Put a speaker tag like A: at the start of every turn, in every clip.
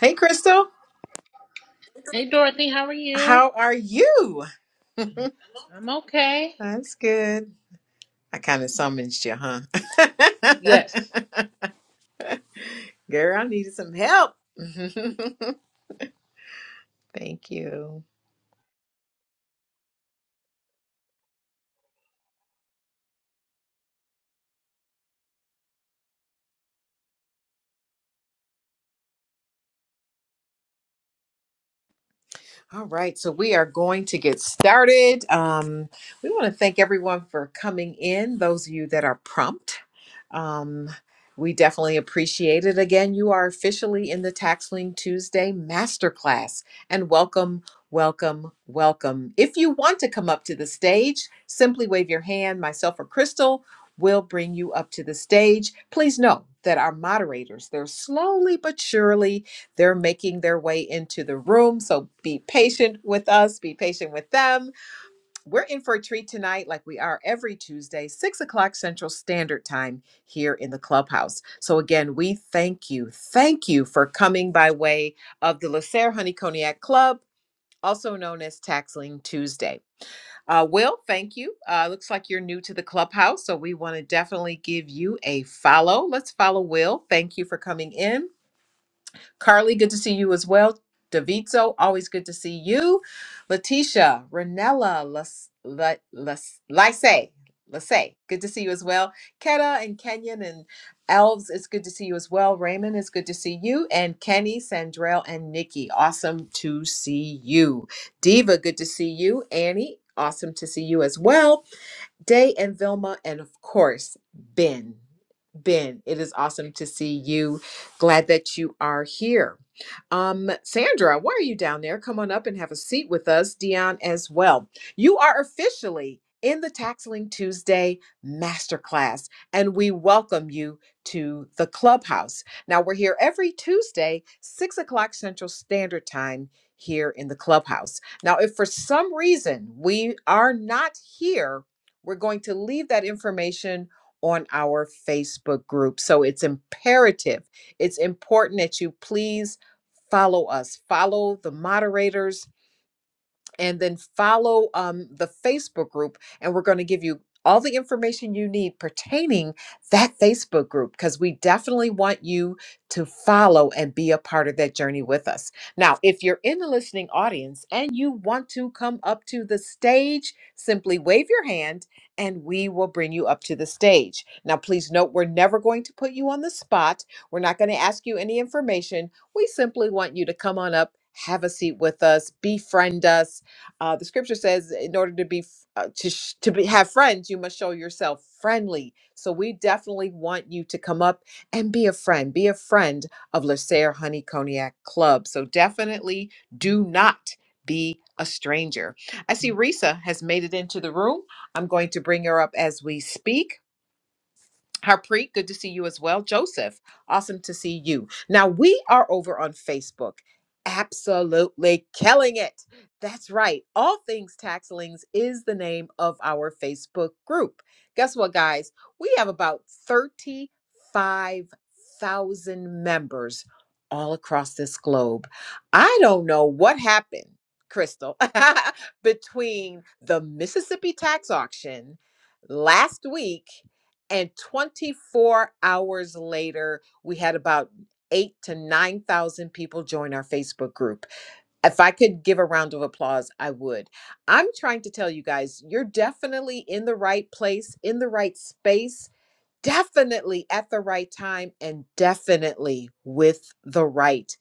A: Hey, Crystal.
B: Hey Dorothy, how are you?
A: How are you?
B: I'm okay.
A: That's good. I kind of summoned you, huh?
B: Yes.
A: Girl, I needed some help. Thank you. All right, so we are going to get started. Um, we want to thank everyone for coming in, those of you that are prompt. Um, we definitely appreciate it. Again, you are officially in the Taxling Tuesday Masterclass, and welcome, welcome, welcome. If you want to come up to the stage, simply wave your hand. Myself or Crystal will bring you up to the stage. Please know that our moderators, they're slowly but surely they're making their way into the room. So be patient with us, be patient with them. We're in for a treat tonight, like we are every Tuesday, six o'clock Central Standard Time here in the clubhouse. So, again, we thank you. Thank you for coming by way of the Lacer Honey Cognac Club, also known as Taxling Tuesday. Uh, Will, thank you. Uh, looks like you're new to the clubhouse, so we want to definitely give you a follow. Let's follow Will. Thank you for coming in. Carly, good to see you as well. Davito, always good to see you. Letitia, Renella, Las, La, Las, Lise, Lise, good to see you as well. Keta and Kenyon and Elves, it's good to see you as well. Raymond, it's good to see you. And Kenny, Sandrell, and Nikki, awesome to see you. Diva, good to see you. Annie, awesome to see you as well. Day and Vilma, and of course, Ben. Ben, it is awesome to see you. Glad that you are here. Um, Sandra, why are you down there? Come on up and have a seat with us, Dion, as well. You are officially in the Taxling Tuesday Masterclass, and we welcome you to the clubhouse. Now, we're here every Tuesday, 6 o'clock Central Standard Time, here in the clubhouse. Now, if for some reason we are not here, we're going to leave that information on our Facebook group. So it's imperative, it's important that you please follow us, follow the moderators, and then follow um, the Facebook group. And we're going to give you all the information you need pertaining that Facebook group because we definitely want you to follow and be a part of that journey with us. Now, if you're in the listening audience and you want to come up to the stage, simply wave your hand and we will bring you up to the stage. Now, please note we're never going to put you on the spot. We're not going to ask you any information. We simply want you to come on up, have a seat with us, befriend us, uh, the scripture says, in order to be f- uh, to sh- to be have friends, you must show yourself friendly. So we definitely want you to come up and be a friend, be a friend of Lysair Honey Cognac Club. So definitely do not be a stranger. I see Risa has made it into the room. I'm going to bring her up as we speak. Harpreet, good to see you as well. Joseph, awesome to see you. Now, we are over on Facebook, absolutely killing it. That's right. All Things Taxlings is the name of our Facebook group. Guess what, guys? We have about 35,000 members all across this globe. I don't know what happened, Crystal, between the Mississippi tax auction last week and 24 hours later, we had about eight to 9,000 people join our Facebook group. If I could give a round of applause, I would. I'm trying to tell you guys, you're definitely in the right place, in the right space definitely at the right time and definitely with the right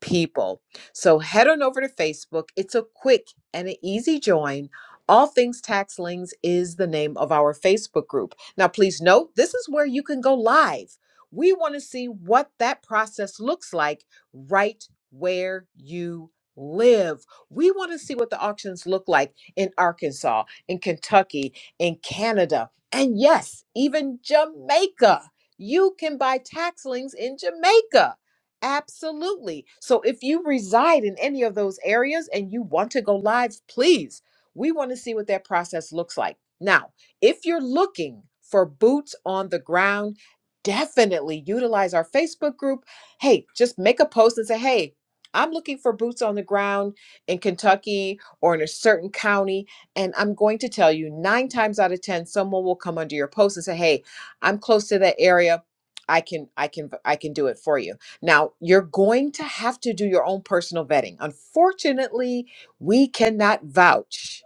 A: people. So head on over to Facebook. It's a quick and an easy join. All Things Tax Lings is the name of our Facebook group. Now, please note, this is where you can go live. We want to see what that process looks like right where you live. We want to see what the auctions look like in Arkansas, in Kentucky, in Canada, and yes, even Jamaica. You can buy tax liens in Jamaica. Absolutely. So if you reside in any of those areas and you want to go live, please, we want to see what that process looks like. Now, if you're looking for boots on the ground, definitely utilize our Facebook group. Hey, just make a post and say, hey, I'm looking for boots on the ground in Kentucky or in a certain county and I'm going to tell you, nine times out of ten, someone will come under your post and say, "Hey, I'm close to that area. I can, I can, I can do it for you." Now, you're going to have to do your own personal vetting. Unfortunately, we cannot vouch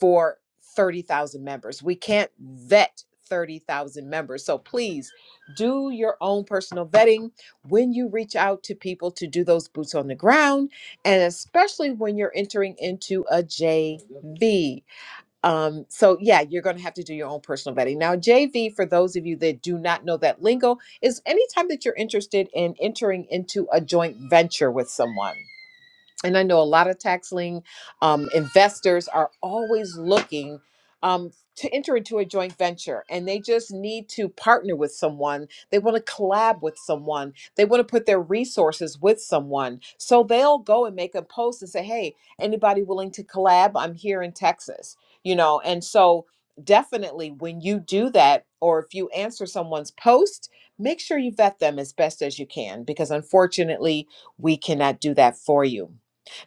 A: for thirty thousand members. We can't vet thirty thousand members. So please do your own personal vetting when you reach out to people to do those boots on the ground, and especially when you're entering into a JV. Um, so yeah, you're going to have to do your own personal vetting. Now, JV, for those of you that do not know that lingo, is anytime that you're interested in entering into a joint venture with someone and I know a lot of tax lien um, investors are always looking um, to enter into a joint venture and they just need to partner with someone. They want to collab with someone. They want to put their resources with someone. So they'll go and make a post and say, hey, anybody willing to collab? I'm here in Texas, you know? And so definitely when you do that or if you answer someone's post, make sure you vet them as best as you can because unfortunately, we cannot do that for you.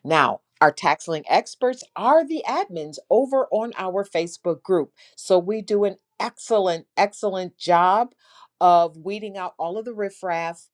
A: Now, our tax lien experts are the admins over on our Facebook group. So we do an excellent, excellent job of weeding out all of the riffraff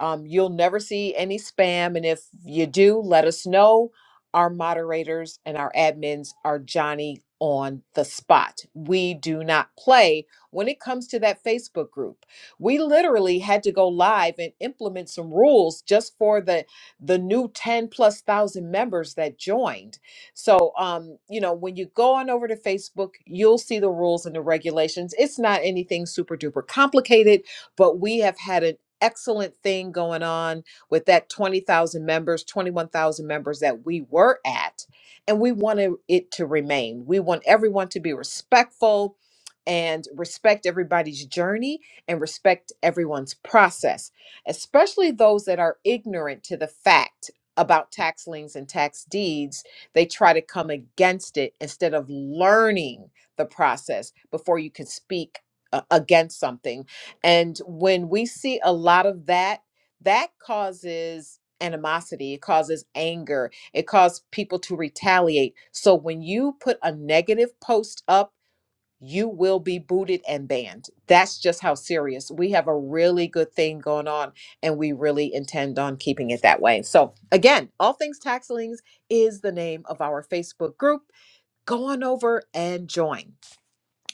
A: um, you'll never see any spam. And if you do, let us know. Our moderators and our admins are Johnny on the spot. We do not play when it comes to that Facebook group. We literally had to go live and implement some rules just for the the new 10 plus thousand members that joined. So um, you know, when you go on over to Facebook, you'll see the rules and the regulations. It's not anything super duper complicated but we have had an excellent thing going on with that 20,000 members, 21,000 members that we were at. And we wanted it to remain. We want everyone to be respectful and respect everybody's journey and respect everyone's process, especially those that are ignorant to the fact about tax liens and tax deeds. They try to come against it instead of learning the process before you can speak uh, against something and when we see a lot of that, that causes animosity, it causes anger, it causes people to retaliate. So when you put a negative post up, you will be booted and banned. That's just how serious. We have a really good thing going on, and we really intend on keeping it that way. So, again, All Things Taxlings is the name of our Facebook group. Go on over and join.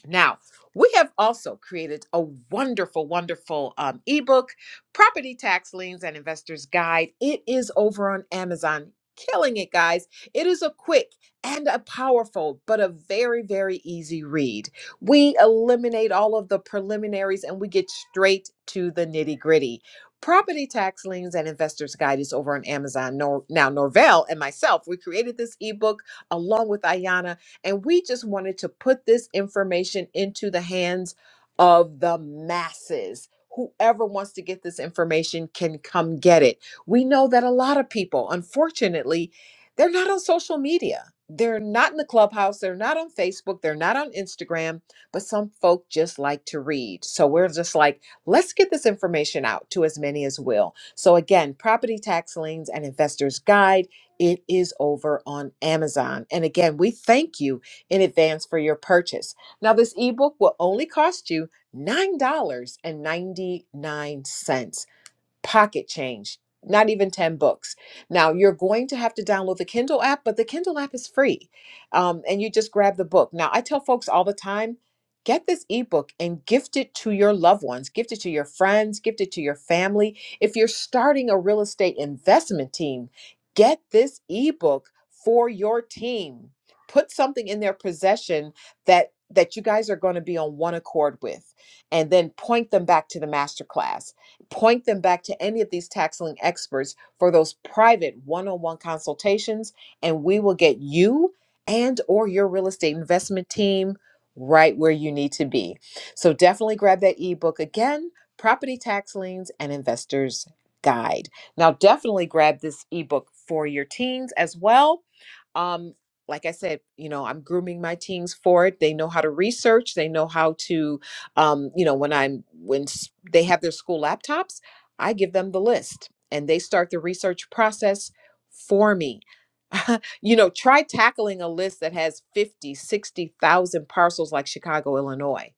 A: Now, we have also created a wonderful, wonderful um, ebook, Property Tax Liens and Investors Guide. It is over on Amazon. Killing it, guys. It is a quick and a powerful, but a very, very easy read. We eliminate all of the preliminaries and we get straight to the nitty gritty. Property Tax Liens and Investors Guide is over on Amazon. Nor- Now, Norvell and myself, we created this ebook along with Ayana and we just wanted to put this information into the hands of the masses. Whoever wants to get this information can come get it. We know that a lot of people, unfortunately, they're not on social media. They're not in the clubhouse. They're not on Facebook. They're not on Instagram. But some folk just like to read. So we're just like, let's get this information out to as many as will. So again, Property Tax Liens and Investors Guide. It is over on Amazon. And again, we thank you in advance for your purchase. Now, this ebook will only cost you $9.99 pocket change, not even 10 books. Now, you're going to have to download the Kindle app, but the Kindle app is free. Um, and you just grab the book. Now, I tell folks all the time get this ebook and gift it to your loved ones, gift it to your friends, gift it to your family. If you're starting a real estate investment team, get this ebook for your team. Put something in their possession that that you guys are going to be on one accord with and then point them back to the masterclass Point them back to any of these taxing experts for those private one-on-one consultations, and we will get you and or your real estate investment team right where you need to be. So definitely grab that ebook again, Property Tax Liens and Investors Guide. Now definitely grab this ebook for your teens as well um like i said you know i'm grooming my teens for it they know how to research they know how to um, you know, when I'm when s- they have their school laptops, I give them the list and they start the research process for me. you know, try tackling a list that has 50, 60,000 parcels like Chicago, Illinois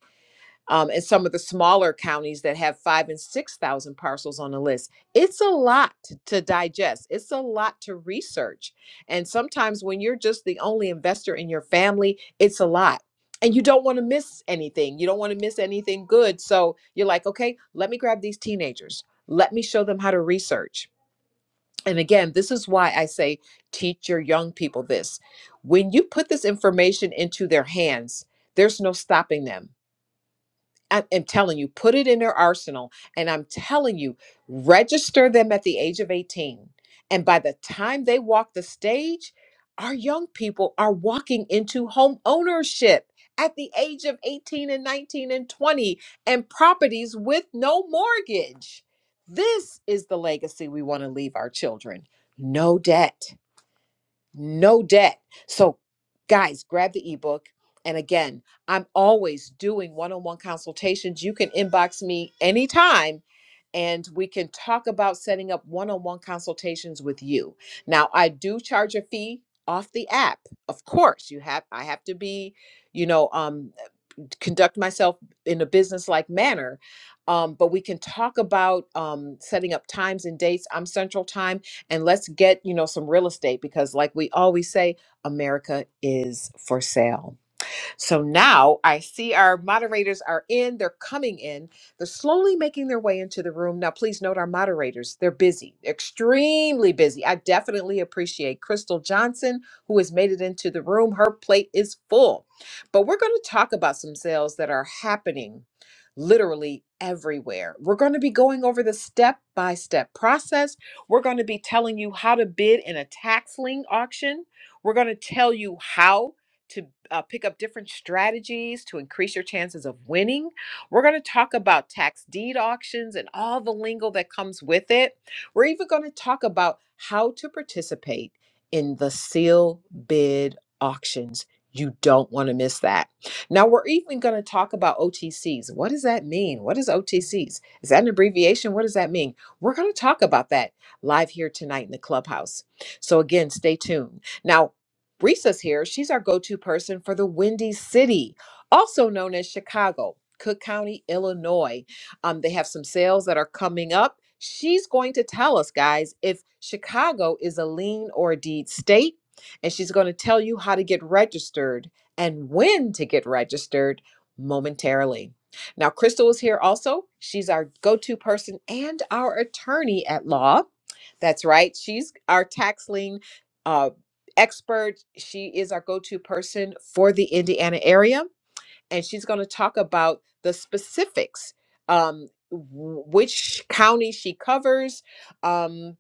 A: um, and some of the smaller counties that have five and six thousand parcels on the list. It's a lot t- to digest. It's a lot to research, and sometimes when you're just the only investor in your family, it's a lot. And you don't want to miss anything. You don't want to miss anything good. So you're like, okay, let me grab these teenagers. Let me show them how to research. And again, this is why I say teach your young people this. When you put this information into their hands, there's no stopping them I am telling you, put it in their arsenal. And I'm telling you, register them at the age of 18. And by the time they walk the stage, our young people are walking into home ownership at the age of 18 and 19 and 20 and properties with no mortgage. This is the legacy we want to leave our children no debt no debt. So, guys, grab the ebook. And again, I'm always doing one on one consultations. You can inbox me anytime and we can talk about setting up one on one consultations with you. Now, I do charge a fee off the app. Of course, you have I have to be, you know, um conduct myself in a business like manner. Um, but we can talk about um, setting up times and dates. I'm Central Time, and let's get you know some real estate because, like we always say, America is for sale. So now I see our moderators are in, they're coming in, they're slowly making their way into the room. Now, please note our moderators, they're busy, extremely busy. I definitely appreciate Crystal Johnson, who has made it into the room. Her plate is full. But we're going to talk about some sales that are happening literally everywhere. We're going to be going over the step by step process. We're going to be telling you how to bid in a tax lien auction. We're going to tell you how to uh, pick up different strategies to increase your chances of winning. We're going to talk about tax deed auctions and all the lingo that comes with it. We're even going to talk about how to participate in the seal bid auctions. You don't want to miss that. Now, we're even going to talk about OTCs. What does that mean? What is OTCs? Is that an abbreviation? What does that mean? We're going to talk about that live here tonight in the clubhouse. So, again, stay tuned. Now, Risa's here. She's our go to person for the Windy City, also known as Chicago, Cook County, Illinois. Um, they have some sales that are coming up. She's going to tell us, guys, if Chicago is a lien or a deed state, and she's going to tell you how to get registered and when to get registered momentarily. Now, Crystal is here also. She's our go to person and our attorney at law. That's right. She's our tax lien uh, expert. She is our go to person for the Indiana area, and she's going to talk about the specifics um, w- which county she covers. Um,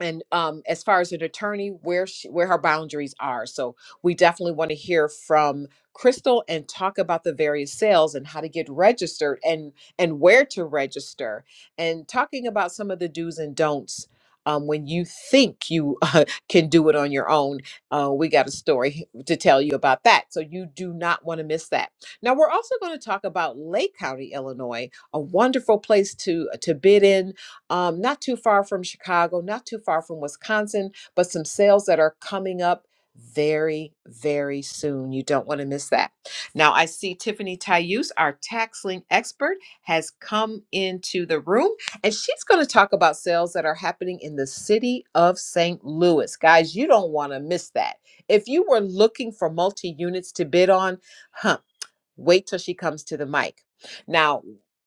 A: and um, as far as an attorney, where she, where her boundaries are. So we definitely want to hear from Crystal and talk about the various sales and how to get registered and and where to register and talking about some of the do's and don'ts. Um, when you think you uh, can do it on your own, uh, we got a story to tell you about that. So you do not want to miss that. Now we're also going to talk about Lake County, Illinois, a wonderful place to to bid in um, not too far from Chicago, not too far from Wisconsin, but some sales that are coming up very, very soon. You don't want to miss that. Now, I see Tiffany Tayuse, our tax lien expert, has come into the room and she's going to talk about sales that are happening in the city of St. Louis. Guys, you don't want to miss that. If you were looking for multi units to bid on, huh? Wait till she comes to the mic. Now,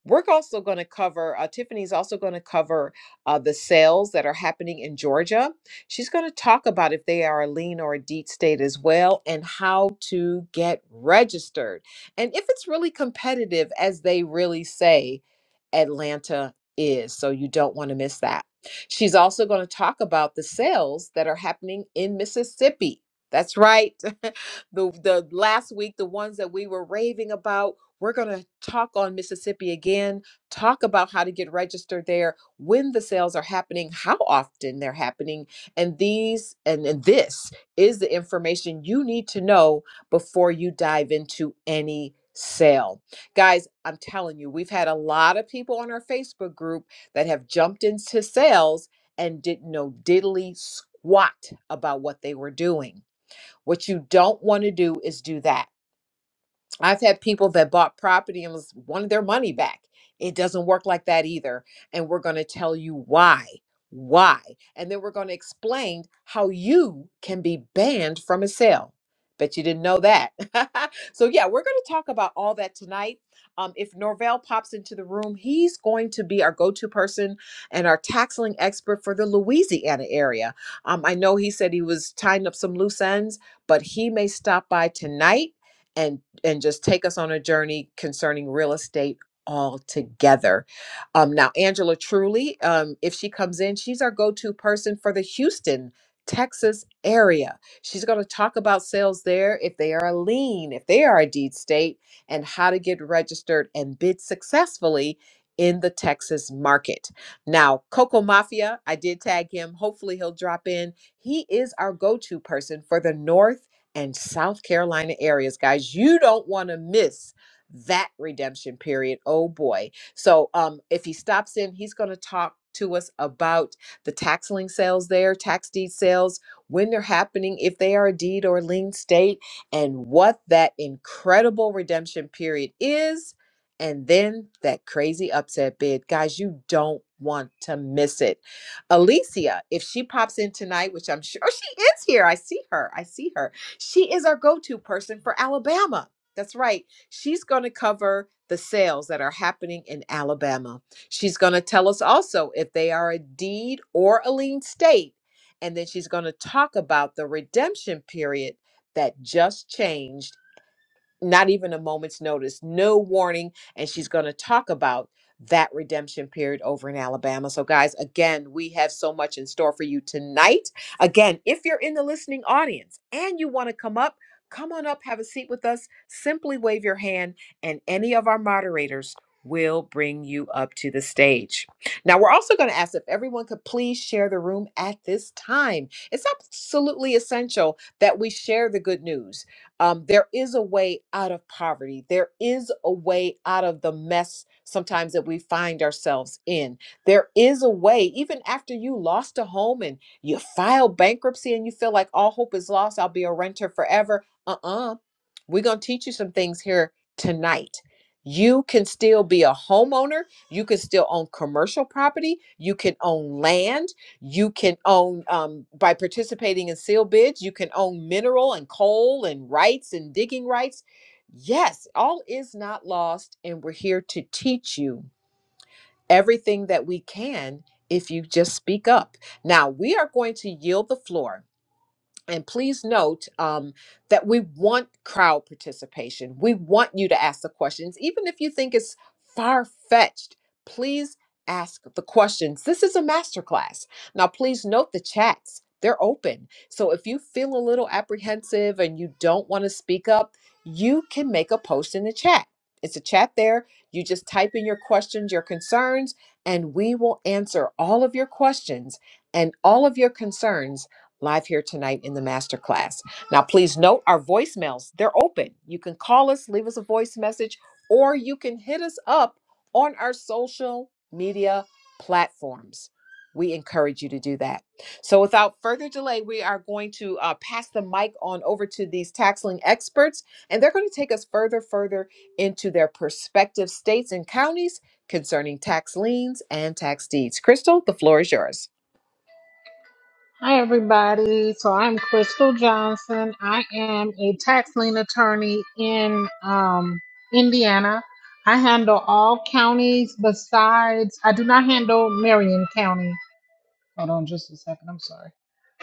A: we're also going to cover, uh, Tiffany's also going to cover uh, the sales that are happening in Georgia. She's going to talk about if they are a lean or a deed state as well and how to get registered. And if it's really competitive, as they really say, Atlanta is. So you don't want to miss that. She's also going to talk about the sales that are happening in Mississippi. That's right. the the last week the ones that we were raving about we're going to talk on mississippi again talk about how to get registered there when the sales are happening how often they're happening and these and, and this is the information you need to know before you dive into any sale guys i'm telling you we've had a lot of people on our facebook group that have jumped into sales and didn't know diddly squat about what they were doing what you don't want to do is do that. I've had people that bought property and was wanted their money back. It doesn't work like that either. And we're going to tell you why. Why? And then we're going to explain how you can be banned from a sale. Bet you didn't know that. so, yeah, we're going to talk about all that tonight. Um, if Norvell pops into the room, he's going to be our go to person and our taxling expert for the Louisiana area. Um, I know he said he was tying up some loose ends, but he may stop by tonight and and just take us on a journey concerning real estate altogether. Um, now, Angela Truly, um, if she comes in, she's our go to person for the Houston. Texas area. She's going to talk about sales there if they are a lien, if they are a deed state, and how to get registered and bid successfully in the Texas market. Now, Coco Mafia, I did tag him. Hopefully, he'll drop in. He is our go to person for the North and South Carolina areas, guys. You don't want to miss that redemption period. Oh boy. So um if he stops in, he's going to talk to us about the tax lien sales there, tax deed sales, when they're happening, if they are a deed or lien state, and what that incredible redemption period is, and then that crazy upset bid. Guys, you don't want to miss it. Alicia, if she pops in tonight, which I'm sure oh, she is here, I see her. I see her she is our go to person for Alabama. That's right. She's going to cover the sales that are happening in Alabama. She's going to tell us also if they are a deed or a lien state. And then she's going to talk about the redemption period that just changed not even a moment's notice, no warning. And she's going to talk about that redemption period over in Alabama. So, guys, again, we have so much in store for you tonight. Again, if you're in the listening audience and you want to come up, come on up, have a seat with us. Simply wave your hand, and any of our moderators will bring you up to the stage. Now, we're also going to ask if everyone could please share the room at this time. It's absolutely essential that we share the good news um, there is a way out of poverty. There is a way out of the mess sometimes that we find ourselves in. There is a way, even after you lost a home and you file bankruptcy and you feel like all hope is lost, I'll be a renter forever. Uh uh-uh. uh. we are going to teach you some things here tonight. You can still be a homeowner. You can still own commercial property. You can own land you can own um, by participating in seal bids you can own mineral and coal and rights and digging rights yes all is not lost and we're here to teach you everything that we can if you just speak up now we are going to yield the floor and please note um, that we want crowd participation. We want you to ask the questions. Even if you think it's far fetched, please ask the questions. This is a masterclass. Now, please note the chats, they're open. So if you feel a little apprehensive and you don't want to speak up, you can make a post in the chat. It's a chat there. You just type in your questions, your concerns, and we will answer all of your questions and all of your concerns live here tonight in the masterclass. Now, please note our voicemails, they're open. You can call us, leave us a voice message, or you can hit us up on our social media platforms. We encourage you to do that. So, without further delay, we are going to uh, pass the mic on over to these taxling experts, and they're going to take us further, further into their prospective states and counties concerning tax liens and tax deeds. Crystal, the floor is yours.
B: Hi everybody. So I'm Crystal Johnson. I am a tax lien attorney in um, Indiana. I handle all counties besides I do not handle Marion County. Hold on just a second. I'm sorry.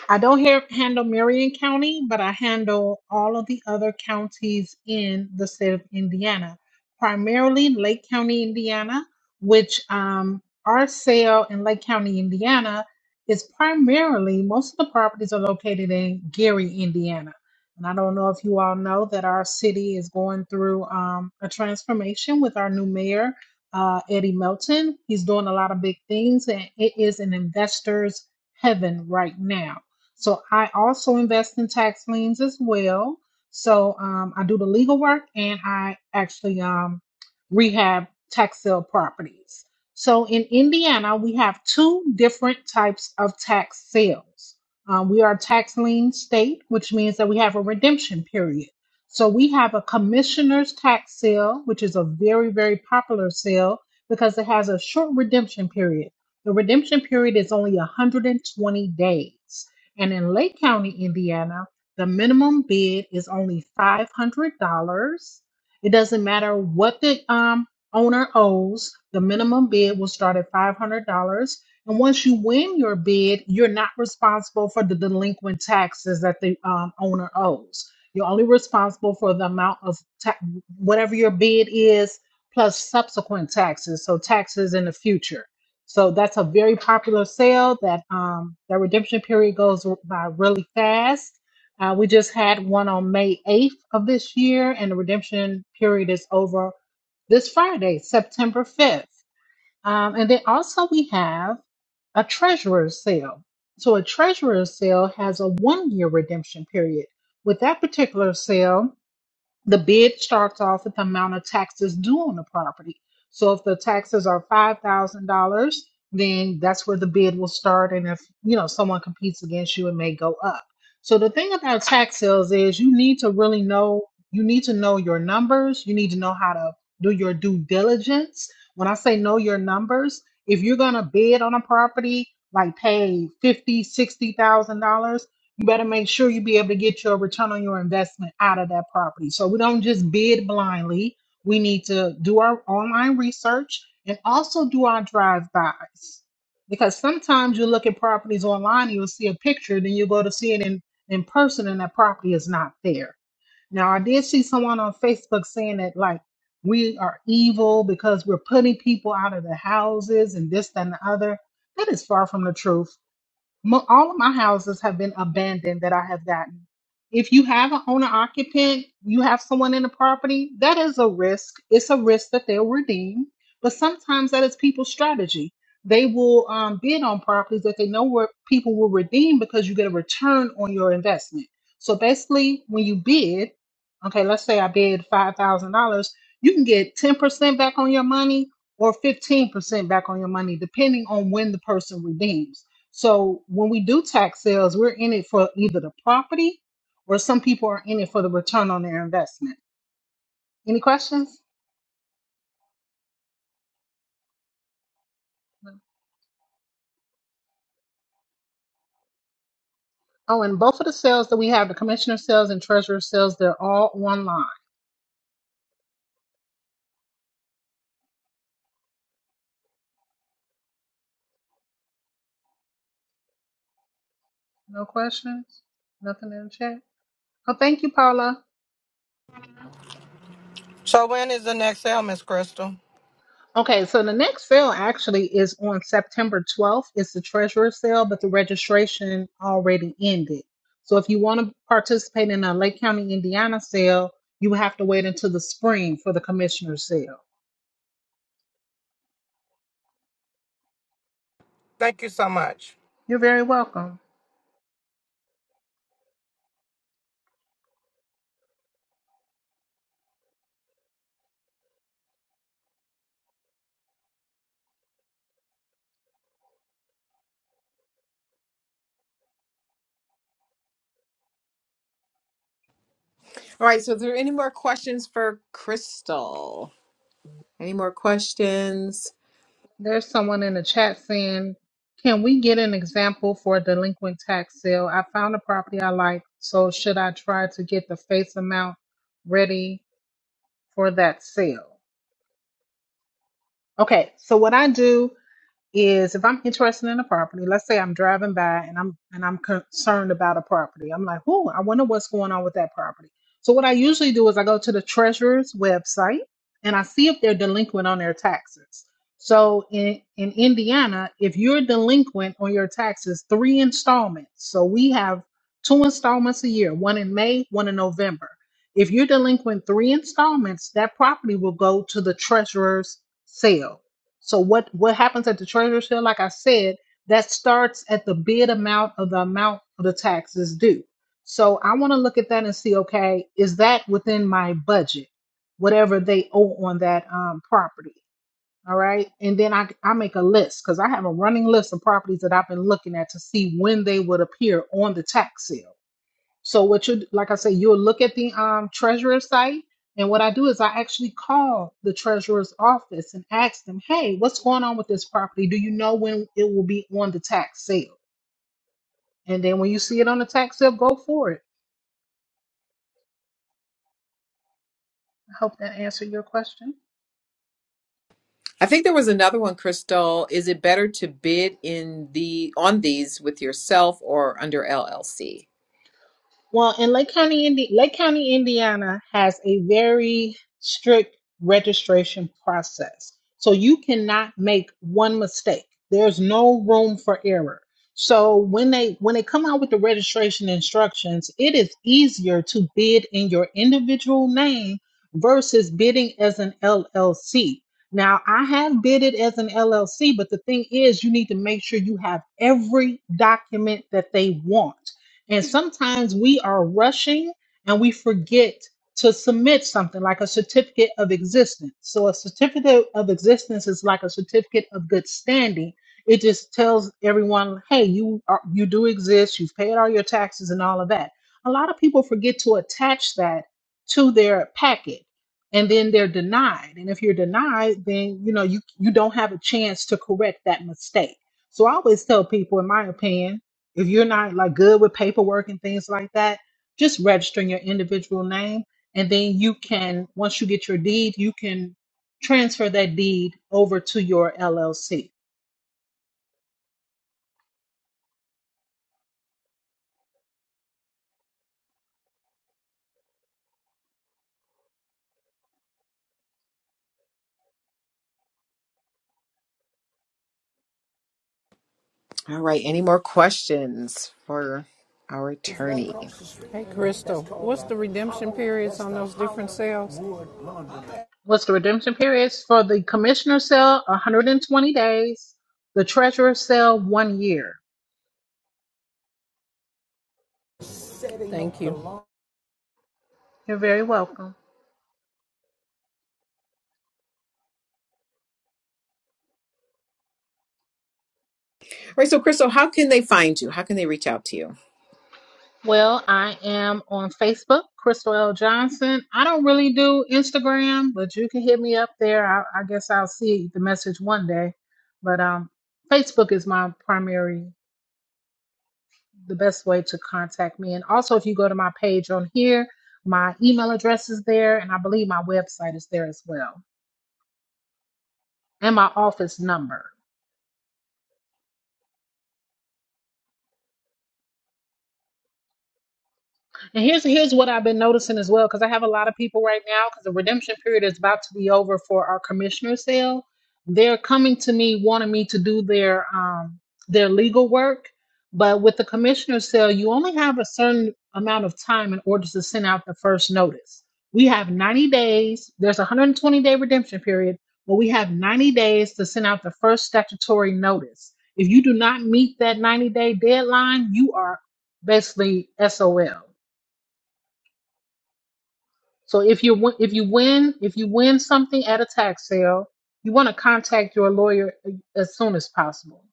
B: I don't here handle Marion County, but I handle all of the other counties in the state of Indiana, primarily Lake County, Indiana, which um, our sale in Lake County, Indiana is primarily, most of the properties are located in Gary, Indiana. And I don't know if you all know that our city is going through um, a transformation with our new mayor, uh, Eddie Melton. He's doing a lot of big things, and it is an investor's heaven right now so I also invest in tax liens as well. So um, I do the legal work and I actually um, rehab tax sale properties. So in Indiana, we have two different types of tax sales. Um, we are a tax lien state, which means that we have a redemption period. So we have a commissioner's tax sale, which is a very, very popular sale because it has a short redemption period. The redemption period is only 120 days. And in Lake County, Indiana, the minimum bid is only $500. It doesn't matter what the um, owner owes, the minimum bid will start at $500. And once you win your bid, you're not responsible for the delinquent taxes that the um, owner owes. You're only responsible for the amount of ta- whatever your bid is plus subsequent taxes, so taxes in the future. So that's a very popular sale. That um, that redemption period goes by really fast. Uh, we just had one on May 8th of this year, and the redemption period is over this Friday, September 5th. Um, and then also we have a treasurer's sale. So a treasurer's sale has a one year redemption period. With that particular sale, the bid starts off with the amount of taxes due on the property. So if the taxes are five thousand dollars, then that's where the bid will start. And if you know someone competes against you, it may go up. So the thing about tax sales is you need to really know you need to know your numbers. You need to know how to do your due diligence. When I say know your numbers, if you're gonna bid on a property like pay fifty, sixty thousand dollars you better make sure you be able to get your return on your investment out of that property. So we don't just bid blindly. We need to do our online research and also do our drive-bys. Because sometimes you look at properties online, you'll see a picture, then you go to see it in, in person and that property is not there. Now I did see someone on Facebook saying that like we are evil because we're putting people out of their houses and this, that, and the other. That is far from the truth Mo- all of my houses have been abandoned that I have gotten. If you have an owner occupant, you have someone in the property, that is a risk. It's a risk that they'll redeem, but sometimes that is people's strategy. They will um, bid on properties that they know where people will redeem because you get a return on your investment. So basically, when you bid, okay, let's say I bid $5,000, you can get 10% back on your money or 15% back on your money, depending on when the person redeems. So when we do tax sales, we're in it for either the property or some people are in it for the return on their investment. Any questions? Oh, and both of the sales that we have, the commissioner sales and treasurer sales, they're all online. No questions? Nothing in the chat? Oh, thank you, Paula.
C: So when is the next sale, Miss Crystal?
B: Okay, so the next sale actually is on September 12th. It's the treasurer sale, but the registration already ended. So if you want to participate in a Lake County, Indiana sale, you have to wait until the spring for the commissioner sale.
C: Thank you so much.
B: You're very welcome.
A: All right, so is there any more questions for Crystal? Any more questions?
B: There's someone in the chat saying, Can we get an example for a delinquent tax sale? I found a property I like, so should I try to get the face amount ready for that sale? Okay, so what I do is if I'm interested in a property, let's say I'm driving by and I'm and I'm concerned about a property. I'm like, "Oh, I wonder what's going on with that property." So what I usually do is I go to the treasurer's website and I see if they're delinquent on their taxes. So in in Indiana, if you're delinquent on your taxes, three installments. So we have two installments a year, one in May, one in November. If you're delinquent three installments, that property will go to the treasurer's sale. So what what happens at the treasurer's sale, like I said, that starts at the bid amount of the amount of the taxes due. So I want to look at that and see, okay, is that within my budget, whatever they owe on that um, property? All right, and then I I make a list because I have a running list of properties that I've been looking at to see when they would appear on the tax sale. So what you like I say, you'll look at the um treasurer's site, and what I do is I actually call the treasurer's office and ask them, "Hey, what's going on with this property? Do you know when it will be on the tax sale?" And then when you see it on the tax sale, go for it. I hope that answered your question.
A: I think there was another one, Crystal. Is it better to bid in the on these with yourself or under LLC?
B: Well, in Lake County, Indi- Lake County, Indiana has a very strict registration process. So you cannot make one mistake. There's no room for error. So when they when they come out with the registration instructions, it is easier to bid in your individual name versus bidding as an LLC. Now, I have bidded as an LLC, but the thing is you need to make sure you have every document that they want and sometimes we are rushing and we forget to submit something like a certificate of existence. So a certificate of existence is like a certificate of good standing. It just tells everyone, hey, you are, you do exist, you've paid all your taxes and all of that. A lot of people forget to attach that to their packet and then they're denied. And if you're denied, then you know you you don't have a chance to correct that mistake. So I always tell people in my opinion if you're not like good with paperwork and things like that, just register in your individual name and then you can once you get your deed, you can transfer that deed over to your LLC.
A: All right, any more questions for our attorney? All
D: Hey, Crystal, what's the redemption periods on those different sales?
B: What's the redemption period? For the commissioner sale, 120 days. The treasurer sale, one year.
D: Thank you.
B: You're very welcome.
A: right, so Crystal, how can they find you? How can they reach out to you?
B: Well, I am on Facebook, Crystal L. Johnson. I don't really do Instagram, but you can hit me up there. I, I guess I'll see the message one day. But um, Facebook is my primary, the best way to contact me. And also, if you go to my page on here, my email address is there, and I believe my website is there as well, and my office number. And here's here's what I've been noticing as well, because I have a lot of people right now, because the redemption period is about to be over for our commissioner sale. They're coming to me wanting me to do their um their legal work, but with the commissioner sale, you only have a certain amount of time in order to send out the first notice. We have 90 days. There's a 120 day redemption period, but we have 90 days to send out the first statutory notice. If you do not meet that 90 day deadline, you are basically SOL. So if you win- if you win if you win something at a tax sale, you want to contact your lawyer as soon as possible.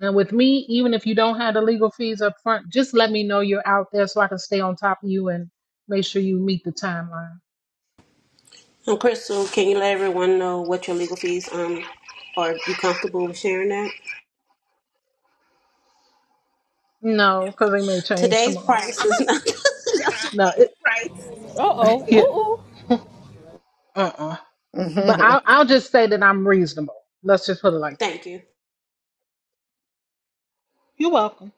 B: And with me, even if you don't have the legal fees up front, just let me know you're out there so I can stay on top of you and make sure you meet the timeline.
E: And Crystal, can you let everyone know what your legal fees um are? You comfortable with sharing that?
B: No, because they may change
E: Today's
B: tomorrow.
E: price is not the
B: No,
E: price.
D: Uh-oh,
B: it, yeah,
D: ooh, ooh.
B: uh-uh. But I'll I'll just say that I'm reasonable. Let's just put it like that.
E: Thank you.
B: You're welcome.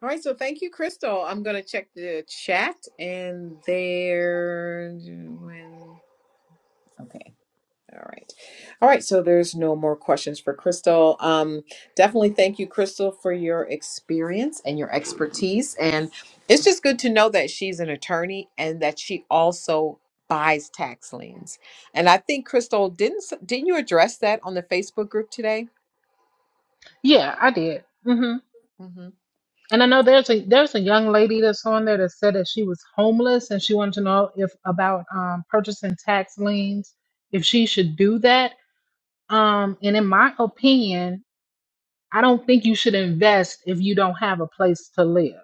A: All right, so thank you, Crystal. I'm gonna check the chat and there okay. All right. All right, so there's no more questions for Crystal. Um definitely thank you, Crystal, for your experience and your expertise. And it's just good to know that she's an attorney and that she also buys tax liens. And I think Crystal, didn't didn't you address that on the Facebook group today?
B: Yeah, I did. hmm
A: Mm-hmm.
B: And I know there's a there's a young lady that's on there that said that she was homeless and she wanted to know if about um, purchasing tax liens, if she should do that. Um, and in my opinion, I don't think you should invest if you don't have a place to live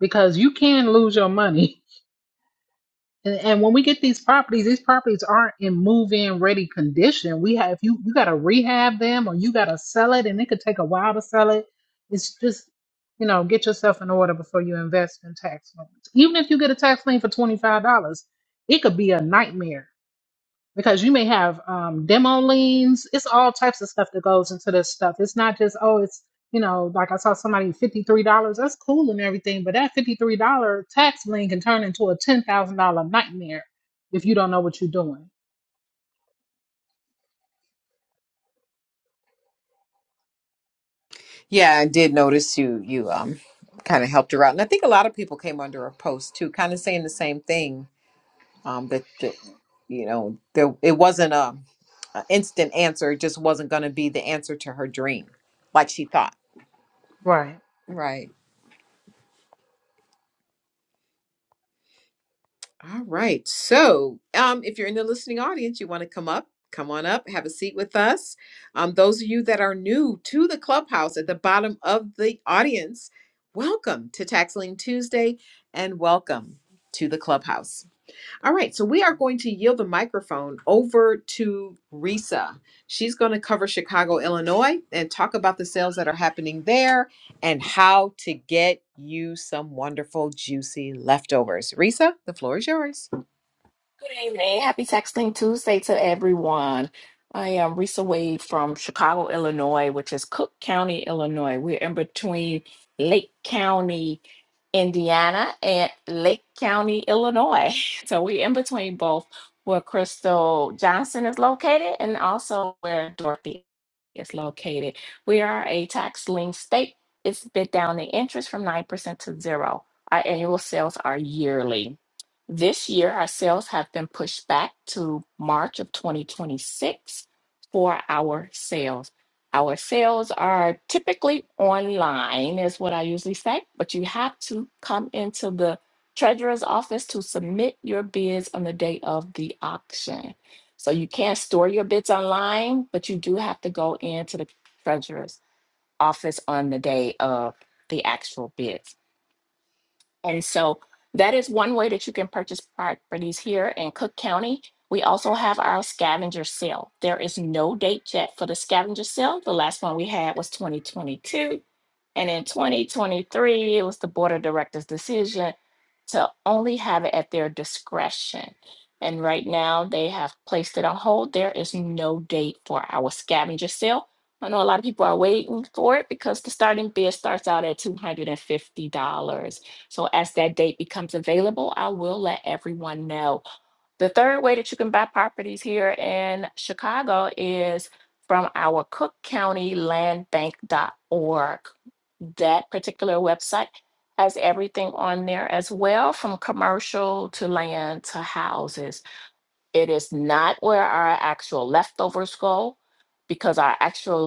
B: because you can lose your money And, and when we get these properties, these properties aren't in move-in ready condition. We have if you you got to rehab them or you got to sell it, and it could take a while to sell it. It's just you know get yourself in order before you invest in tax liens. Even if you get a tax lien for twenty five dollars, it could be a nightmare because you may have um, demo liens. It's all types of stuff that goes into this stuff. It's not just oh, it's you know, like I saw somebody fifty three dollars. That's cool and everything, but that fifty three dollar tax lien can turn into a ten thousand dollar nightmare if you don't know what you're doing.
A: Yeah, I did notice you you um kind of helped her out. And I think a lot of people came under a post too, kind of saying the same thing. Um that, that you know, there it wasn't a, a instant answer, it just wasn't gonna be the answer to her dream, like she thought.
B: Right.
A: Right. All right. So, um, if you're in the listening audience, you want to come up, come on up, have a seat with us. Um, those of you that are new to the clubhouse at the bottom of the audience, welcome to Taxling Tuesday and welcome to the clubhouse. All right, so we are going to yield the microphone over to Risa. She's going to cover Chicago, Illinois, and talk about the sales that are happening there and how to get you some wonderful, juicy leftovers. Risa, the floor is yours.
F: Good evening. Happy Texting Tuesday to everyone. I am Risa Wade from Chicago, Illinois, which is Cook County, Illinois. We're in between Lake County, Indiana, and Lake County, Illinois. So we're in between both where Crystal Johnson is located and also where Dorothy is located. We are a tax lien state. It's bid down the interest from 9% to zero. Our annual sales are yearly. This year, our sales have been pushed back to March of 2026 for our sales. Our sales are typically online, is what I usually say, but you have to come into the treasurer's office to submit your bids on the day of the auction. So you can't store your bids online, but you do have to go into the treasurer's office on the day of the actual bids. And so that is one way that you can purchase properties here in Cook County. We also have our scavenger sale. There is no date yet for the scavenger sale. The last one we had was 2022. And in 2023, it was the board of directors' decision to only have it at their discretion. And right now, they have placed it on hold. There is no date for our scavenger sale. I know a lot of people are waiting for it because the starting bid starts out at $250. So as that date becomes available, I will let everyone know. The third way that you can buy properties here in Chicago is from our Cook County Land Bank.org. That particular website has everything on there as well, from commercial to land to houses. It is not where our actual leftovers go because our actual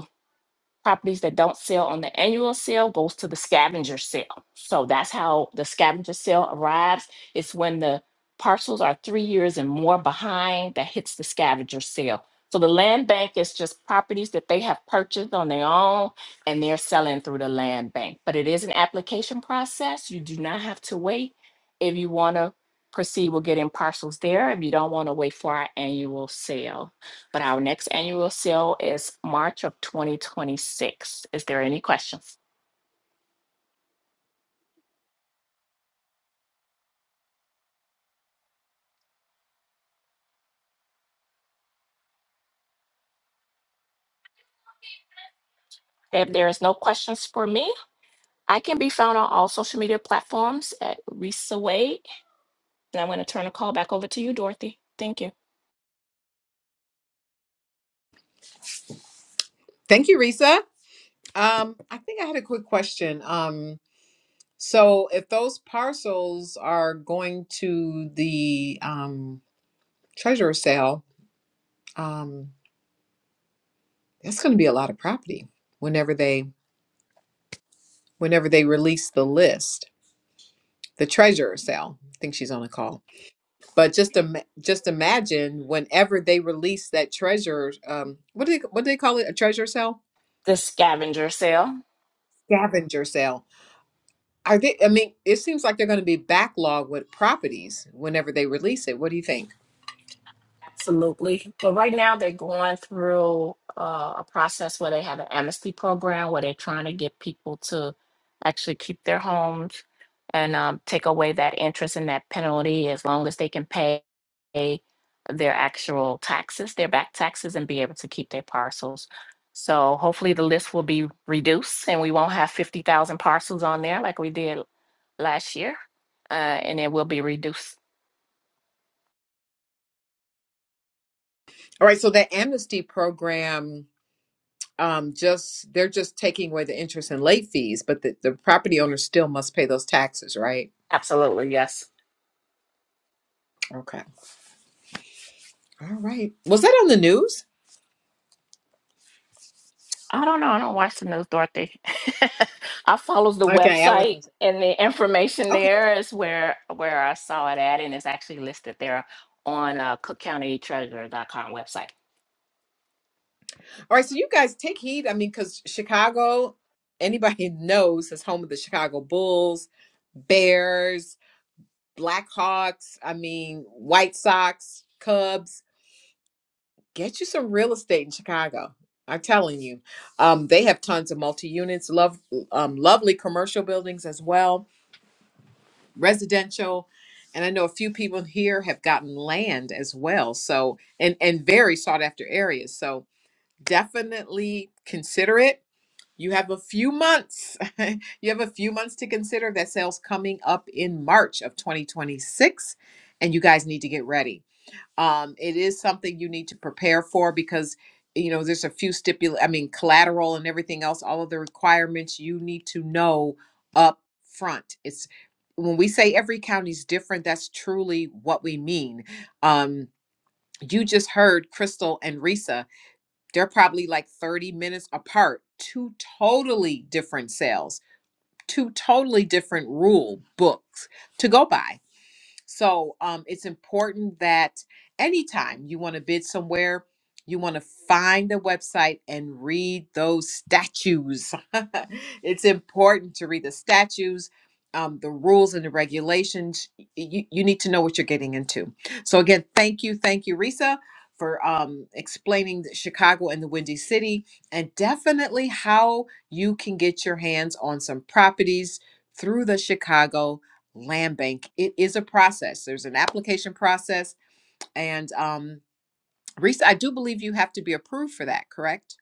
F: properties that don't sell on the annual sale goes to the scavenger sale. So that's how the scavenger sale arrives. It's when the parcels are three years and more behind that hits the scavenger sale. So the land bank is just properties that they have purchased on their own and they're selling through the land bank. But it is an application process. You do not have to wait. If you want to proceed with getting parcels there, if you don't want to wait for our annual sale. But our next annual sale is March of 2026. Is there any questions? If there is no questions for me, I can be found on all social media platforms at Risa Wade. And I'm going to turn the call back over to you, Dorothy. Thank you.
A: Thank you, Risa. Um, I think I had a quick question. Um, So if those parcels are going to the um, treasurer sale, um, that's going to be a lot of property whenever they whenever they release the list. The treasurer sale. I think she's on a call. But just ima- just imagine whenever they release that treasurer. um, what do they what do they call it? A treasurer sale,
F: The scavenger sale.
A: scavenger sale. Are they? I mean, it seems like they're going to be backlogged with properties whenever they release it. What do you think?
F: Absolutely. But right now they're going through uh, a process where they have an amnesty program where they're trying to get people to actually keep their homes and um, take away that interest and that penalty as long as they can pay their actual taxes, their back taxes, and be able to keep their parcels. So hopefully the list will be reduced and we won't have 50,000 parcels on there like we did last year. Uh, and it will be reduced.
A: All right. So that amnesty program um, just they're just taking away the interest and late fees, but the, the property owner still must pay those taxes, right?
F: Absolutely, yes.
A: Okay. All right. Was that on the news?
F: I don't know. I don't watch the news, Dorothy. I follows the
A: Okay, I
F: website
A: wasn't.
F: and the information
A: Okay.
F: there is where where I saw it at, and it's actually listed there on uh, cookcountytreasurer.com website.
A: All right. So you guys take heed. I mean, because Chicago, anybody knows, is home of the Chicago Bulls, Bears, Blackhawks. I mean, White Sox, Cubs. Get you some real estate in Chicago. I'm telling you, um, they have tons of multi units, love, um, lovely commercial buildings as well residential and i know a few people here have gotten land as well so and and very sought after areas so definitely consider it you have a few months you have a few months to consider that sales coming up in march of 2026 and you guys need to get ready um, it is something you need to prepare for because you know there's a few stipul i mean collateral and everything else all of the requirements you need to know up front it's when we say every county's different that's truly what we mean um, you just heard crystal and risa they're probably like 30 minutes apart two totally different sales two totally different rule books to go by so um, it's important that anytime you want to bid somewhere, you want to find the website and read those statues. it's important to read the statues, um, the rules and the regulations. You, you need to know what you're getting into. So, again, thank you. Thank you, Risa. For um, explaining the Chicago and the Windy City, and definitely how you can get your hands on some properties through the Chicago land bank it is a process there's an application process and um Reese, i do believe you have to be approved for that correct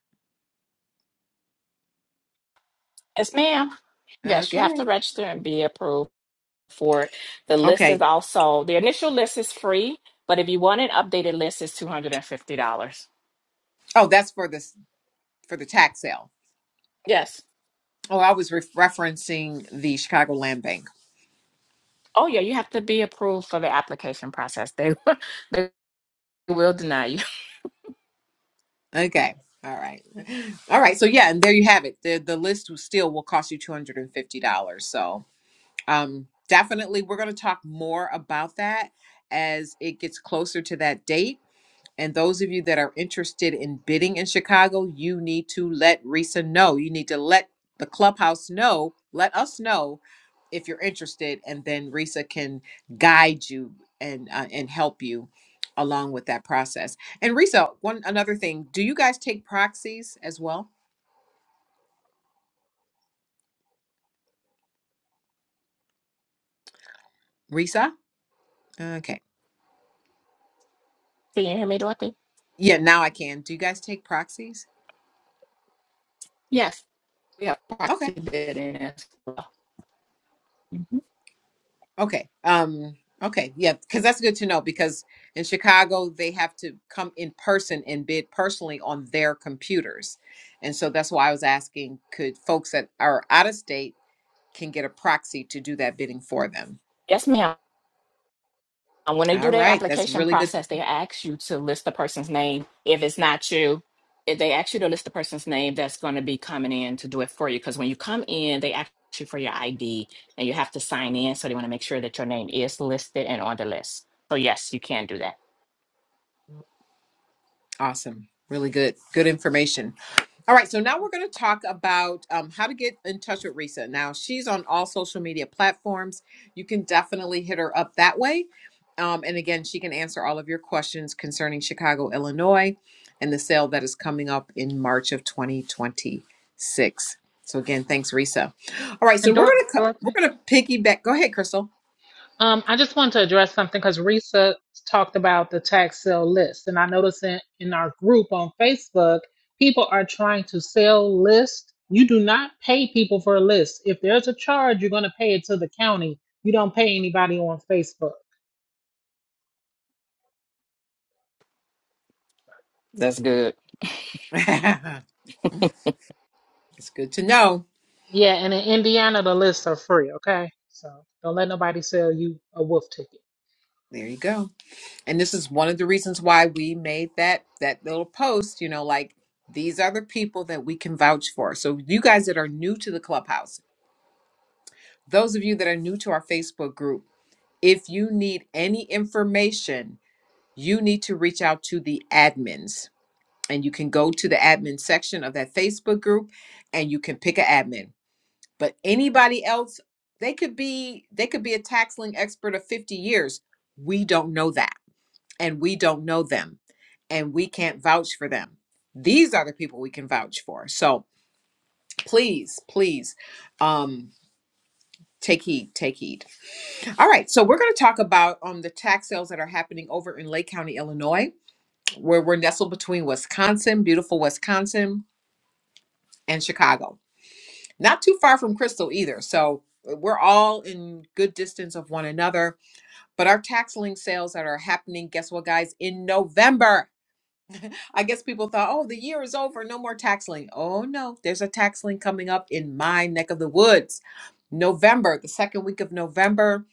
F: Yes, ma'am. Yes, you have
A: okay
F: to register and be approved for it. The list is
A: okay
F: also the initial list is free, but if you want an updated list, it's two hundred and fifty dollars.
A: oh that's for this for the tax sale
F: Yes.
A: oh i was re- referencing the chicago land bank
F: Oh yeah, you have to be approved for the application process. They they will deny you.
A: okay all right all right so yeah and there you have it the the list will still will cost you $250 so um definitely we're going to talk more about that as it gets closer to that date And those of you that are interested in bidding in Chicago, you need to let Risa know. You need to let the clubhouse know, let us know if you're interested, and then Risa can guide you and uh, and help you along with that process. And Risa, one another thing, do you guys take proxies as well? Risa? Okay.
F: Can you hear me, Dorothy?
A: Yeah, now I can. Do you guys take proxies?
F: Yes. We have
A: Okay.
F: proxy bidding as well.
A: Okay. Um okay. Yeah, cuz that's good to know because in Chicago they have to come in person and bid personally on their computers. And so that's why I was asking could folks that are out of state can get a proxy to do that bidding for them.
F: Yes, ma'am. And When they
A: All
F: do their
A: right. That's
F: application
A: really good.
F: process, they ask you to list the person's name. If it's not you, if they ask you to list the person's name that's going to be coming in to do it for you. Because when you come in, they ask you for your ID and you have to sign in. So they want to make sure that your name is listed and on the list. So, yes, you can do that.
A: Awesome. Really good. Good information. All right, so now we're going to talk about um, how to get in touch with Risa. Now, she's on all social media platforms. You can definitely hit her up that way. Um, and again, she can answer all of your questions concerning Chicago, Illinois, and the sale that is coming up in March of 2026. So again, thanks, Risa. All right, so
B: And
A: we're
B: Dor-
A: going to
B: Dorothy.
A: we're going to piggyback. Go ahead, Crystal.
B: Um, I just want to address something because Risa talked about the tax sale list, and I noticed in, in our group on Facebook, people are trying to sell list. You do not pay people for a list. If there's a charge, you're going to pay it to the county. You don't pay anybody on Facebook.
F: That's good.
A: it's good to know.
B: Yeah, and in Indiana, the lists are free. Okay, so don't let nobody sell you a wolf ticket.
A: There you go. And this is one of the reasons why we made that that little post, you know, like these are the people that we can vouch for. So you guys that are new to the clubhouse, those of you that are new to our Facebook group, if you need any information, you need to reach out to the admins. and you can go to the admin section of that Facebook group and you can pick an admin. But anybody else, they could be they could be a tax lien expert of 50 years. We don't know that. And we don't know them. And we can't vouch for them. These are the people we can vouch for. So please, please um take heed, take heed. All right. So we're going to talk about um the tax sales that are happening over in Lake County, Illinois, where we're nestled between Wisconsin, beautiful Wisconsin, and Chicago. not too far from Crystal either. So uh, we're all in good distance of one another. But our tax link sales that are happening, guess what, guys? In November. I guess people thought, oh, the year is over, no more tax link. Oh, no, there's a tax link coming up in my neck of the woods. November, the second week of November,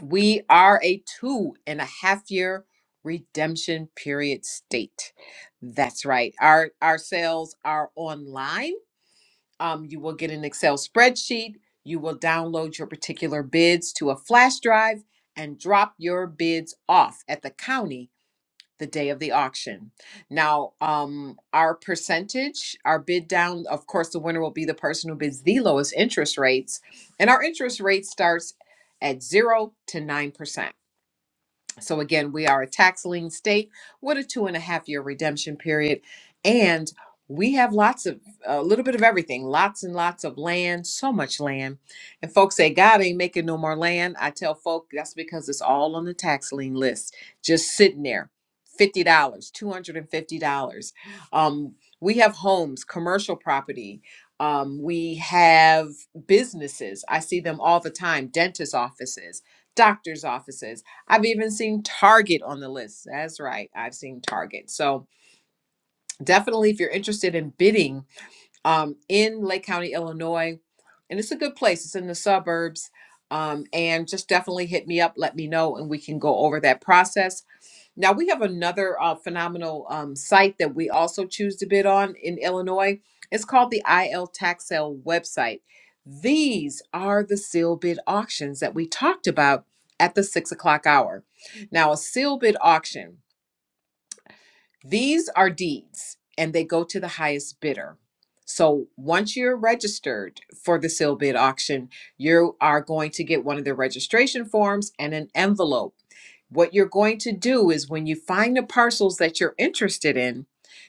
A: we are a two and a half year redemption period state. That's right. Our our sales are online um, you will get an Excel spreadsheet. You will download your particular bids to a flash drive and drop your bids off at the county the day of the auction. Now, um, our percentage, our bid down, of course, the winner will be the person who bids the lowest interest rates. And our interest rate starts at 0 to 9%. So again, we are a tax lien state with a two and a half year redemption period, and we have lots of a little bit of everything, lots and lots of land, so much land. And folks say God ain't making no more land. I tell folk that's because it's all on the tax lien list, just sitting there, fifty dollars, two hundred and fifty dollars. Um, we have homes, commercial property. Um, we have businesses. I see them all the time, dentist offices, doctor's offices I've even seen Target on the list. That's right. I've seen Target. So definitely, if you're interested in bidding um, in Lake County, Illinois, and it's a good place, it's in the suburbs. Um, and just definitely hit me up, let me know, and we can go over that process. Now we have another uh, phenomenal um, site that we also choose to bid on in Illinois. It's called the IL Tax Sale website. These are the seal bid auctions that we talked about at the six o'clock hour. Now, a seal bid auction. These are deeds, and they go to the highest bidder. So once you're registered for the sealed bid auction, you are going to get one of the registration forms and an envelope. What you're going to do is when you find the parcels that you're interested in,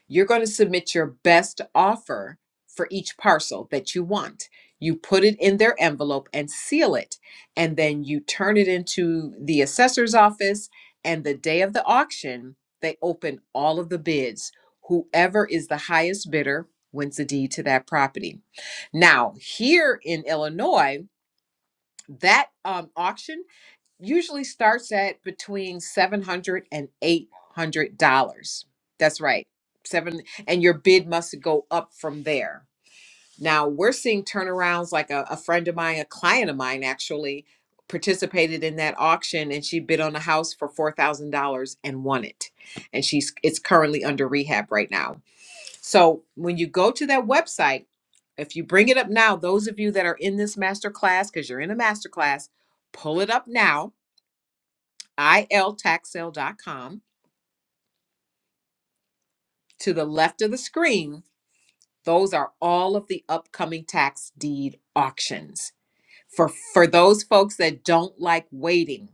A: you're going to submit your best offer for each parcel that you want. You put it in their envelope and seal it, and then you turn it into the assessor's office. And the day of the auction, they open all of the bids. Whoever is the highest bidder wins the deed to that property. Now, here in Illinois, that um, auction usually starts at between seven hundred dollars and eight hundred dollars. That's right, seven, and your bid must go up from there. Now we're seeing turnarounds like a, a friend of mine, a client of mine actually participated in that auction and she bid on a house for $4,000 and won it. And she's it's currently under rehab right now. So when you go to that website, if you bring it up now, those of you that are in this master class cuz you're in a master class, pull it up now, iltaxsale.com to the left of the screen. Those are all of the upcoming tax deed auctions. for for those folks that don't like waiting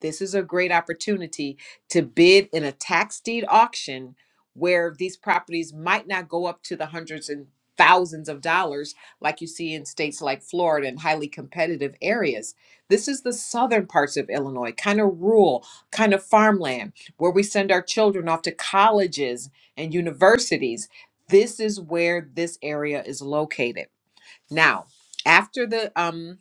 A: this is a great opportunity to bid in a tax deed auction where these properties might not go up to the hundreds and thousands of dollars like you see in states like Florida and highly competitive areas. This is the southern parts of Illinois, kind of rural, kind of farmland where we send our children off to colleges and universities. This is where this area is located. Now, after the um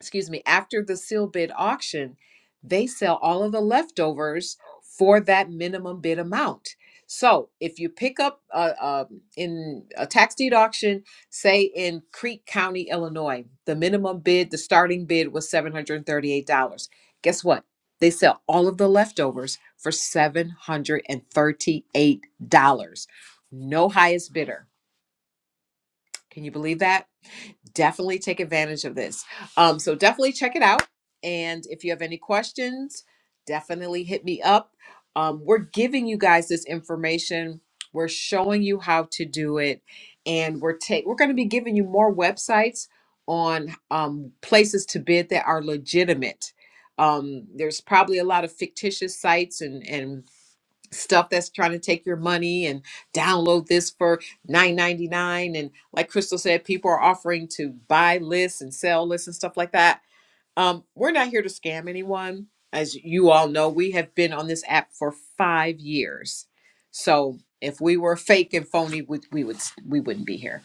A: excuse me, after the sealed bid auction, they sell all of the leftovers for that minimum bid amount. So if you pick up uh, uh, in a tax deed auction, say in Creek County, Illinois, the minimum bid, the starting bid was $738. Guess what? They sell all of the leftovers for $738. No highest bidder. Can you believe that? definitely take advantage of this. Um, so definitely check it out. And if you have any questions, definitely hit me up. Um, we're giving you guys this information. We're showing you how to do it, and we're take we're going to be giving you more websites on um, places to bid that are legitimate. Um, there's probably a lot of fictitious sites and and stuff that's trying to take your money and download this for 9.99 and like crystal said people are offering to buy lists and sell lists and stuff like that um, we're not here to scam anyone. As you all know, we have been on this app for five years. So if we were fake and phony, we, we would we wouldn't be here.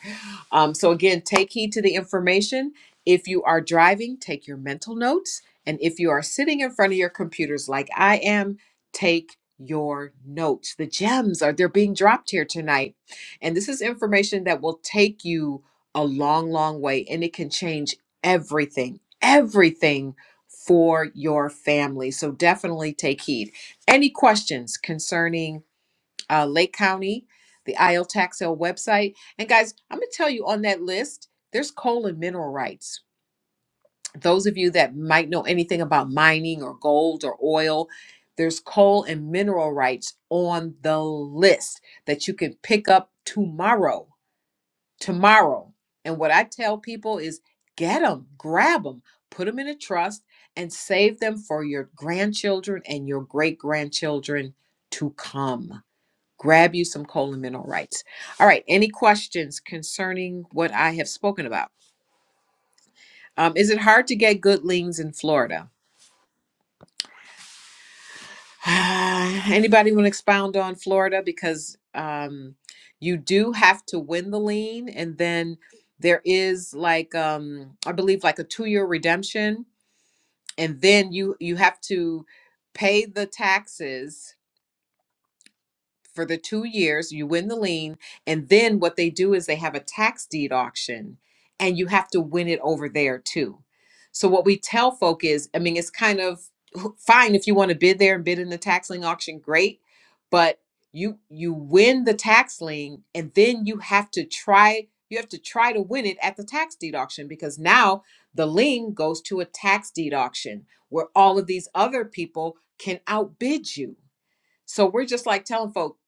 A: Um, so again, take heed to the information. If you are driving, take your mental notes, and if you are sitting in front of your computers like I am, take your notes. The gems are they're being dropped here tonight, and this is information that will take you a long, long way, and it can change everything everything for your family. So definitely take heed. Any questions concerning uh, Lake County, the IL tax sale website? And guys, I'm going to tell you on that list, there's coal and mineral rights. Those of you that might know anything about mining or gold or oil, there's coal and mineral rights on the list that you can pick up tomorrow tomorrow. And what I tell people is get them, grab them, put them in a trust, and save them for your grandchildren and your great grandchildren to come. Grab you some colon mineral rights. All right. Any questions concerning what I have spoken about? Um, is it hard to get good liens in Florida? Anybody want to expound on Florida? Because um, you do have to win the lien, and then there is like um, I believe like a two year redemption, and then you you have to pay the taxes for the two years, you win the lien, and then what they do is they have a tax deed auction and you have to win it over there too. So what we tell folk is, I mean, it's kind of fine if you want to bid there and bid in the tax lien auction, great, but you you win the tax lien and then you have to try you have to try to win it at the tax deed auction because now the lien goes to a tax deed auction where all of these other people can outbid you so we're just like telling folk,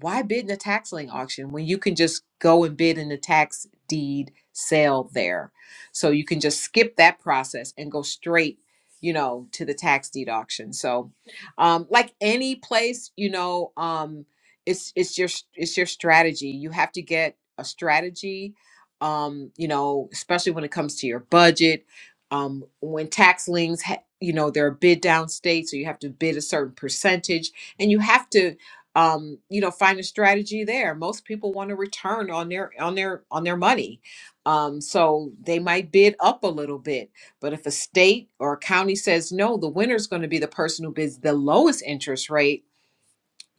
A: why bid in a tax lien auction when you can just go and bid in the tax deed sale there? So you can just skip that process and go straight, you know, to the tax deed auction. So, um, like any place, you know, um, it's it's your it's your strategy. You have to get a strategy, um, you know, especially when it comes to your budget. Um, when tax liens, ha- you know, they're a bid down state, so you have to bid a certain percentage and you have to um, you know find a strategy there most people want to return on their on their on their money um, so they might bid up a little bit but if a state or a county says no the winner's going to be the person who bids the lowest interest rate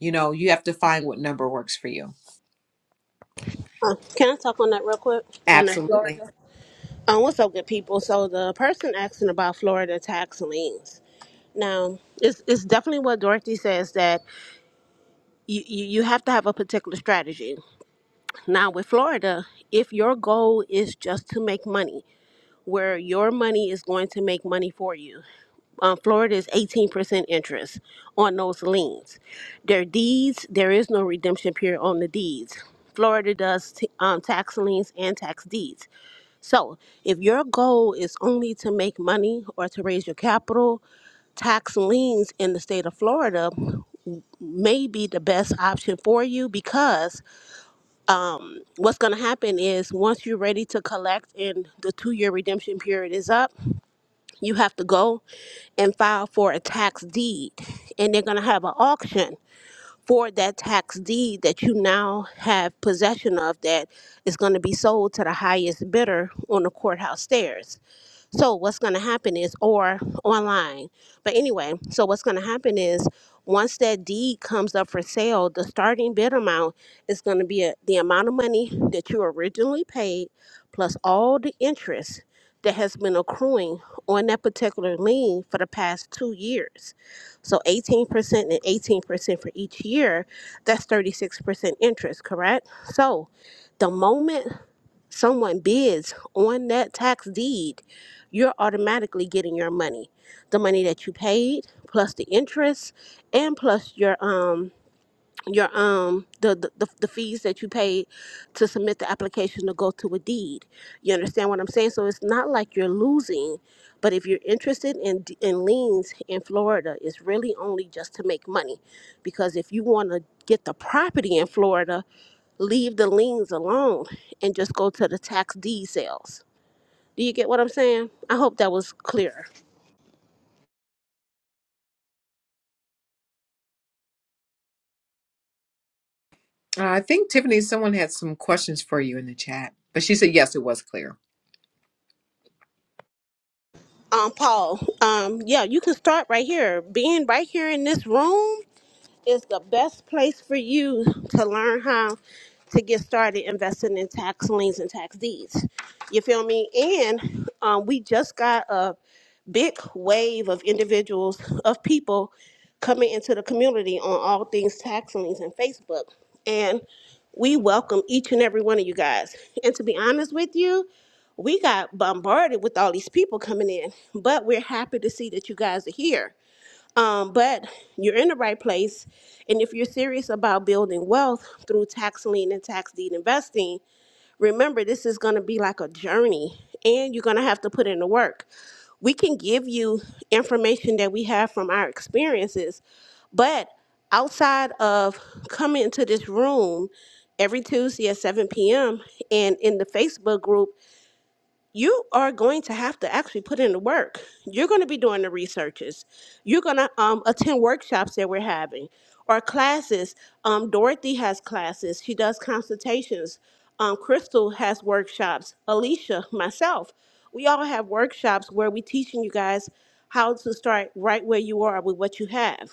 A: you know you have to find what number works for you
E: Uh, can I talk on that real quick? On that Florida.
A: absolutely
E: Um, what's up, good people? So the person asking about Florida tax liens. Now, it's it's definitely what Dorothy says that you, you you have to have a particular strategy. Now with Florida, if your goal is just to make money, where your money is going to make money for you. um, Florida is 18% interest on those liens. Their deeds, there is no redemption period on the deeds. Florida does t- um, tax liens and tax deeds. So if your goal is only to make money or to raise your capital, tax liens in the state of Florida may be the best option for you because um, what's going to happen is once you're ready to collect and the two year redemption period is up, you have to go and file for a tax deed, and they're going to have an auction for that tax deed that you now have possession of that is going to be sold to the highest bidder on the courthouse stairs. So what's going to happen is, or online. But anyway, so what's going to happen is, once that deed comes up for sale, the starting bid amount is going to be a, the amount of money that you originally paid plus all the interest that has been accruing on that particular lien for the past two years. So 18% and 18% for each year, that's 36% interest, correct? So the moment someone bids on that tax deed, you're automatically getting your money. The money that you paid plus the interest and plus your um your um the, the the the fees that you paid to submit the application to go to a deed. You understand what I'm saying? So it's not like you're losing, but if you're interested in d- in liens in Florida, it's really only just to make money, because if you want to get the property in Florida, leave the liens alone and just go to the tax deed sales. Do you get what I'm saying? I hope that was clear.
A: uh, i think tiffany someone had some questions for you in the chat but she said yes it was clear
E: Um, Paul. Um, yeah, you can start right here. Being right here in this room is the best place for you to learn how to get started investing in tax liens and tax deeds. You feel me? And um, we just got a big wave of individuals, of people coming into the community on all things tax liens and Facebook. And we welcome each and every one of you guys. And to be honest with you, we got bombarded with all these people coming in, but we're happy to see that you guys are here um, but you're in the right place. And if you're serious about building wealth through tax lien and tax deed investing, remember this is going to be like a journey and you're going to have to put in the work. We can give you information that we have from our experiences, but outside of coming into this room every Tuesday at 7 p.m. and in the Facebook group, you are going to have to actually put in the work. You're going to be doing the researches. You're going to um, attend workshops that we're having or classes. Um, Dorothy has classes, she does consultations. Um, Crystal has workshops. Alicia, myself, we all have workshops where we're teaching you guys how to start right where you are with what you have.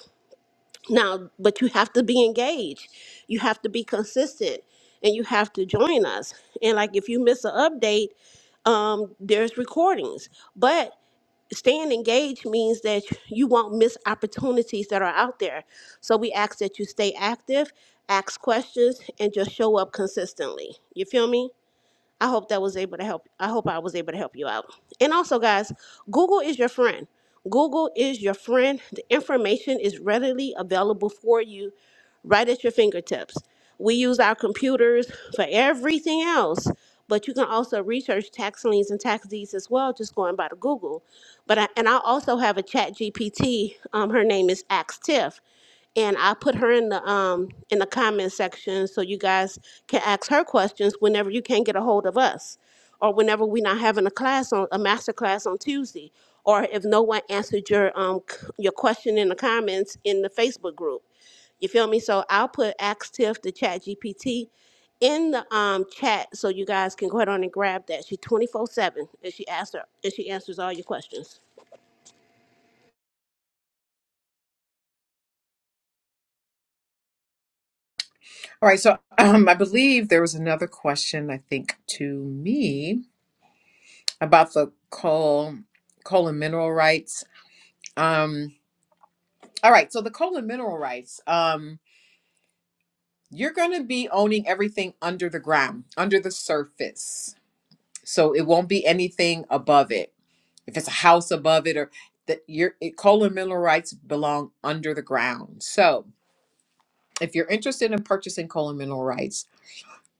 E: Now, but you have to be engaged. You have to be consistent and you have to join us. And like if you miss an update, um, there's recordings. But staying engaged means that you won't miss opportunities that are out there. So we ask that you stay active, ask questions, and just show up consistently. You feel me? I hope that was able to help. I hope I was able to help you out. And also, guys, Google is your friend. Google is your friend. The information is readily available for you right at your fingertips. We use our computers for everything else, but you can also research tax liens and tax deeds as well, just going by the Google. But I, and I also have a Chat GPT. Um, her name is Axe Tiff and I put her in the um in the comment section so you guys can ask her questions whenever you can't get a hold of us, or whenever we're not having a class on a master class on Tuesday, or if no one answered your um c- your question in the comments in the Facebook group. You feel me? So I'll put Ask Tiff the Chat GPT in the um chat so you guys can go ahead on and grab that. She twenty four seven and she asks her and she answers all your questions.
A: All right, so um, I believe there was another question, I think, to me about the coal, coal and mineral rights. Um, all right, so the coal and mineral rights, um, you're going to be owning everything under the ground, under the surface. So it won't be anything above it. if it's a house above it or that your it- coal and mineral rights belong under the ground. So if you're interested in purchasing coal and mineral rights,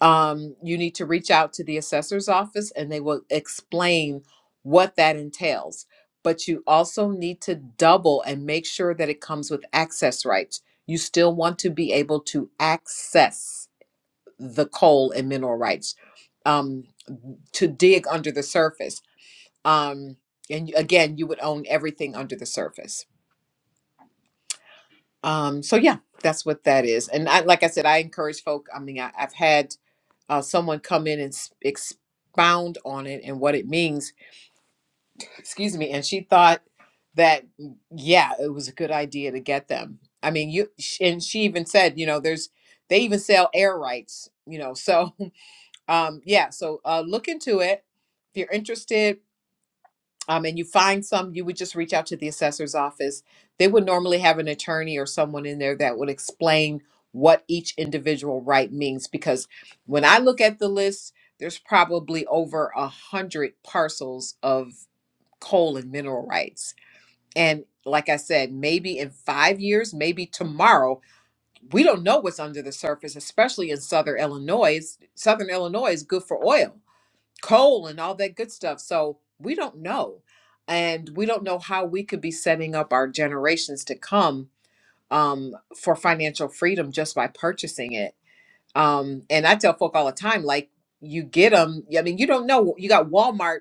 A: um, you need to reach out to the assessor's office and they will explain what that entails. But you also need to double and make sure that it comes with access rights. You still want to be able to access the coal and mineral rights um, to dig under the surface um and again you would own everything under the surface um so yeah that's what that is and I, like i said i encourage folk i mean I, i've had uh, someone come in and s- expound on it and what it means excuse me and she thought that mm, yeah it was a good idea to get them i mean you sh- and she even said you know there's they even sell air rights you know so um yeah so uh look into it if you're interested um, and you find some, you would just reach out to the assessor's office. They would normally have an attorney or someone in there that would explain what each individual right means. Because when I look at the list, there's probably over a hundred parcels of coal and mineral rights. And like I said, maybe in five years, maybe tomorrow, we don't know what's under the surface, especially in Southern Illinois. Southern Illinois is good for oil coal and all that good stuff. So we don't know. And we don't know how we could be setting up our generations to come um, for financial freedom just by purchasing it. Um, and I tell folk all the time, like, you get them. I mean, you don't know. You got Walmart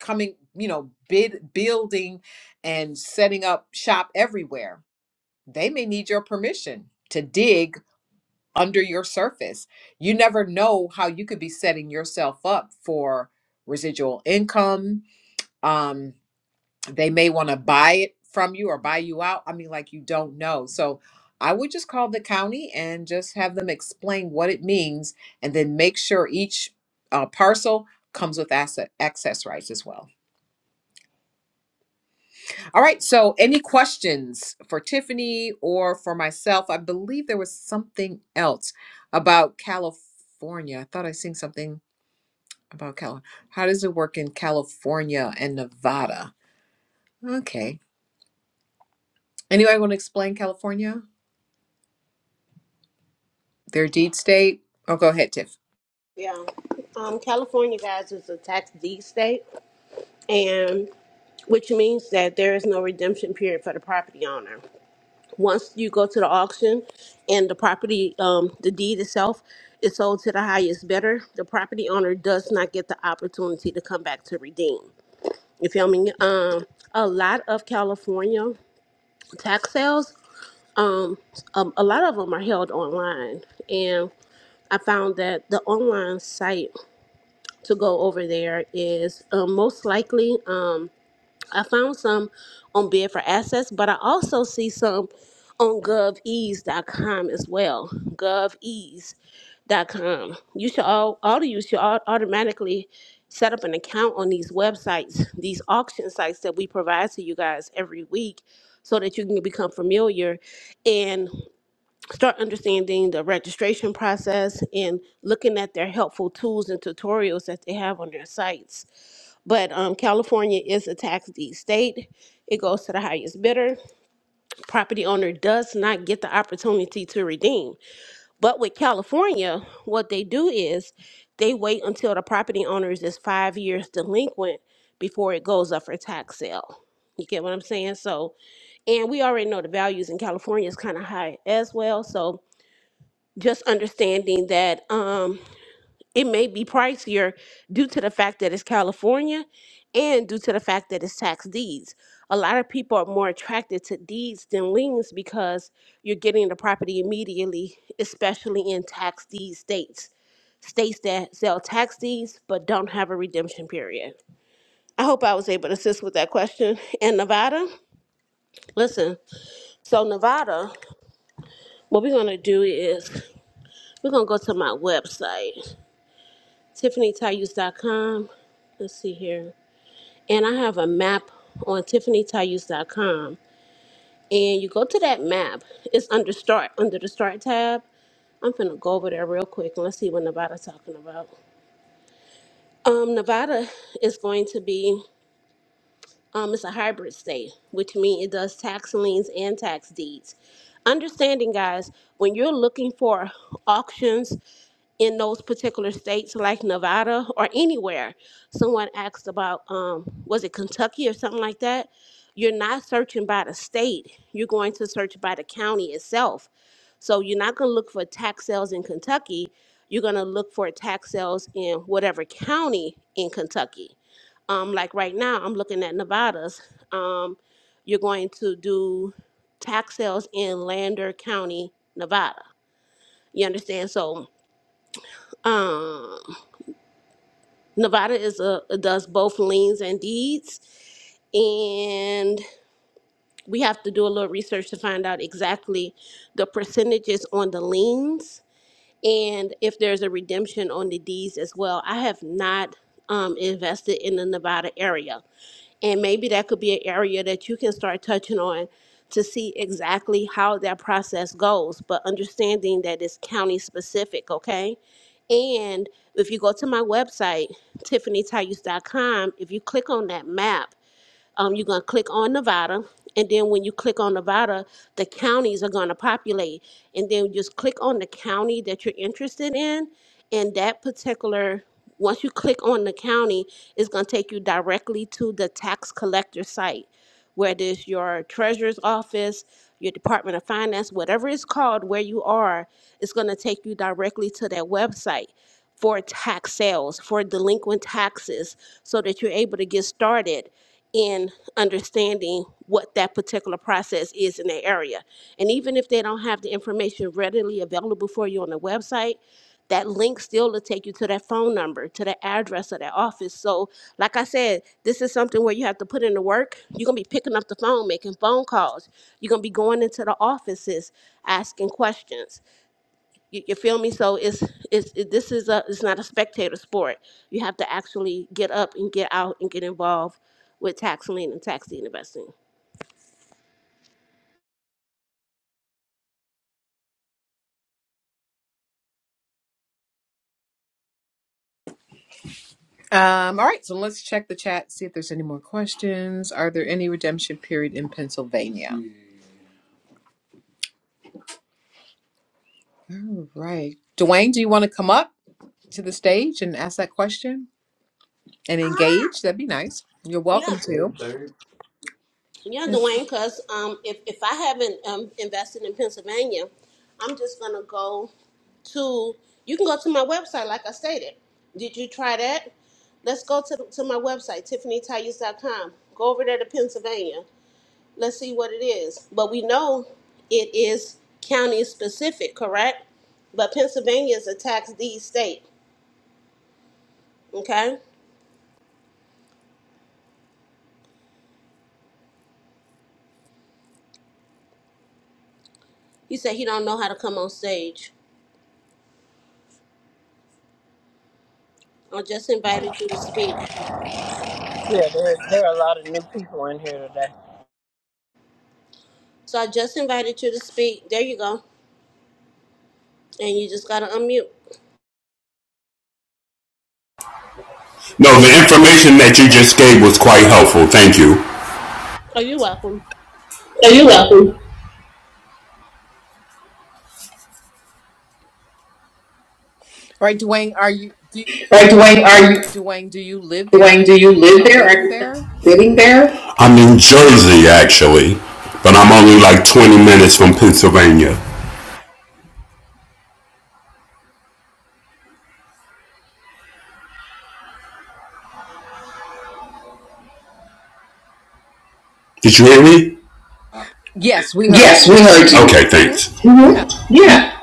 A: coming, you know, bid building and setting up shop everywhere. They may need your permission to dig under your surface. You never know how you could be setting yourself up for residual income. Um, they may want to buy it from you or buy you out. I mean, like you don't know. So I would just call the county and just have them explain what it means and then make sure each uh, parcel comes with asset access rights as well. All right. So, any questions for Tiffany or for myself? I believe there was something else about California. I thought I seen something about California. How does it work in California and Nevada? Okay. Anyway, want to explain California? Their deed state? Oh, go ahead, Tiff.
E: Yeah. Um California guys is a tax D state and which means that there is no redemption period for the property owner. Once you go to the auction and the property, um, the deed itself is sold to the highest bidder, the property owner does not get the opportunity to come back to redeem. You feel me? Um, a lot of California tax sales, um, um, a lot of them are held online, and I found that the online site to go over there is um, most likely. Um, I found some on Bid for Access, but I also see some on govease.com as well. Govease.com. You should all, all of you should au- automatically set up an account on these websites, these auction sites that we provide to you guys every week so that you can become familiar and start understanding the registration process and looking at their helpful tools and tutorials that they have on their sites but um, California is a tax deed state. It goes to the highest bidder. Property owner does not get the opportunity to redeem. But with California, what they do is they wait until the property owner is just five years delinquent before it goes up for tax sale. You get what I'm saying? So, and we already know the values in California is kind of high as well. So, just understanding that. Um, it may be pricier due to the fact that it's California and due to the fact that it's tax deeds. A lot of people are more attracted to deeds than liens because you're getting the property immediately, especially in tax deed states, states that sell tax deeds but don't have a redemption period. I hope I was able to assist with that question. And Nevada, listen, so Nevada, what we're going to do is we're going to go to my website, tiffanytayus.com. Let's see here. and I have a map on tiffanytayus.com. And you go to that map, it's under start, under the start tab. I'm gonna go over there real quick and let's see what Nevada's talking about. Um, Nevada is going to be Um, it's a hybrid state, which means it does tax liens and tax deeds. Understanding, guys, when you're looking for auctions in those particular states, like Nevada or anywhere, someone asked about, um, was it Kentucky or something like that? You're not searching by the state, you're going to search by the county itself. So you're not going to look for tax sales in Kentucky, you're going to look for tax sales in whatever county in Kentucky. Um, like right now, I'm looking at Nevada's. Um, you're going to do tax sales in Lander County, Nevada. You understand? So, um, Nevada is a does both liens and deeds, and we have to do a little research to find out exactly the percentages on the liens and if there's a redemption on the deeds as well. I have not um, invested in the Nevada area And maybe that could be an area that you can start touching on to see exactly how that process goes, but understanding that it's county specific, okay? And if you go to my website, tiffanytayus.com, if you click on that map, um, you're going to click on Nevada. And then when you click on Nevada, the counties are going to populate. And then just click on the county that you're interested in. And that particular, once you click on the county, it's going to take you directly to the tax collector site, whether it's your treasurer's office, your Department of Finance, whatever it's called, where you are, it's going to take you directly to that website for tax sales, for delinquent taxes, so that you're able to get started in understanding what that particular process is in their area. And even if they don't have the information readily available for you on the website, that link still will take you to that phone number, to the address of that office. So, like I said, this is something where you have to put in the work. You're gonna be picking up the phone, making phone calls. You're gonna be going into the offices, asking questions. You, you feel me? So it's it's it, this is a it's not a spectator sport. You have to actually get up and get out and get involved with tax lien and tax deed investing.
A: Um, all right. So, let's check the chat, see if there's any more questions. Are there any redemption period in Pennsylvania? All right. Dwayne, do you want to come up to the stage and ask that question? and engage. That'd be nice. You're welcome
E: Yeah,
A: to.
E: yeah,
A: Yes.
E: Dwayne. Because um, if if I haven't um, invested in Pennsylvania, I'm just gonna go to. You can go to my website, like I stated. Did you try that? Let's go to to my website, tiffanytires.com. Go over there to Pennsylvania. Let's see what it is. But we know it is county specific, correct? But Pennsylvania is a tax deed state. Okay? He said he don't know how to come on stage. I just invited you to speak.
D: Yeah, there there are a lot of new people in here today.
E: So I just invited you to speak. There you go. And you just gotta unmute.
G: No, the information that you just gave was quite helpful. Thank you.
E: Oh, you're welcome.
G: So you're welcome.
A: All right, Dwayne, are you do,
G: All right, Dwayne, are you,
A: Dwayne, do you live there? Are
G: Dwayne,
A: you
G: do you live
A: planning on
G: there? Are
A: bidding
G: you
A: there?
G: living there? I'm in Jersey, actually, but I'm only like 20 minutes from Pennsylvania. Did you hear me?
A: Yes, we heard
G: Yes,
A: you.
G: we heard you. Okay,
A: hmm
G: thanks.
A: Yeah.
G: Mm-hmm. Yeah.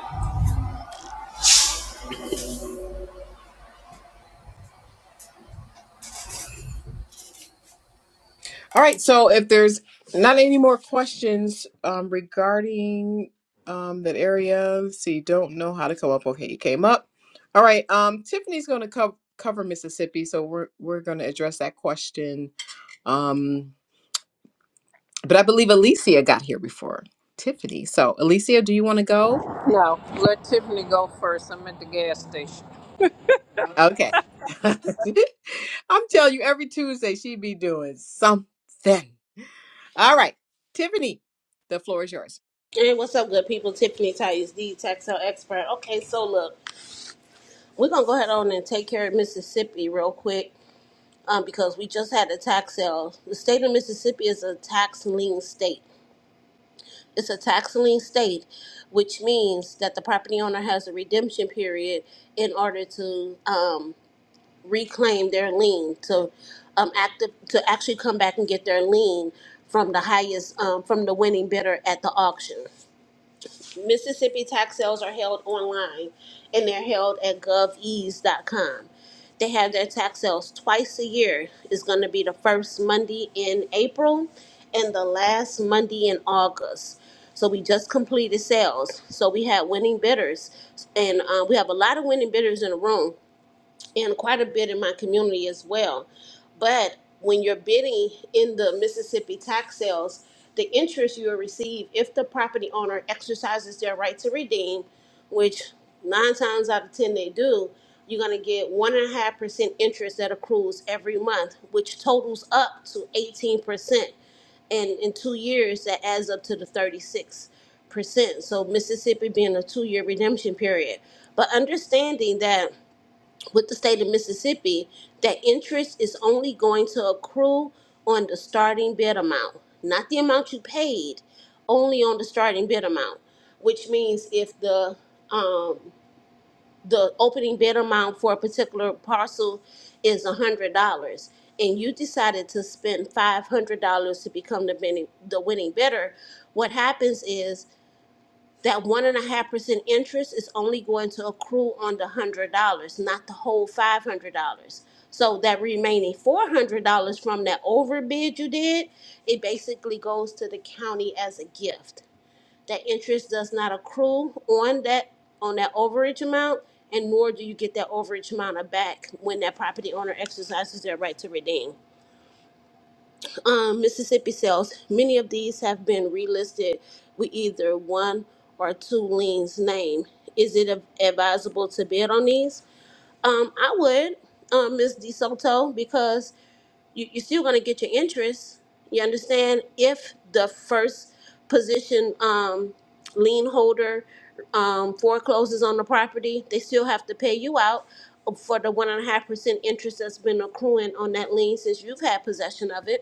A: All right. So if there's not any more questions um, regarding um, that area, so you don't know how to come up. Okay, you came up. All right. Um, Tiffany's going to co- cover Mississippi, so we're we're going to address that question. Um, but I believe Alicia got here before Tiffany. So Alicia, do you want to go?
D: No, let Tiffany go first. I'm at the gas station.
A: Okay. I'm telling you, every Tuesday she be doing something. All right. Tiffany, the floor is yours.
E: Hey, what's up, good people? Tiffany Tyus, the tax sale expert. Okay, so look, we're gonna go ahead on and take care of Mississippi real quick um, because we just had a tax sale. The state of Mississippi is a tax lien state. It's a tax lien state, which means that the property owner has a redemption period in order to um, reclaim their lien to um, active to actually come back and get their lien from the highest um, from the winning bidder at the auction. Mississippi tax sales are held online and they're held at govease.com. They have their tax sales twice a year. It's going to be the first Monday in April and the last Monday in August. So we just completed sales. So we had winning bidders, and uh, we have a lot of winning bidders in the room and quite a bit in my community as well. But when you're bidding in the Mississippi tax sales, the interest you will receive if the property owner exercises their right to redeem, which nine times out of ten they do, you're gonna get one and a half percent interest that accrues every month, which totals up to eighteen percent and in two years that adds up to the 36 percent so mississippi being a two-year redemption period but understanding that with the state of Mississippi that interest is only going to accrue on the starting bid amount, not the amount you paid, only on the starting bid amount, which means if the um, the opening bid amount for a particular parcel is $100 and you decided to spend $500 to become the, bene- the winning bidder, what happens is that one and a half percent interest is only going to accrue on the hundred dollars, not the whole five hundred dollars. So that remaining four hundred dollars from that overbid you did, it basically goes to the county as a gift. That interest does not accrue on that on that overage amount, and nor do you get that overage amount back when that property owner exercises their right to redeem um, Mississippi sales, many of these have been relisted with either one or two liens name. Is it av- advisable to bid on these? Um, I would, um, Ms. DeSoto, because you, you're still going to get your interest. You understand? If the first position um, lien holder um, forecloses on the property, they still have to pay you out for the one and a half percent interest that's been accruing on that lien since you've had possession of it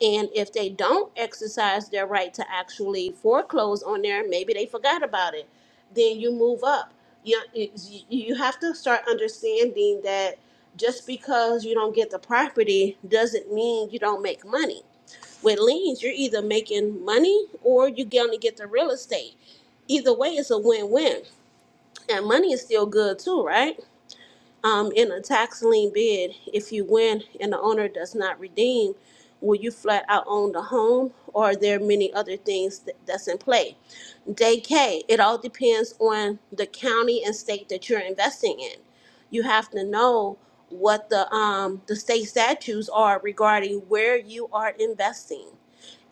E: and if they don't exercise their right to actually foreclose on there, maybe they forgot about it. Then you move up. You, you you have to start understanding that just because you don't get the property doesn't mean you don't make money. With liens, you're either making money or you're going to get the real estate. Either way, it's a win win. And money is still good too, right? Um, in a tax lien bid, if you win and the owner does not redeem, will you flat out own the home or are there many other things that, that's in play? Day K, it all depends on the county and state that you're investing in. You have to know what the um, the state statutes are regarding where you are investing.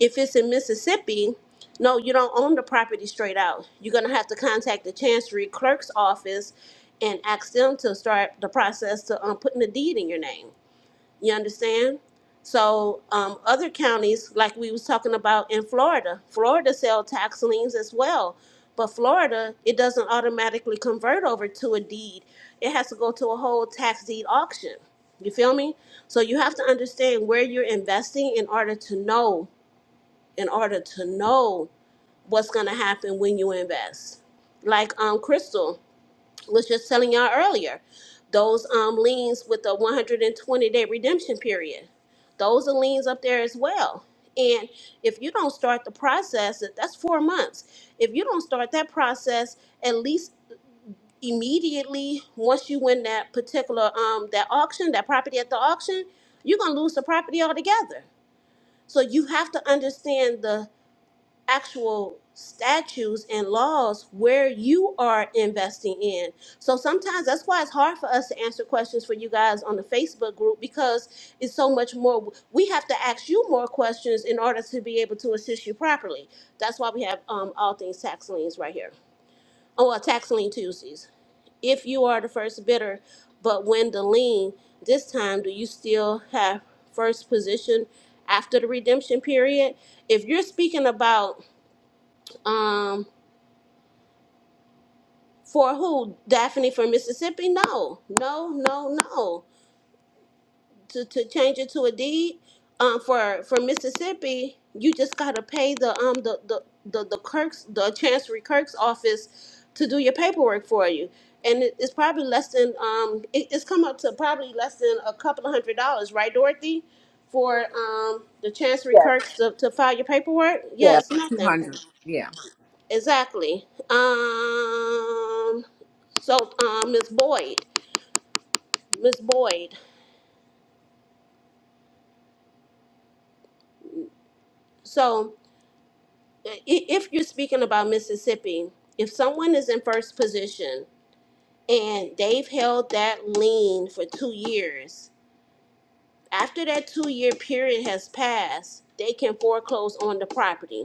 E: If it's in Mississippi, no, you don't own the property straight out. You're gonna have to contact the chancery clerk's office and ask them to start the process to um, putting a deed in your name. You understand? So um, other counties, like we was talking about in Florida, Florida sell tax liens as well, but Florida it doesn't automatically convert over to a deed. It has to go to a whole tax deed auction. You feel me? So you have to understand where you're investing in order to know, in order to know what's gonna happen when you invest. Like um, Crystal, was just telling y'all earlier. Those um liens with the 120 day redemption period. Those are liens up there as well. And if you don't start the process, that- that's four months. If you don't start that process, at least immediately once you win that particular um that auction, that property at the auction, you're gonna lose the property altogether. So you have to understand the actual statutes and laws where you are investing in. So sometimes that's why it's hard for us to answer questions for you guys on the Facebook group because it's so much more. We have to ask you more questions in order to be able to assist you properly. That's why we have um, all things tax liens right here. Oh, well, tax lien Tuesdays. If you are the first bidder, but when the lien this time, do you still have first position after the redemption period? If you're speaking about um for who daphne from mississippi no no no no to, to change it to a deed um for for mississippi you just gotta pay the um the the the, the kirk's the chancery kirk's office to do your paperwork for you and it, it's probably less than um it, it's come up to probably less than a couple of hundred dollars right dorothy for um the chancery
A: Yeah,
E: kirk's to, to file your paperwork
A: yeah.
E: yes nothing
A: 200. Yeah.
E: Exactly. Um, so, um, Ms. Boyd, Miss Boyd. So, i- if you're speaking about Mississippi, if someone is in first position and they've held that lien for two years, after that two-year period has passed, they can foreclose on the property.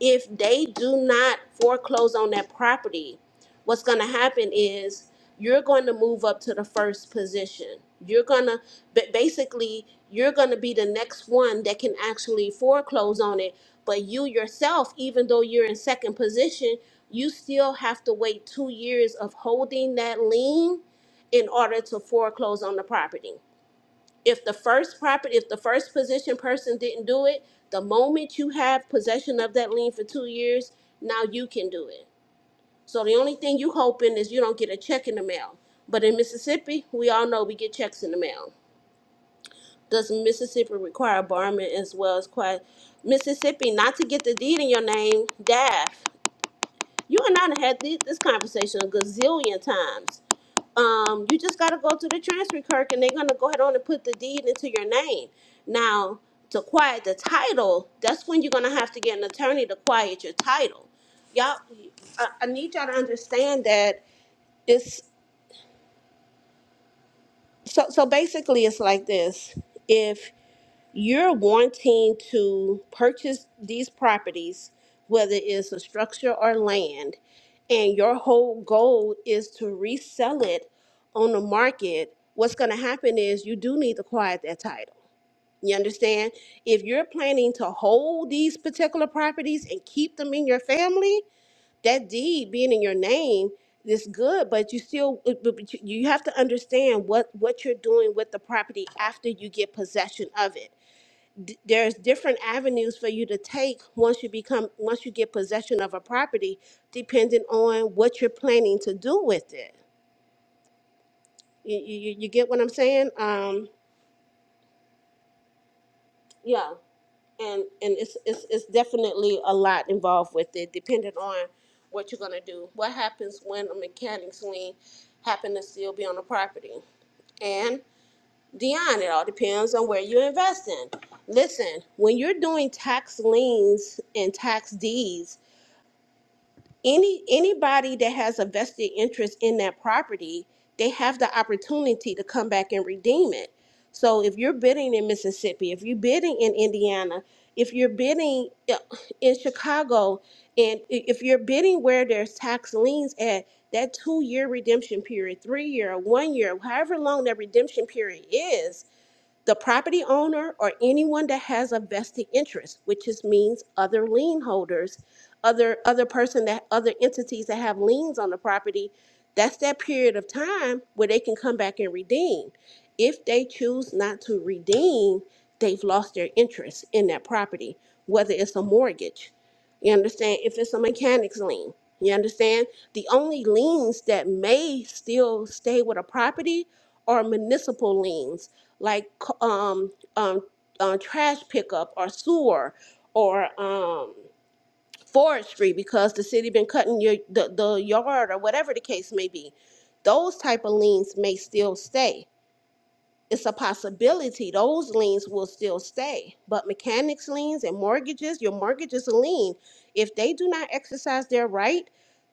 E: if they do not foreclose on that property, what's going to happen is you're going to move up to the first position. You're going to, but basically, you're going to be the next one that can actually foreclose on it. But you yourself, even though you're in second position, you still have to wait two years of holding that lien in order to foreclose on the property if the first property, if the first position person didn't do it, the moment you have possession of that lien for two years, now you can do it. So the only thing you hoping is you don't get a check in the mail. But in Mississippi, we all know we get checks in the mail. Does Mississippi require borrowment as well as quiet? Mississippi, not to get the deed in your name, DAF. You and I done had thi- this conversation a gazillion times um, you just got to go to the transfer clerk and they're going to go ahead on and put the deed into your name. Now, to quiet the title, that's when you're going to have to get an attorney to quiet your title. Y'all, I, I need y'all to understand that it's so, so basically it's like this. if you're wanting to purchase these properties, whether it's a structure or land, and your whole goal is to resell it on the market, what's going to happen is you do need to quiet that title. You understand? If you're planning to hold these particular properties and keep them in your family, that deed being in your name is good, but you still but but you you have to understand what what you're doing with the property after you get possession of it d- there's different avenues for you to take once you become once you get possession of a property depending on what you're planning to do with it you, you, you you get what i'm saying um yeah and and it's, it's it's definitely a lot involved with it depending on what you're going to do what happens when a mechanics lien happen to still be on the property and Dion, it all depends on where you invest in. Listen, when you're doing tax liens and tax deeds, any anybody that has a vested interest in that property, they have the opportunity to come back and redeem it. So if you're bidding in Mississippi, if you're bidding in Indiana, if you're bidding uh, in Chicago, and i- if you're bidding where there's tax liens at that two-year redemption period, three-year, or one-year, however long that redemption period is, the property owner or anyone that has a vested interest, which is means other lien holders, other other person that other entities that have liens on the property, that's that period of time where they can come back and redeem. If they choose not to redeem, they've lost their interest in that property, whether it's a mortgage. You understand? If it's a mechanic's lien, you understand? The only liens that may still stay with a property are municipal liens like um, um, uh, trash pickup or sewer or um, forestry because the city been cutting your the, the yard or whatever the case may be those type of liens may still stay it's a possibility those liens will still stay. But mechanics liens and mortgages, your mortgage is a lien. If they do not exercise their right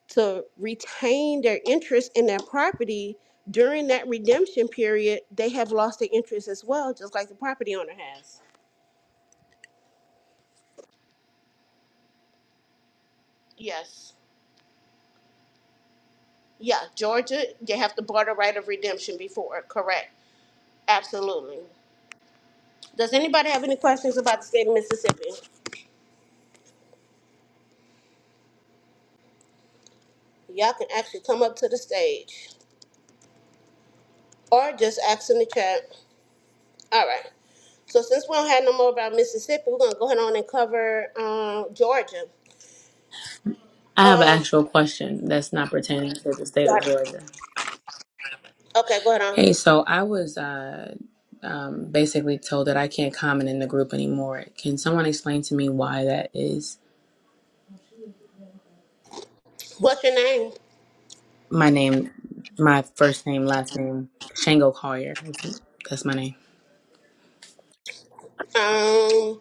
E: to retain their interest in their property during that redemption period, they have lost their interest as well, just like the property owner has. Yes. Yeah, Georgia, you have to barter right of redemption before, correct. Absolutely. Does anybody have any questions about the state of Mississippi? Y'all can actually come up to the stage. or just ask in the chat. All right. So since we don't have no more about Mississippi, we're gonna go ahead on and cover um, Georgia.
H: I have an
E: Um,
H: actual question that's not pertaining to the state of
E: right.
H: Georgia.
E: okay, go ahead on.
H: Hey, so I was uh, um, basically told that I can't comment in the group anymore. Can someone explain to me why that is?
E: What's your name?
H: My name, my first name, last name, Shango Collier. That's my name.
E: Um,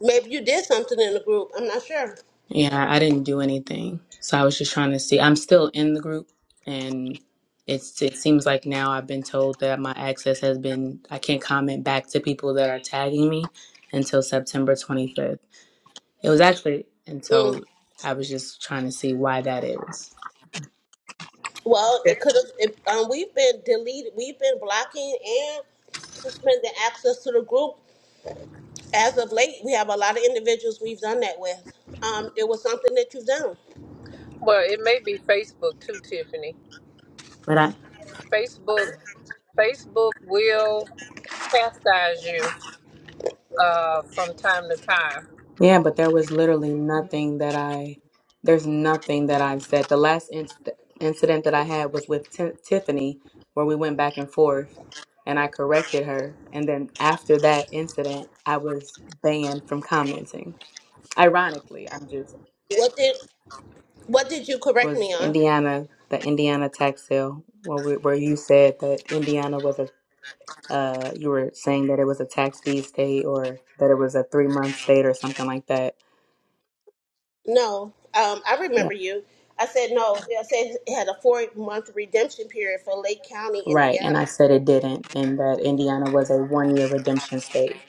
E: maybe you did something in the group. I'm not sure.
H: Yeah, I didn't do anything. So I was just trying to see. I'm still in the group, and it's it seems like now I've been told that my access has been I can't comment back to people that are tagging me until September 25th. It was actually, and
E: Mm.
H: so I was just trying to see why that is.
E: Well, it could have. Um, we've been deleted. We've been blocking and suspending access to the group as of late. We have a lot of individuals we've done that with. Um, it was something that you've done.
D: Well, it may be Facebook too, Tiffany.
H: But I,
D: Facebook, Facebook will chastise you uh, from time to time.
H: yeah, but there was literally nothing that I, there's nothing that I've said. The last inc- incident that I had was with Ti- Tiffany, where we went back and forth, and I corrected her. And then after that incident, I was banned from commenting. Ironically, I'm just
E: What did What did you correct
H: was
E: me on?
H: Indiana, the Indiana tax sale, where we, where you said that Indiana was a Uh, you were saying that it was a tax deed state or that it was a three month state or something like that.
E: No, um, I
H: Yeah.
E: remember you. I said no. Yeah, I said it had a four-month redemption period for Lake County,
H: Right. And
E: Indiana.
H: I said it didn't, and that Indiana was a one year redemption state.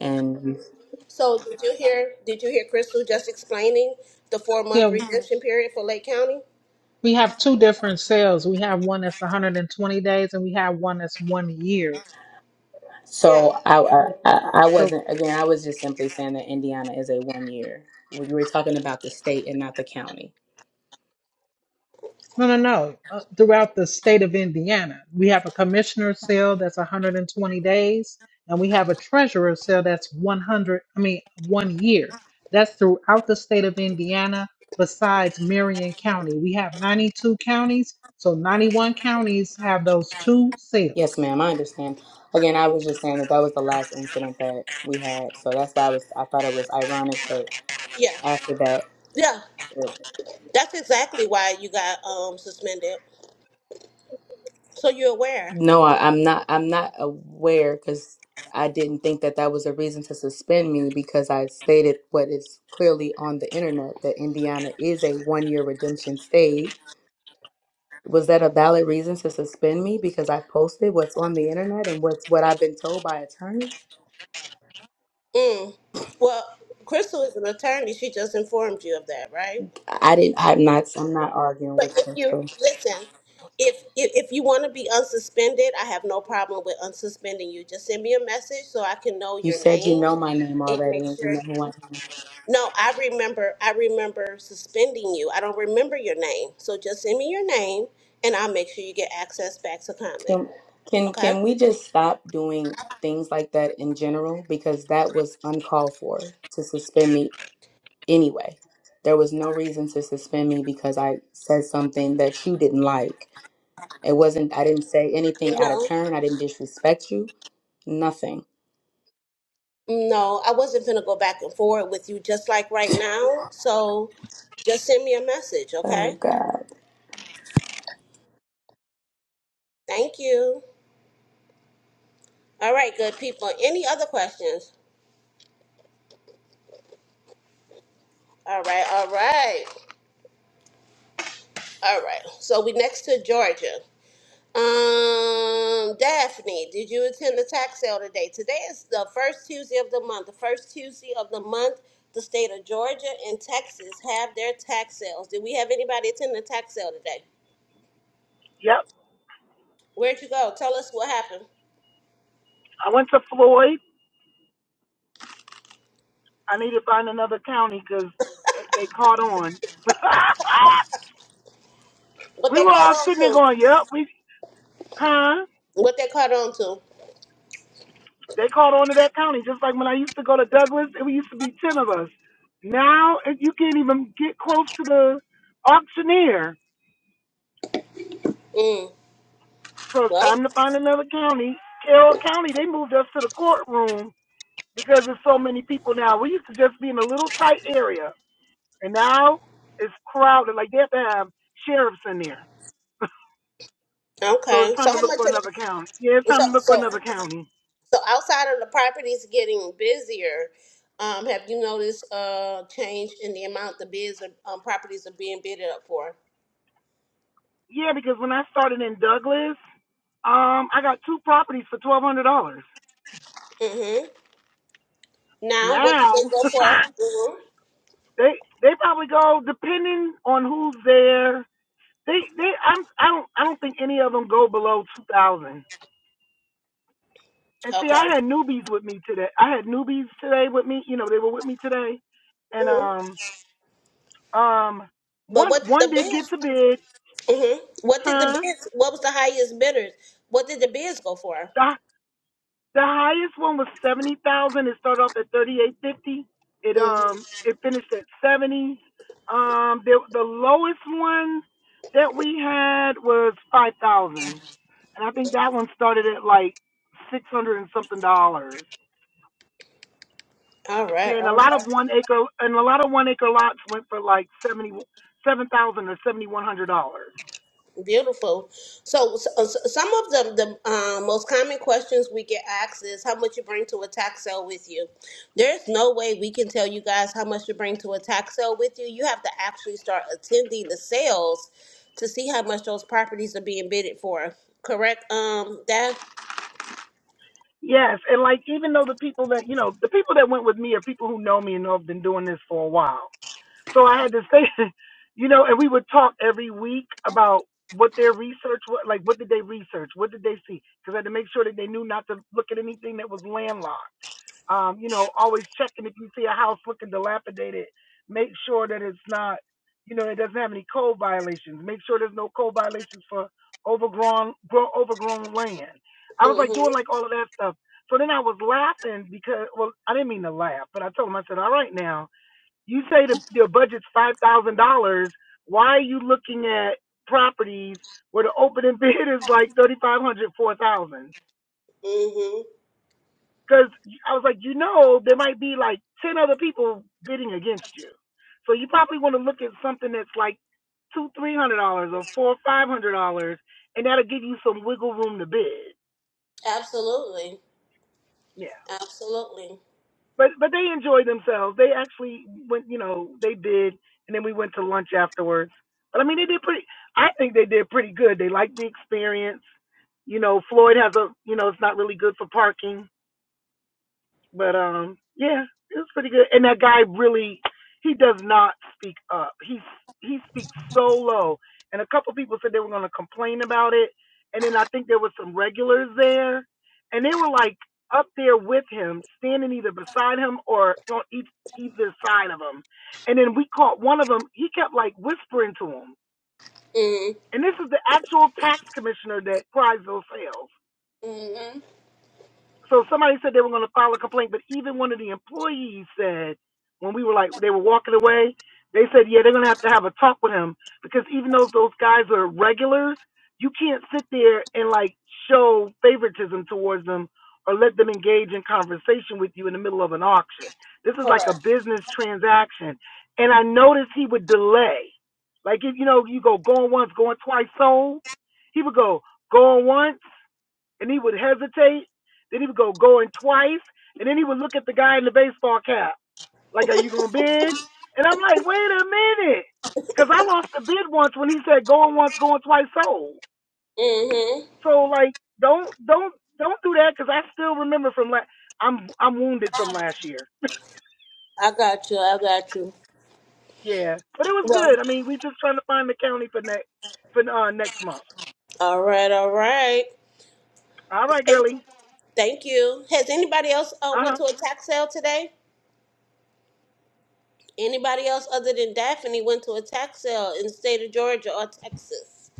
H: And
E: So did you hear? Did you hear Crystal just explaining the four-month
B: Yeah,
E: redemption period for Lake County?
B: we have two different sales. We have one that's 120 days, and we have one that's one year.
E: Yeah,
H: so I, I, I I
B: So
H: wasn't, again, I was just simply saying that Indiana is a one year. We were talking about the state and not the county.
B: No, no, no. Uh, throughout the state of Indiana, we have a commissioner sale that's 120 days, and we have a treasurer sale that's 100, I mean, one year. That's throughout the state of Indiana, besides Marion County. We have 92 counties, so 91 counties have those two
H: Yes,
B: sales.
H: ma'am. I understand. Again, I was just saying that that was the last incident that we had. So that's why I was, I thought it was ironic that
E: yeah,
H: after that.
E: yeah. That's exactly why you got um, suspended. So you're aware.
H: No, I, I'm not. I'm not aware because I didn't think that that was a reason to suspend me because I stated what is clearly on the internet that Indiana is a one-year redemption state. Was that a valid reason to suspend me because I posted what's on the internet and what's what I've been told by attorneys?
E: Mm. Well, Crystal is an attorney. She just informed you of that, right?
H: I didn't. I'm not. I'm not arguing
E: But
H: with
E: if you
H: Crystal.
E: listen, if if, if you want to be unsuspended, I have no problem with unsuspending you. Just send me a message so I can know
H: You
E: your
H: said you
E: name
H: know my name
E: and make
H: already and you
E: sure.
H: know who I am.
E: No, I remember. I remember suspending you. I don't remember your name, so just send me your name and I'll make sure you get access back to comment.
H: Can can
E: Okay?
H: can we just stop doing things like that in general because that was uncalled for to suspend me anyway. There was no reason to suspend me because I said something that you didn't like. It wasn't I didn't say anything out of
E: No.
H: turn. I didn't disrespect you. Nothing.
E: No, I wasn't gonna go back and forward with you just like right now. So just send me a message,
H: Oh
E: okay?
H: God.
E: Thank you. All right, good people. Any other questions? All right, all right, all right. So we next to Georgia. Um, Daphne, did you attend the tax sale today? Today is the first Tuesday of the month. The first Tuesday of the month, the state of Georgia and Texas have their tax sales. Did we have anybody attend the tax sale today?
I: Yep.
E: Where'd you go? Tell us what happened.
I: I went to Floyd. I need to find another county 'cause they, they caught on.
E: What
I: we
E: they
I: were
E: caught
I: all
E: on
I: sitting there
E: to?
I: going, yep, we, huh?
E: What they caught on to?
I: They caught on to that county. Just like when I used to go to Douglas, it used to be 10 of us. Now it- you can't even get close to the auctioneer.
E: Mm,
I: So it's
E: well,
I: time to find another county. Carroll County, they moved us to the courtroom because there's so many people now. We used to just be in a little tight area. And now it's crowded. Like they have to have sheriffs in there. So
E: okay.
I: it's time
E: So
I: to
E: how
I: look
E: much?
I: for
E: Did,
I: another county. Yeah, it's
E: so
I: time to look
E: so
I: for another county.
E: So outside of the properties getting busier, um, have you noticed a change in the amount the bids are, um, properties are being bidded up for?
I: Yeah, because when I started in Douglas, um, I got two properties for twelve hundred dollars.
E: hmm Now, what did they
I: Now
E: go for? hmm
I: they they probably go depending on who's there. They they I'm I don't I don't think any of them go below two thousand. And see,
E: Okay.
I: I had newbies with me today. I had newbies today with me. You know, they were with me today, and
E: hmm
I: um um
E: But
I: one
E: what did
I: one
E: the
I: did get
E: bids?
I: to bid,
E: hmm What did the
I: huh?
E: bids? What was the highest bidders? What did the bids go for?
I: The The highest one was seventy thousand. It started off at thirty eight fifty. It
E: Mhm.
I: um it finished at seventy. Um the the lowest one that we had was five thousand. And I think that one started at like six hundred and something dollars.
E: All
I: Yeah,
E: right.
I: and
E: All
I: a
E: right.
I: lot of one acre and a lot of one acre lots went for like seventy seven thousand or seventy one hundred dollars.
E: Beautiful. So, so so some of the, the uh, most common questions we get asked is how much you bring to a tax sale with you. There's no way we can tell you guys how much you bring to a tax sale with you. You have to actually start attending the sales to see how much those properties are being bidded for. Correct? Um, that.
I: Yes, and like even though the people that you know the people that went with me are people who know me and know I've been doing this for a while. So I had to stay, you know, and we would talk every week about what their research was, like what did they research, what did they see, because I had to make sure that they knew not to look at anything that was landlocked. Um, you know, always checking if you see a house looking dilapidated, make sure that it's not, you know, it doesn't have any code violations. Make sure there's no code violations for overgrown, grow, overgrown land. I was like
E: Mhm.
I: doing like all of that stuff. So then I was laughing because, well, I didn't mean to laugh, but I told him, I said, all right now, you say the the budget's five thousand dollars. Why are you looking at properties where the opening bid is like thirty five hundred, four thousand?
E: Mhm.
I: Because I was like, you know, there might be like ten other people bidding against you, so you probably want to look at something that's like two, three hundred dollars or four, five hundred dollars, and that'll give you some wiggle room to bid.
E: Absolutely.
I: Yeah.
E: Absolutely.
I: but but they enjoyed themselves. They actually went, you know, they did, and then we went to lunch afterwards. But I mean, they did pretty. I think they did pretty good. They liked the experience. You know, Floyd has a, you know, it's not really good for parking. But um, yeah, it was pretty good. And that guy really, he does not speak up. He's he speaks so low. And a couple people said they were gonna complain about it. And then I think there were some regulars there, and they were like up there with him, standing either beside him or on each either side of him. And then we caught one of them. He kept like whispering to him.
E: Mhm.
I: And this is the actual tax commissioner that cries those sales.
E: Mhm.
I: So somebody said they were going to file a complaint, but even one of the employees said when we were like they were walking away, they said, yeah, they're going to have to have a talk with him because even though those guys are regulars, you can't sit there and like show favoritism towards them or let them engage in conversation with you in the middle of an auction. This is like
E: Correct.
I: a business transaction, and I noticed he would delay. Like if you know you go going once, going twice, sold, he would go going once and he would hesitate. Then he would go going twice, and then he would look at the guy in the baseball cap, like, "Are you gonna bid?" And I'm like, "Wait a minute," because I lost the bid once when he said going once, going twice sold.
E: Mhm.
I: So like, don't don't don't do that because I still remember from last. I'm I'm wounded from last year.
E: I got you. I got you.
I: Yeah, but it was
E: Well.
I: good. I mean, we just trying to find the county for next for uh, next month.
E: All right. All right.
I: All right, girlie.
E: Thank you. Has anybody else uh,
I: Uh
E: went
I: huh.
E: to a tax sale today? Anybody else other than Daphne went to a tax sale in the state of Georgia or Texas?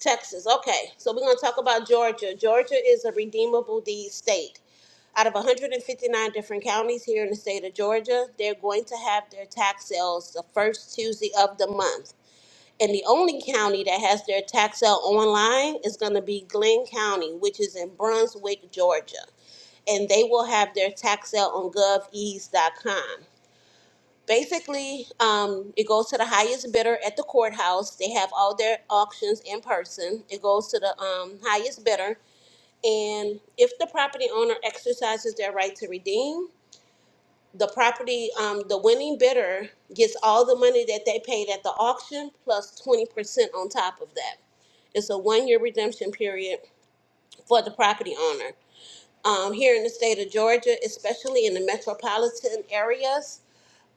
E: Texas. Okay, so we're going to talk about Georgia. Georgia is a redeemable deed state. Out of 159 different counties here in the state of Georgia, they're going to have their tax sales the first Tuesday of the month. And the only county that has their tax sale online is going to be Glenn County, which is in Brunswick, Georgia. and they will have their tax sale on govease.com. Basically, um, it goes to the highest bidder at the courthouse. They have all their auctions in person. It goes to the um, highest bidder. And if the property owner exercises their right to redeem, the property, um, the winning bidder gets all the money that they paid at the auction 20% on top of that. It's a one year redemption period for the property owner um, here in the state of Georgia, especially in the metropolitan areas,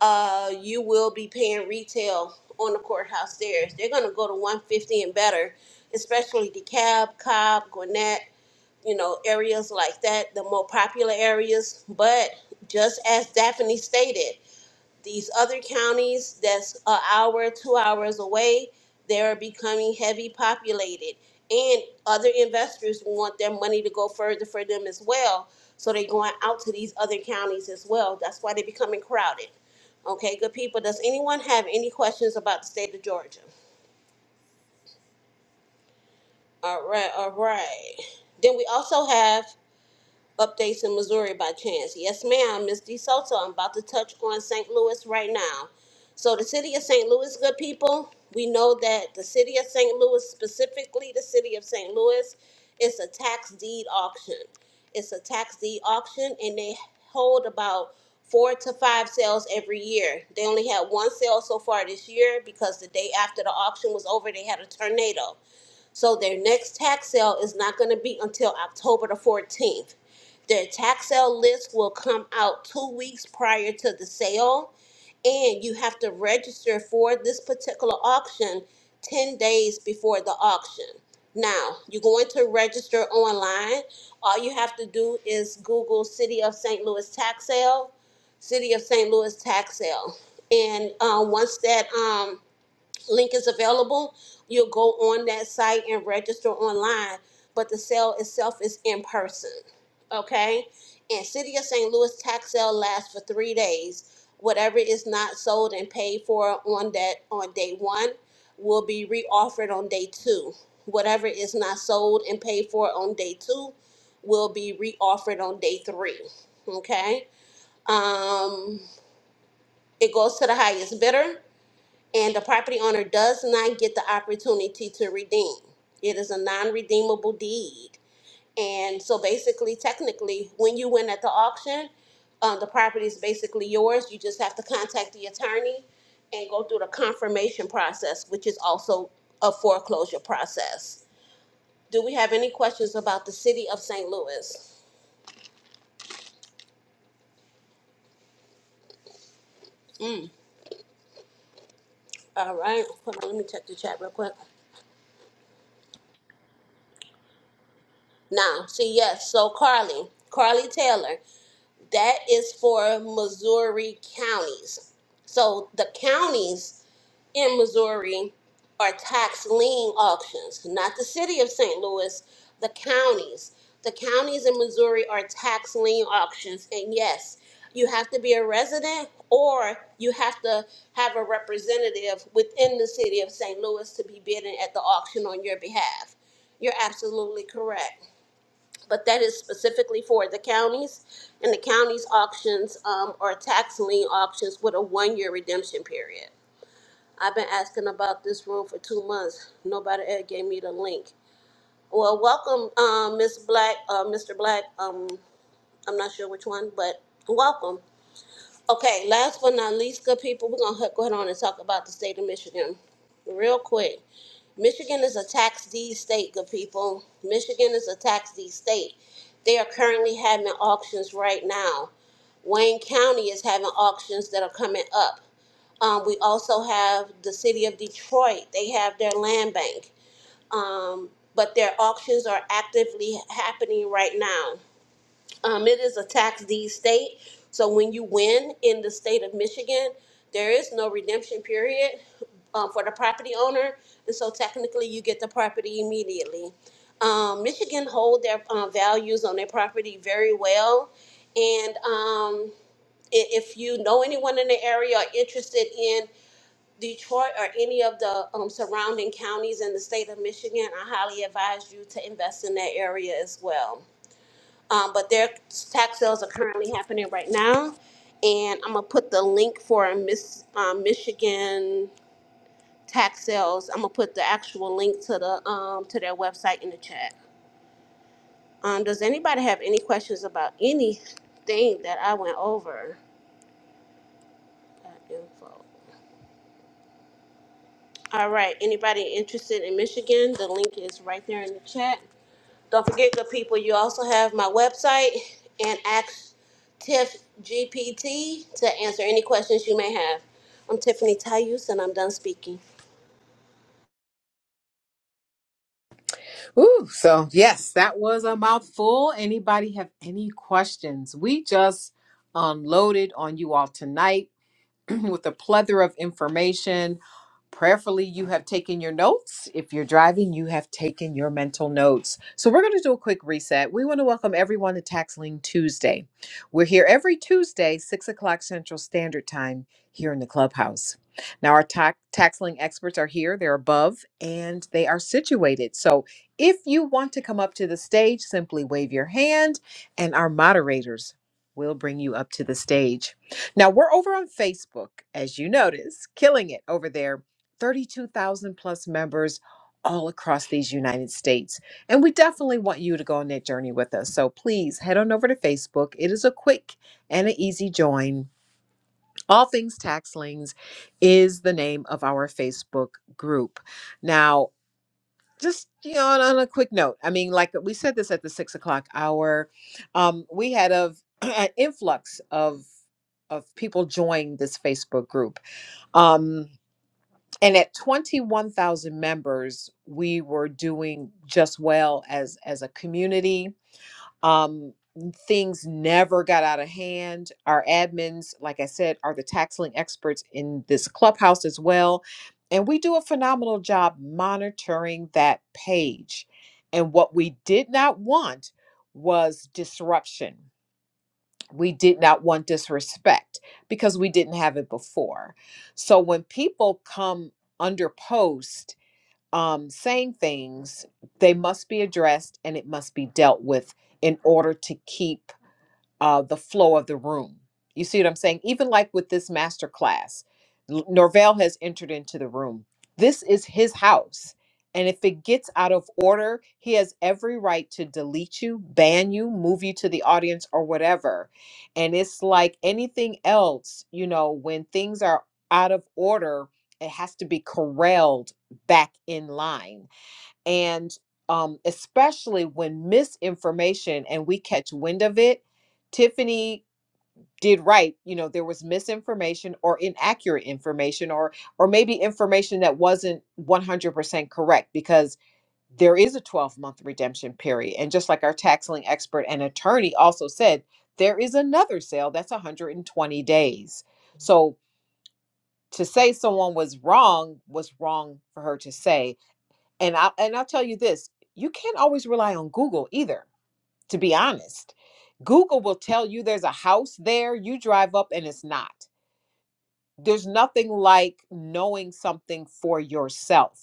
E: uh, you will be paying retail on the courthouse stairs. They're going to go to 150 and better, especially DeKalb, Cobb, Gwinnett, you know, areas like that, the more popular areas. But just as Daphne stated, these other counties that's an hour, two hours away, they're becoming heavy populated. And other investors want their money to go further for them as well. So they're going out to these other counties as well. That's why they're becoming crowded. Okay, good people. Does anyone have any questions about the state of Georgia? All right, all right. Then we also have updates in Missouri by chance? Yes, ma'am. Miss DeSoto, I'm about to touch on St. Louis right now. So, the city of St. Louis, good people, we know that the city of St. Louis, specifically the city of St. Louis, it's a tax deed auction. It's a tax deed auction, and they hold about four to five sales every year. They only had one sale so far this year because the day after the auction was over, they had a tornado. So their next tax sale is not going to be until October the 14th. Their tax sale list will come out two weeks prior to the sale, and you have to register for this particular auction 10 days before the auction. Now, you're going to register online. All you have to do is Google City of St. Louis tax sale, City of St. Louis tax sale. And uh, once that, um, link is available. You'll go on that site and register online, but the sale itself is in person. Okay? And City of St. Louis tax sale lasts for three days. Whatever is not sold and paid for on that on day one will be reoffered on day two. Whatever is not sold and paid for on day two will be reoffered on day three. Okay? Um, it goes to the highest bidder and the property owner does not get the opportunity to redeem. It is a non redeemable deed. And so basically, technically, when you win at the auction, um, the property is basically yours. You just have to contact the attorney and go through the confirmation process, which is also a foreclosure process. Do we have any questions about the city of St. Louis? All right, hold on, let me check the chat real quick. Now, see, yes, so Carly, Carly Taylor. That is for Missouri counties. So the counties in Missouri are tax lien auctions, not the city of St. Louis, the counties. The counties in Missouri are tax lien auctions. And yes, you have to be a resident or you have to have a representative within the city of St. Louis to be bidding at the auction on your behalf. You're absolutely correct but that is specifically for the counties. And the counties auctions um, are tax lien auctions with a one-year redemption period. I've been asking about this room for two months. Nobody ever gave me the link. Well, welcome, um, Miss Black, uh, Mr. Black. Um, I'm not sure which one, but welcome. Okay, last but not least, good people, we're gonna go ahead on and talk about the state of Michigan real quick. Michigan is a tax deed state, good people. Michigan is a tax deed state. They are currently having auctions right now. Wayne County is having auctions that are coming up. Um, we also have the city of Detroit. They have their land bank. Um, but their auctions are actively happening right now. Um, it is a tax deed state. So when you win in the state of Michigan, there is no redemption period um, for the property owner. And so technically, you get the property immediately. Um, Michigan hold their um, values on their property very well. And um, i- if you know anyone in the area or interested in Detroit or any of the um, surrounding counties in the state of Michigan, I highly advise you to invest in that area as well um, but their tax sales are currently happening right now. And I'm gonna put the link for Miss um, Michigan tax sales. I'm gonna put the actual link to the um, to their website in the chat. Um, does anybody have any questions about anything that I went over? That info. All right. Anybody interested in Michigan? The link is right there in the chat. Don't forget, good people, you also have my website and ask Tiff GPT to answer any questions you may have. I'm Tiffany Tayus, and I'm done speaking.
A: Ooh, so yes, that was a mouthful. Anybody have any questions? We just unloaded on you all tonight. with a plethora of information. Prayerfully, you have taken your notes. If you're driving, you have taken your mental notes. So, we're going to do a quick reset. We want to welcome everyone to Taxling Tuesday. We're here every Tuesday, 6 o'clock Central Standard Time, here in the clubhouse. Now, our ta- taxling experts are here, they're above, and they are situated. So, if you want to come up to the stage, simply wave your hand, and our moderators will bring you up to the stage. Now we're over on Facebook, as you notice, killing it over there. 32,000 plus members all across these United States. And we definitely want you to go on that journey with us. So please head on over to Facebook. It is a quick and an easy join. All Things Taxlings is the name of our Facebook group. Now, just you know, on on a quick note, I mean, like we said this at the six o'clock hour, um, we had a, an influx of of people joining this Facebook group. Um, and at 21,000 members, we were doing just well as as a community. Um, things never got out of hand. Our admins, like I said, are the tax lien experts in this clubhouse as well. And we do a phenomenal job monitoring that page. And what we did not want was disruption we did not want disrespect because we didn't have it before. So when people come under post um, saying things, they must be addressed and it must be dealt with in order to keep uh, the flow of the room. You see what I'm saying? Even like with this master class, L- Norvell has entered into the room. This is his house. And if it gets out of order, he has every right to delete you, ban you, move you to the audience, or whatever. And it's like anything else, you know, when things are out of order, it has to be corralled back in line and um, especially when misinformation and we catch wind of it tiffany did right you know there was misinformation or inaccurate information or or maybe information that wasn't 100% correct because there is a 12 month redemption period and just like our taxing expert and attorney also said there is another sale that's 120 days so to say someone was wrong was wrong for her to say and I and I'll tell you this, you can't always rely on Google either, to be honest. Google will tell you there's a house there, you drive up and it's not. There's nothing like knowing something for yourself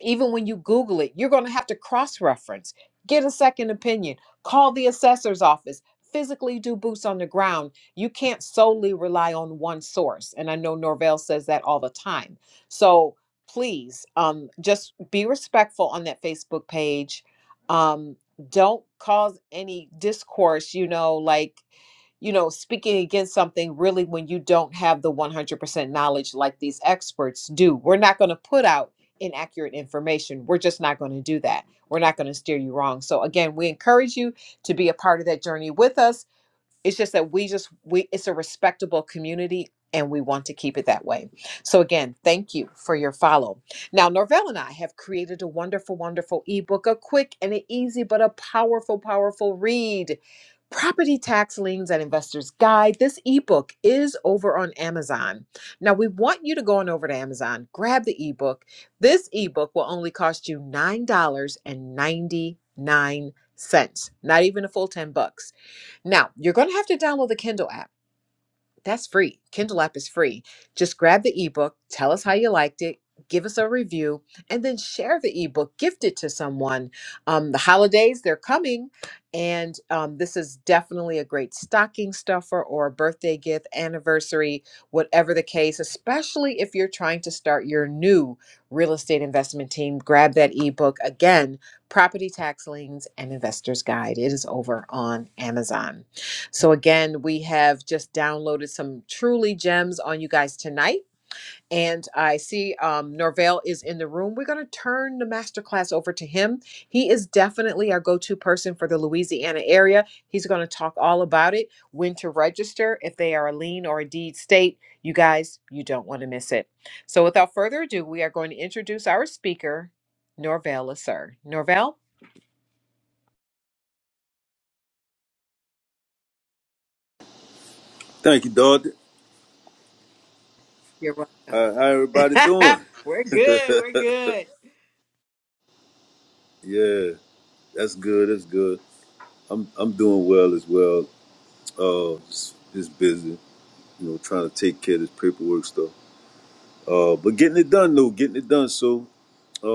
A: even when you Google it, you're going to have to cross reference, get a second opinion, call the assessor's office, physically do boots on the ground. You can't solely rely on one source. And I know Norvell says that all the time. So please um, just be respectful on that Facebook page. Um, don't cause any discourse, you know, like, you know, speaking against something really when you don't have the 100% knowledge like these experts do. We're not going to put out inaccurate information. We're just not going to do that. We're not going to steer you wrong. So, again, we encourage you to be a part of that journey with us it's just that we just we it's a respectable community and we want to keep it that way. So again, thank you for your follow. Now, Norvell and I have created a wonderful, wonderful ebook, a quick and an easy but a powerful, powerful read. Property Tax Liens and Investors Guide. This ebook is over on Amazon. Now, we want you to go on over to Amazon, grab the ebook. This ebook will only cost you $9.99, not even a full 10 bucks. Now, you're going to have to download the Kindle app. That's free. Kindle app is free. Just grab the ebook, tell us how you liked it, give us a review, and then share the ebook, gift it to someone. Um, the holidays, they're coming, and um, this is definitely a great stocking stuffer or a birthday gift, anniversary, whatever the case, especially if you're trying to start your new real estate investment team. Grab that ebook. Again, Property Tax Liens and Investor's Guide. It is over on Amazon. So, again, we have just downloaded some truly gems on you guys tonight. And I see um, Norvell is in the room. We're going to turn the masterclass over to him. He is definitely our go to person for the Louisiana area. He's going to talk all about it, when to register, if they are a lien or a deed state. You guys, you don't want to miss it. So, without further ado, we are going to introduce our speaker, Norvell Lasser. Norvell?
J: Thank you, Dorothy.
A: You're welcome.
J: Uh, how everybody doing?
A: we're good. We're good.
J: Yeah, that's good. That's good. I'm I'm doing well as well. Uh, just, just busy, you know, trying to take care of this paperwork stuff. Uh, but getting it done though, getting it done. So, uh,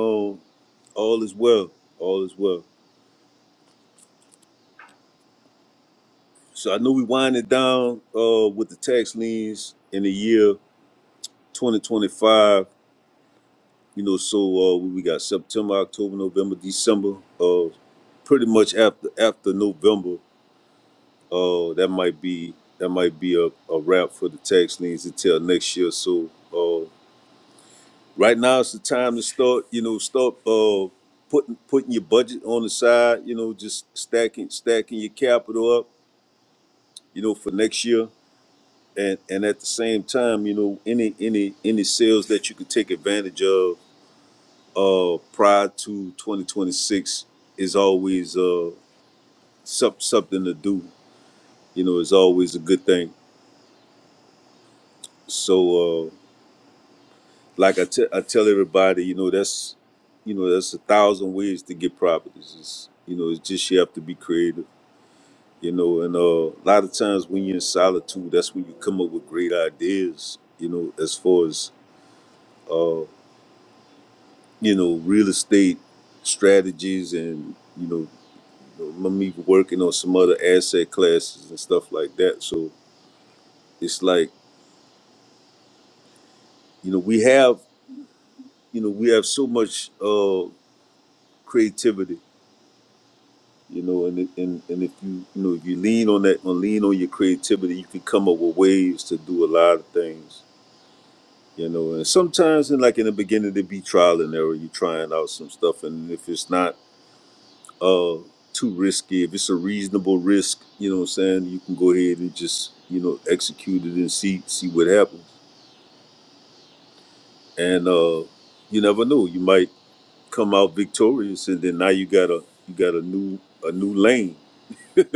J: all is well. All is well. So I know we winding down uh with the tax liens in the year 2025. You know, so uh, we we got September, October, November, December. Uh, pretty much after after November. Uh, that might be that might be a, a wrap for the tax liens until next year. So uh, right now it's the time to start. You know, start uh, putting putting your budget on the side. You know, just stacking stacking your capital up. You know, for next year. And, and at the same time, you know, any any any sales that you can take advantage of uh, prior to 2026 is always uh, some, something to do. You know, is always a good thing. So uh, Like I t- I tell everybody, you know, that's you know, that's a thousand ways to get properties. It's, you know, it's just you have to be creative. You know, and uh, a lot of times when you're in solitude, that's when you come up with great ideas. You know, as far as uh, you know, real estate strategies, and you know, I'm even working on some other asset classes and stuff like that. So it's like you know, we have you know, we have so much uh, creativity you know and it, and and if you you know if you lean on that on lean on your creativity you can come up with ways to do a lot of things you know and sometimes in like in the beginning to be trial and error you're trying out some stuff and if it's not uh too risky if it's a reasonable risk you know what i'm saying you can go ahead and just you know execute it and see see what happens and uh you never know you might come out victorious and then now you got a you got a new a new lane you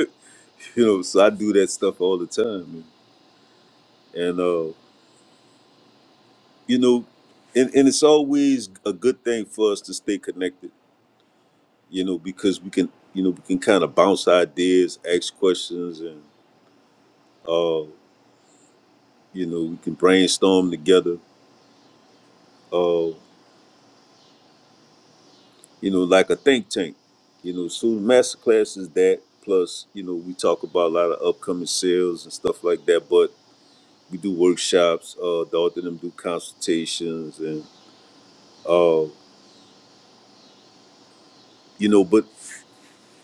J: know so i do that stuff all the time man. and uh, you know, and, and it's always a good thing for us to stay connected, you know, because we can, you know, we can kind of bounce ideas, ask questions, and uh, you know, we can brainstorm together, uh, you know, like a think tank, you know. So the masterclass is that. Plus, you know, we talk about a lot of upcoming sales and stuff like that, but we do workshops. Uh, the author them do consultations and. Uh, you know, but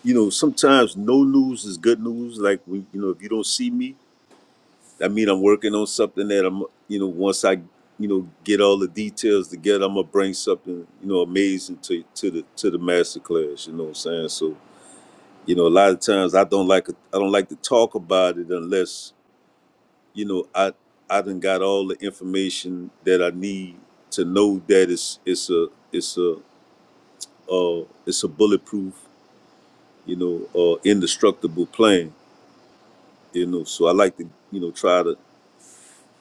J: you know, sometimes no news is good news. Like we, you know, if you don't see me, that mean, I'm working on something that I'm, you know, once I, you know, get all the details together, I'm gonna bring something, you know, amazing to to the to the master class. You know what I'm saying? So, you know, a lot of times I don't like I don't like to talk about it unless, you know, I I done got all the information that I need to know that it's it's a it's a uh, it's a bulletproof, you know, uh, indestructible plan you know. So I like to, you know, try to,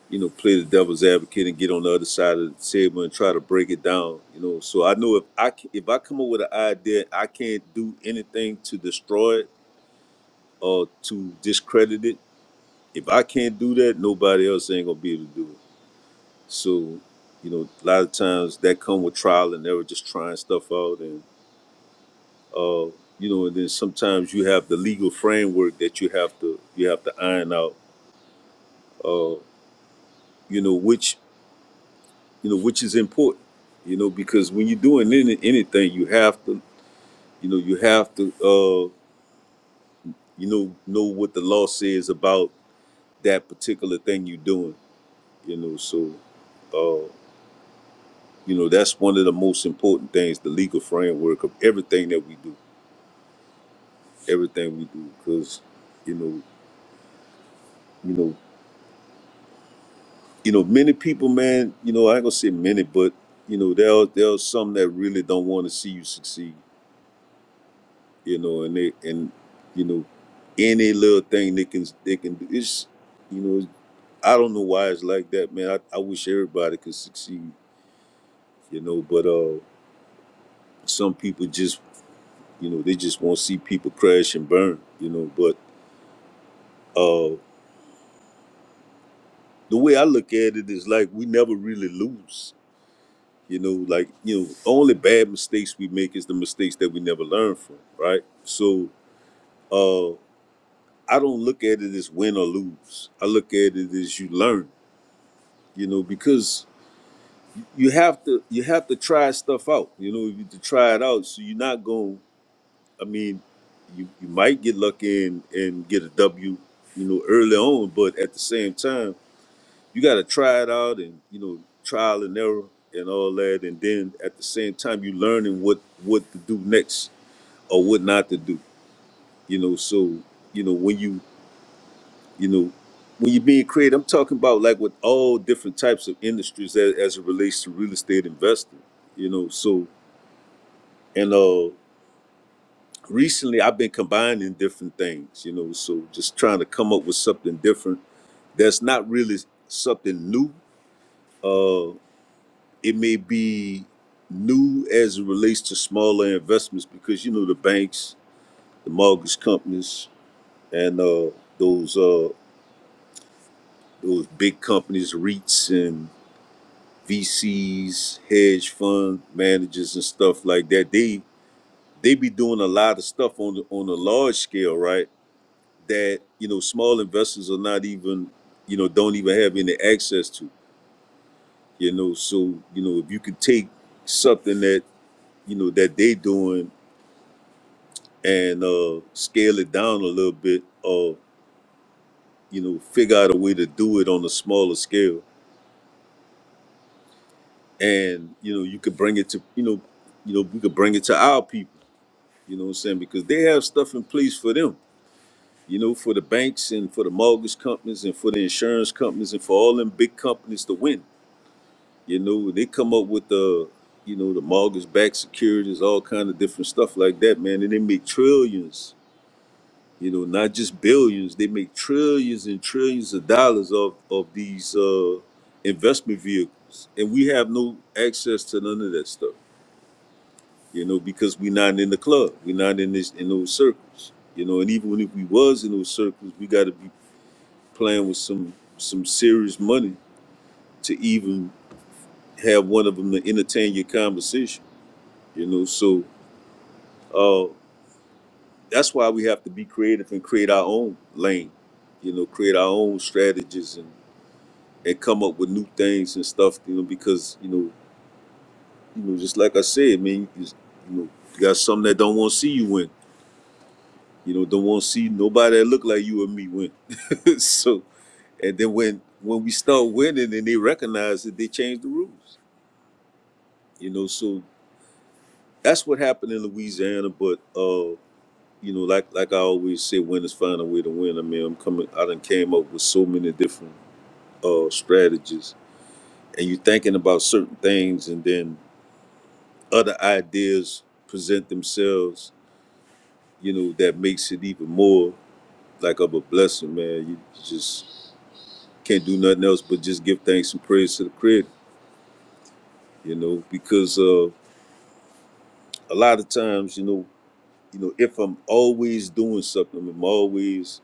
J: you know, play the devil's advocate and get on the other side of the table and try to break it down, you know. So I know if I c- if I come up with an idea, I can't do anything to destroy it or to discredit it. If I can't do that, nobody else ain't gonna be able to do it. So, you know, a lot of times that come with trial and error, just trying stuff out and, uh, you know, and then sometimes you have the legal framework that you have to you have to iron out. Uh, you know, which you know, which is important, you know, because when you're doing any, anything, you have to, you know, you have to, uh, you know, know what the law says about that particular thing you're doing, you know. So, uh, you know, that's one of the most important things, the legal framework of everything that we do, everything we do, because, you know, you know, you know, many people, man, you know, I ain't gonna say many, but you know, there are, there are some that really don't want to see you succeed you know, and they and you know, any little thing they can they can do. It's you know, I don't know why it's like that, man. I, I wish everybody could succeed, you know, but uh some people just you know, they just want to see people crash and burn, you know. But uh the way I look at it is like we never really lose. You know, like, you know, only bad mistakes we make is the mistakes that we never learn from, right? So uh I don't look at it as win or lose. I look at it as you learn you know because you have to you have to try stuff out you know you have to try it out so you're not going i mean you, you might get lucky and and get a w you know early on but at the same time you got to try it out and you know trial and error and all that and then at the same time you learning what what to do next or what not to do you know so you know when you you know when you're being creative i'm talking about like with all different types of industries as, as it relates to real estate investing you know so and uh recently i've been combining different things you know so just trying to come up with something different that's not really something new uh it may be new as it relates to smaller investments because you know the banks the mortgage companies and uh those uh those big companies reits and VCs, hedge fund managers, and stuff like that. They they be doing a lot of stuff on the, on a large scale, right? That you know, small investors are not even you know don't even have any access to. You know, so you know if you can take something that you know that they doing and uh, scale it down a little bit, or you know, figure out a way to do it on a smaller scale, and you know you could bring it to you know you know we could bring it to our people You know what I'm saying? Because they have stuff in place for them. You know, for the banks and for the mortgage companies and for the insurance companies and for all them big companies to win. You know, they come up with the, you know, the mortgage-backed securities, all kind of different stuff like that, man. And they make trillions. You know, not just billions. They make trillions and trillions of dollars of of these uh, investment vehicles, and we have no access to none of that stuff. you know, because we're not in the club, we're not in this in those circles, you know. And even if we was in those circles, we got to be playing with some some serious money to even have one of them to entertain your conversation, you know. So uh, that's why we have to be creative and create our own lane, you know, create our own strategies and and come up with new things and stuff, you know, because you know, you know, just like I said, man, you, just, you know, you got some that don't want to see you win, you know, don't want to see nobody that look like you and me win so and then when when we start winning and they recognize it, they change the rules. You know, so that's what happened in Louisiana. But uh, you know, like like I always say, winners find a way to win. I mean, I'm coming. I done came up with so many different uh strategies, and you're thinking about certain things, and then other ideas present themselves. You know, that makes it even more like of a blessing, man. You just can't do nothing else but just give thanks and praise to the Creator. You know, because uh a lot of times, you know, you know, if I'm always doing something, I'm always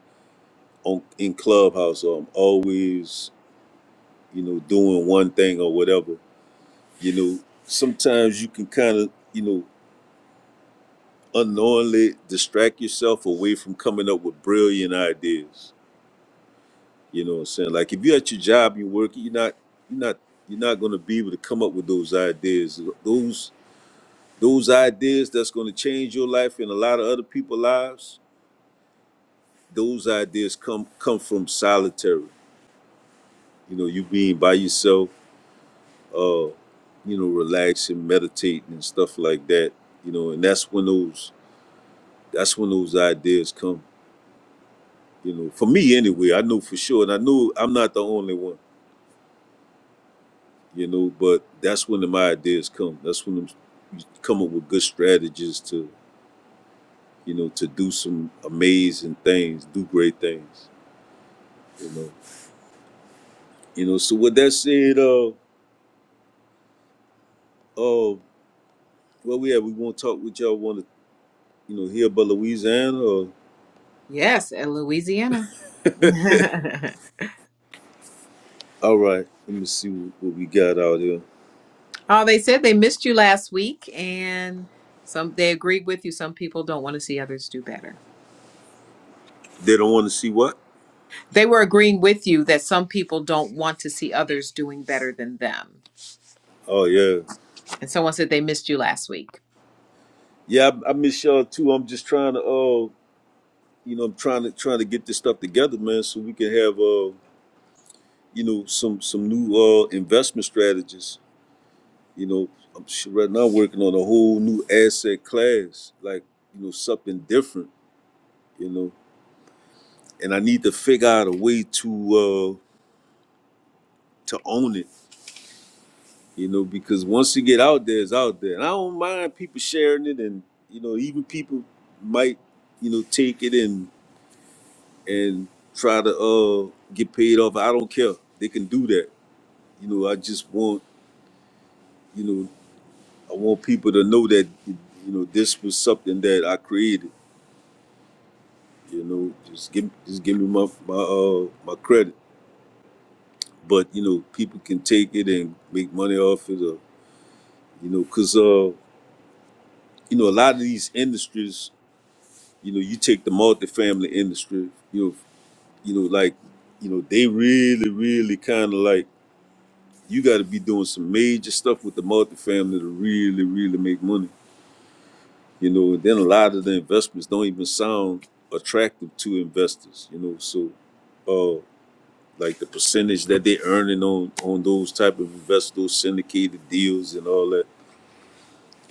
J: on in clubhouse or I'm always, you know, doing one thing or whatever, you know, sometimes you can kind of, you know, unknowingly distract yourself away from coming up with brilliant ideas. You know what I'm saying? Like if you're at your job, you're working, you're not, you're not, you're not gonna be able to come up with those ideas. Those those ideas that's gonna change your life and a lot of other people's lives those ideas come come from solitary you know you being by yourself uh you know relaxing meditating and stuff like that you know and that's when those that's when those ideas come you know for me anyway i know for sure and i know i'm not the only one you know but that's when my ideas come that's when i'm come up with good strategies to you know to do some amazing things do great things you know you know so with that said uh uh well, we have we want to talk with y'all. Want to you know, here but Louisiana or
A: Yes, in Louisiana.
J: all right, let me see what, what we got out here.
A: oh, they said they missed you last week and some they agreed with you. Some people don't want to see others do better.
J: They don't want to see what?
A: They were agreeing with you that some people don't want to see others doing better than them.
J: Oh yeah.
A: And someone said they missed you last week.
J: Yeah, I, I miss y'all too. I'm just trying to uh you know, I'm trying to trying to get this stuff together, man, so we can have uh you know some some new uh investment strategies. You know, I'm sh- right now working on a whole new asset class, like, you know, something different, you know. And I need to figure out a way to uh to own it you know, because once you get out there, it's out there. And I don't mind people sharing it, and you know, even people might, you know, take it and and try to uh get paid off. I don't care. They can do that. You know, I just want, you know, I want people to know that, you know, this was something that I created. You know, just give just give me my my uh my credit. But you know, people can take it and make money off it, or you know, cause uh, you know, a lot of these industries you know, you take the multifamily industry, you know, you know, like, you know, they really, really kind of like you got to be doing some major stuff with the multifamily to really, really make money. You know, and then a lot of the investments don't even sound attractive to investors. You know, so uh, like the percentage that they earning on on those type of invest those syndicated deals and all that.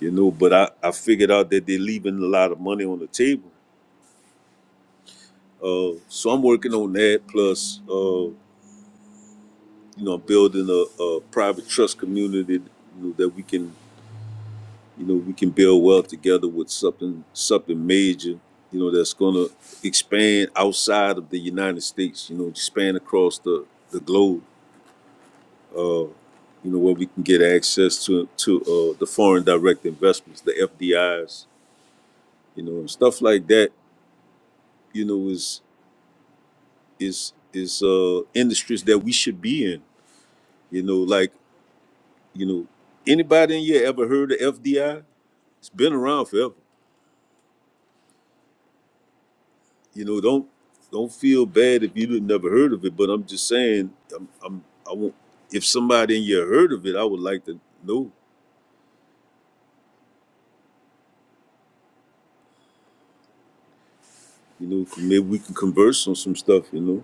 J: You know, but I I figured out that they're leaving a lot of money on the table. Uh, so I'm working on that. Plus. uh, you know, building a, a private trust community you know, that we can, you know, we can build wealth together with something, something major, you know, that's going to expand outside of the United States, you know, expand across the, the globe, uh, you know, where we can get access to, to uh, the foreign direct investments, the FDIs, you know, and stuff like that, you know, is, is, is uh, industries that we should be in, you know, like, you know, anybody in here ever heard of FDI? It's been around forever. You know, don't don't feel bad if you didn't never heard of it. But I'm just saying, I'm, I'm I won't. If somebody in here heard of it, I would like to know. You know, maybe we can converse on some stuff. You know,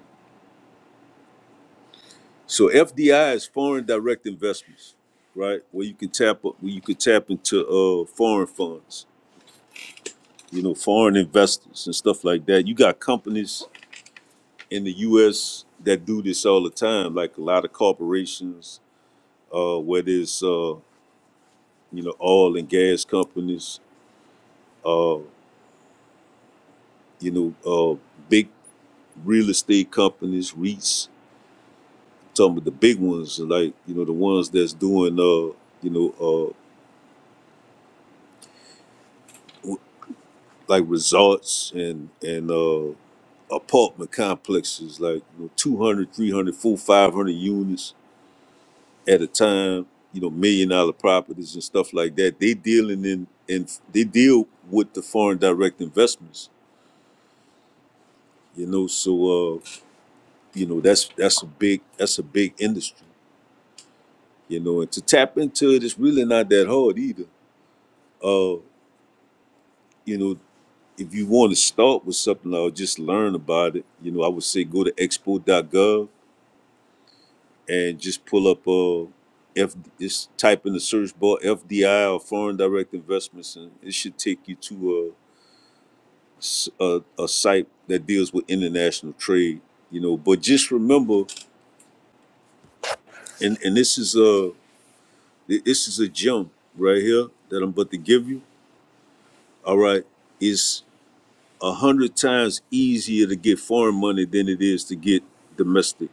J: so FDI is foreign direct investments, right? Where you can tap up, where you could tap into uh foreign funds. You know, foreign investors and stuff like that. You got companies in the U.S. that do this all the time, like a lot of corporations, uh, where there's uh. you know, oil and gas companies, uh, you know, uh, big real estate companies, REITs, some of the big ones, like, you know, the ones that's doing, uh, you know, uh, w- like resorts and, and, uh, apartment complexes, like, you know, 200, 300, 500 units at a time, you know, million dollar properties and stuff like that. They dealing in, and they deal with the foreign direct investments, you know, so, uh, you know that's that's a big that's a big industry you know and to tap into it it's really not that hard either uh you know if you want to start with something or just learn about it you know i would say go to expo dot gov and just pull up uh if just type in the search bar fdi or foreign direct investments and it should take you to a, s- a, a site that deals with international trade you know but just remember and and this is uh, Th- This is a gem right here that I'm about to give you. All right. It's a hundred times easier to get foreign money than it is to get domestic.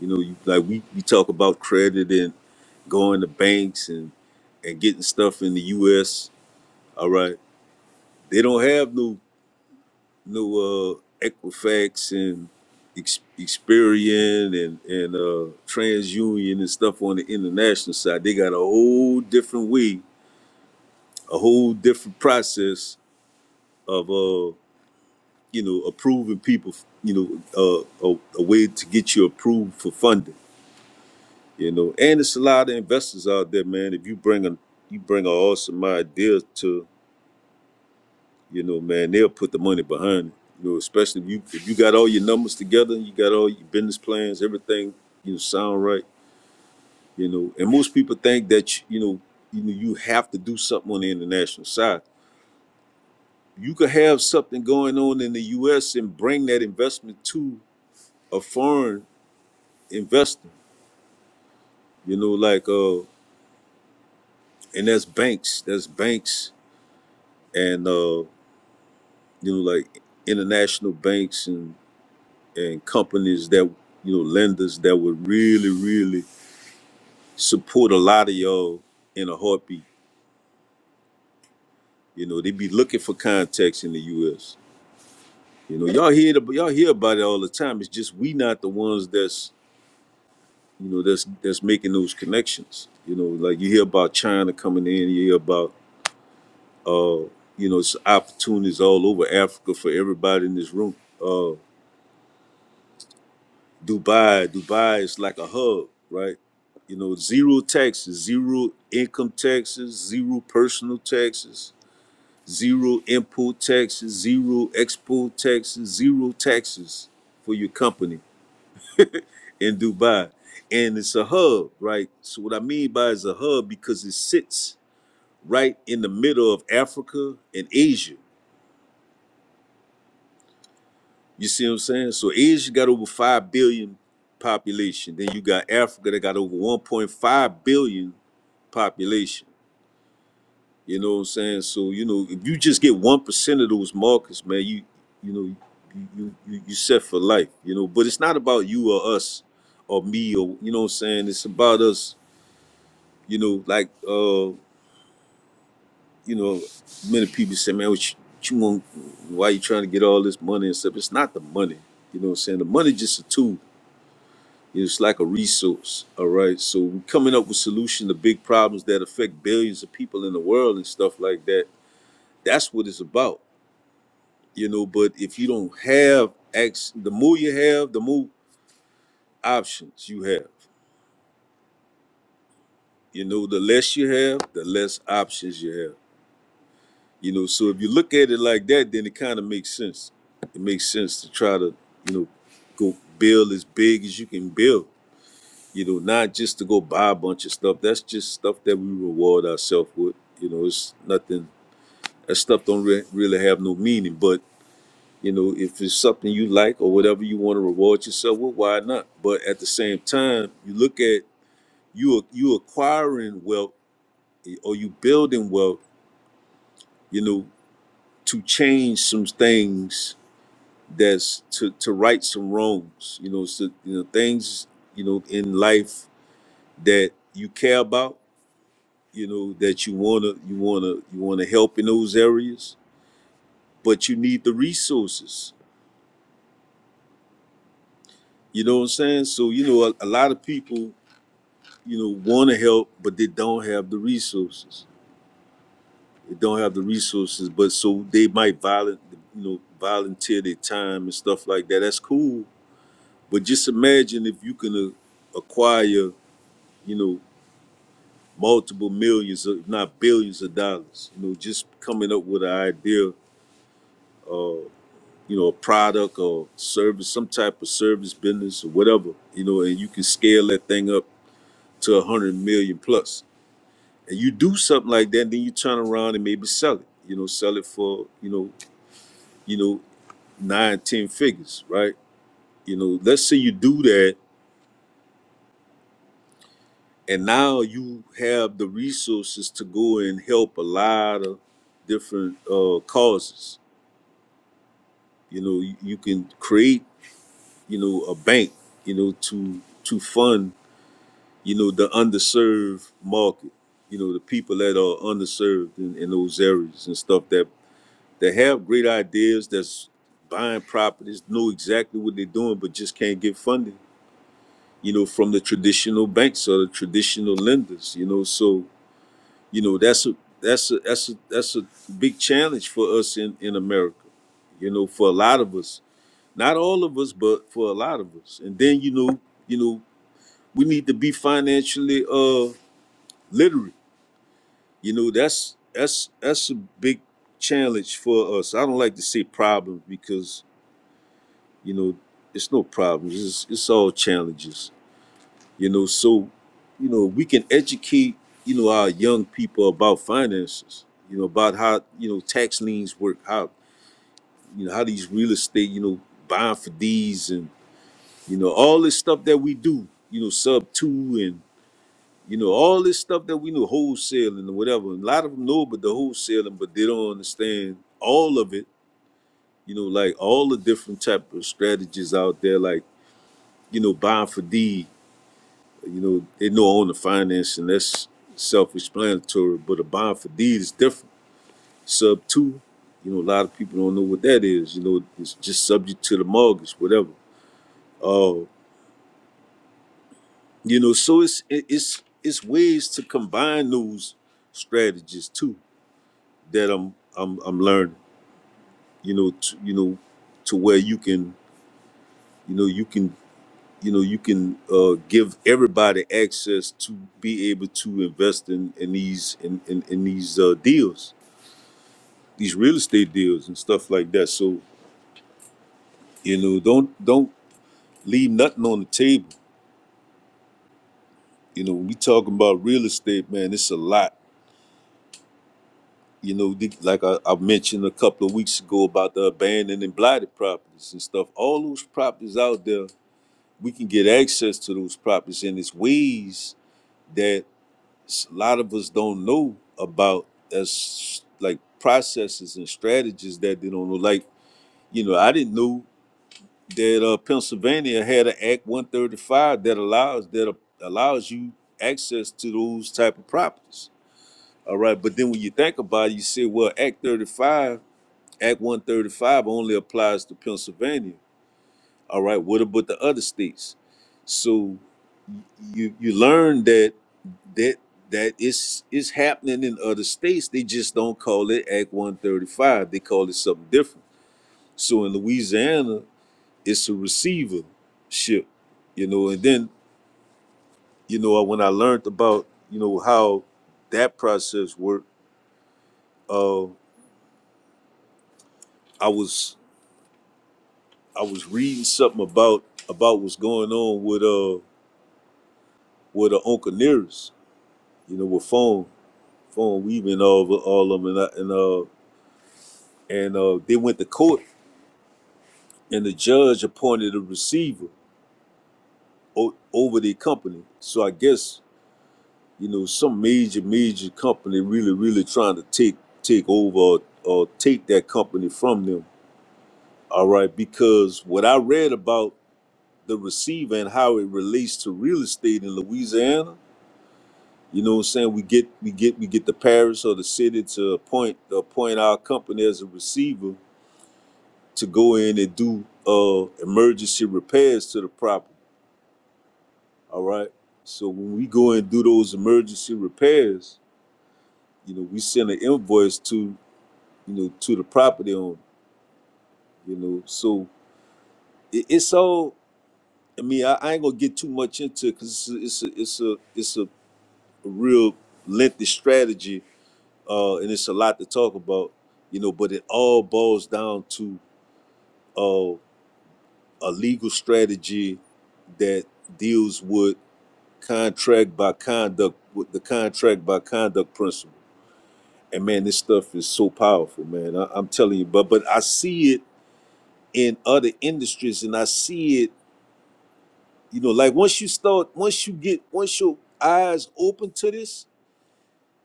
J: You know, you, like we, we talk about credit and going to banks and, and getting stuff in the US. All right. They don't have no no uh Equifax and Ex- Experian and and uh, TransUnion and stuff on the international side. They got a whole different way, a whole different process of uh you know approving people you know uh, a, a way to get you approved for funding you know and it's a lot of investors out there man if you bring a you bring an awesome idea to you know man they'll put the money behind it you know especially if you if you got all your numbers together you got all your business plans everything you know sound right you know and most people think that you know you know you have to do something on the international side you could have something going on in the U.S. and bring that investment to a foreign investing. You know, like uh, and that's banks. That's banks, and uh, you know, like international banks and and companies that you know lenders that would really really support a lot of y'all in a heartbeat. You know, they be looking for contacts in the U.S. You know, y'all hear the, y'all hear about it all the time. It's just we not the ones that's you know that's that's making those connections. You know, like you hear about China coming in, you hear about Uh, you know, it's opportunities all over Africa for everybody in this room. Uh, Dubai, Dubai is like a hub, right? You know, zero taxes, zero income taxes, zero personal taxes, zero import taxes, zero export taxes, zero taxes for your company in Dubai. And it's a hub, right? So what I mean by it's a hub because it sits right in the middle of Africa and Asia You see what I'm saying? So Asia got over five billion population. Then you got Africa that got over 1.5 billion population. You know what I'm saying? So you know, if you just get one percent of those markets, man, you you know you, you you you set for life. You know, but it's not about you or us or me or you know what I'm saying. It's about us. You know, like uh, you know, many people say, man, what you, what you want? Why you trying to get all this money and stuff? It's not the money. You know what I'm saying? The money just a tool It's like a resource, all right? So we're coming up with solutions to big problems that affect billions of people in the world and stuff like that. That's what it's about, you know. But if you don't have, ex- the more you have, the more options you have. You know, the less you have, the less options you have. You know, so if you look at it like that, then it kind of makes sense. It makes sense to try to, you know, go build as big as you can build you know, not just to go buy a bunch of stuff. That's just stuff that we reward ourselves with. You know, it's nothing. That stuff don't re- really have no meaning. But you know, if it's something you like or whatever you want to reward yourself with, why not? But at the same time, you look at you you acquiring wealth or you building wealth. You know, to change some things that's to to right some wrongs. You know, so, you know things you know in life that you care about you know that you wanna you wanna you wanna help in those areas, but you need the resources. You know what I'm saying? So you know a, a lot of people you know want to help, but they don't have the resources. They don't have the resources, but so they might violent you know volunteer their time and stuff like that. That's cool, but just imagine if you can uh, acquire you know multiple millions, if not billions of dollars. You know, just coming up with an idea uh, you know, a product or service, some type of service business or whatever, you know, and you can scale that thing up to a hundred million plus. And you do something like that, then you turn around and maybe sell it, you know, sell it for, you know, you know, nine, ten figures, right? You know, let's say you do that and now you have the resources to go and help a lot of different uh causes. You know, you, you can create, you know, a bank, you know, to to fund you know, the underserved market, you know, the people that are underserved in, in those areas and stuff that that have great ideas, that's buying properties, know exactly what they're doing, but just can't get funding, you know, from the traditional banks or the traditional lenders, you know. So, you know, that's a that's a that's a that's a big challenge for us in, in America, you know, for a lot of us. Not all of us, but for a lot of us. And then, you know, you know, we need to be financially uh literate you know that's that's that's a big challenge for us i don't like to say problem because you know it's no problems it's, it's all challenges you know so you know we can educate you know our young people about finances you know about how you know tax liens work how you know how these real estate you know buying for these and you know all this stuff that we do you know sub two You know, all this stuff that we know, wholesaling and whatever. A lot of them know but the wholesaling, but they don't understand all of it. You know, like all the different type of strategies out there, like, you know, buying for deed. You know, they know on the finance and that's self-explanatory, but a bond for deed is different. Sub two, you know, a lot of people don't know what that is. You know, it's just subject to the mortgage, whatever. Uh, you know, so it's it- it's it's ways to combine those strategies too that I'm I'm I'm learning. You know, to, you know, to where you can, you know, you can, you know, you can uh, give everybody access to be able to invest in in these in in, in these uh, deals, these real estate deals and stuff like that. So you know, don't don't leave nothing on the table. You know, when we talking about real estate, man, it's a lot. You know, the- like I, I mentioned a couple of weeks ago about the abandoned and blighted properties and stuff. All those properties out there we can get access to those properties and its ways that s- a lot of us don't know about as like processes and strategies that they don't know. Like, you know, I didn't know that uh, Pennsylvania had an Act 135 that allows that a- allows you access to those type of properties. All right, but then when you think about it, you say, well, Act 35, Act 135 only applies to Pennsylvania. All right, what about the other states? So you you learn that that that is is happening in other states. They just don't call it Act 135. They call it something different. So in Louisiana, it's a receivership, you know. And then you know when I learned about you know how that process worked, uh, I was I was reading something about about what's going on with uh with the Uncle Nearest, you know, with phone phone weaving all of all of them and I, and uh and uh, they went to court and the judge appointed a receiver o- over the company. So I guess you know some major major company really really trying to take take over or, or take that company from them. All right, because what I read about the receiver and how it relates to real estate in Louisiana, you know what I'm saying? We get we get we get the parish or the city to appoint appoint our company as a receiver to go in and do uh emergency repairs to the property All right. So when we go and do those emergency repairs, you know, we send an invoice to, you know, to the property owner, you know. So it, it's all. I mean, I, I ain't gonna get too much into it because it's a, it's a it's a it's a real lengthy strategy, uh, and it's a lot to talk about, you know. But it all boils down to uh, a legal strategy that deals with contract by conduct, with the contract by conduct principle and man, this stuff is so powerful, man. I, I'm telling you, but but I see it in other industries, and I see it, you know, like once you start, once you get, once your eyes open to this,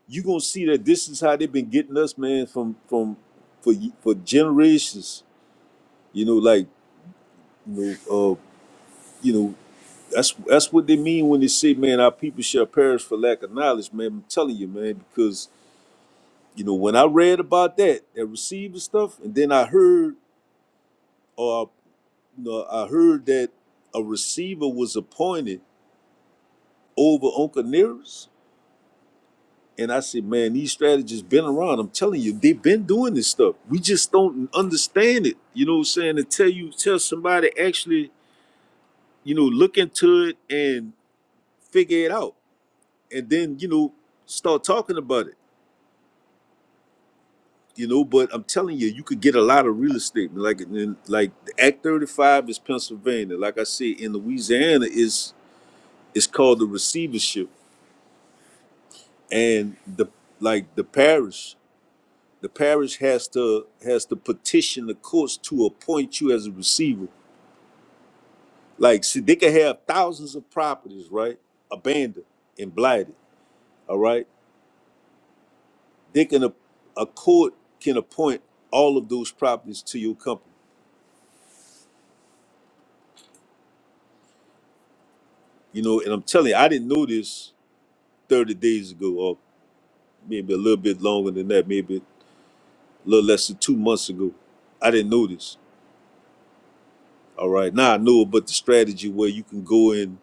J: you gonna see that this is how they've been getting us, man, from from for y- for generations. You know, like you know, uh, you know, that's that's what they mean when they say, man, our people shall perish for lack of knowledge, man. I'm telling you, man, because you know when I read about that, that receiver stuff, and then I heard. uh, No, I heard that a receiver was appointed over Uncle Nearest. And I said, man, these strategies been around. I'm telling you, they've been doing this stuff. We just don't understand it. You know what I'm saying? Until you tell somebody actually, you know, look into it and figure it out. And then, you know, start talking about it. You know, but I'm telling you, you could get a lot of real estate. Like in, like the Act 35 is Pennsylvania. Like I said, in Louisiana is it's called the receivership and the like the parish the parish has to has to petition the courts to appoint you as a receiver like see they can have thousands of properties right abandoned and blighted all right they can a, a court can appoint all of those properties to your company you know and i'm telling you i didn't know this 30 days ago or maybe a little bit longer than that maybe a little less than two months ago i didn't know this all right now i know about the strategy where you can go in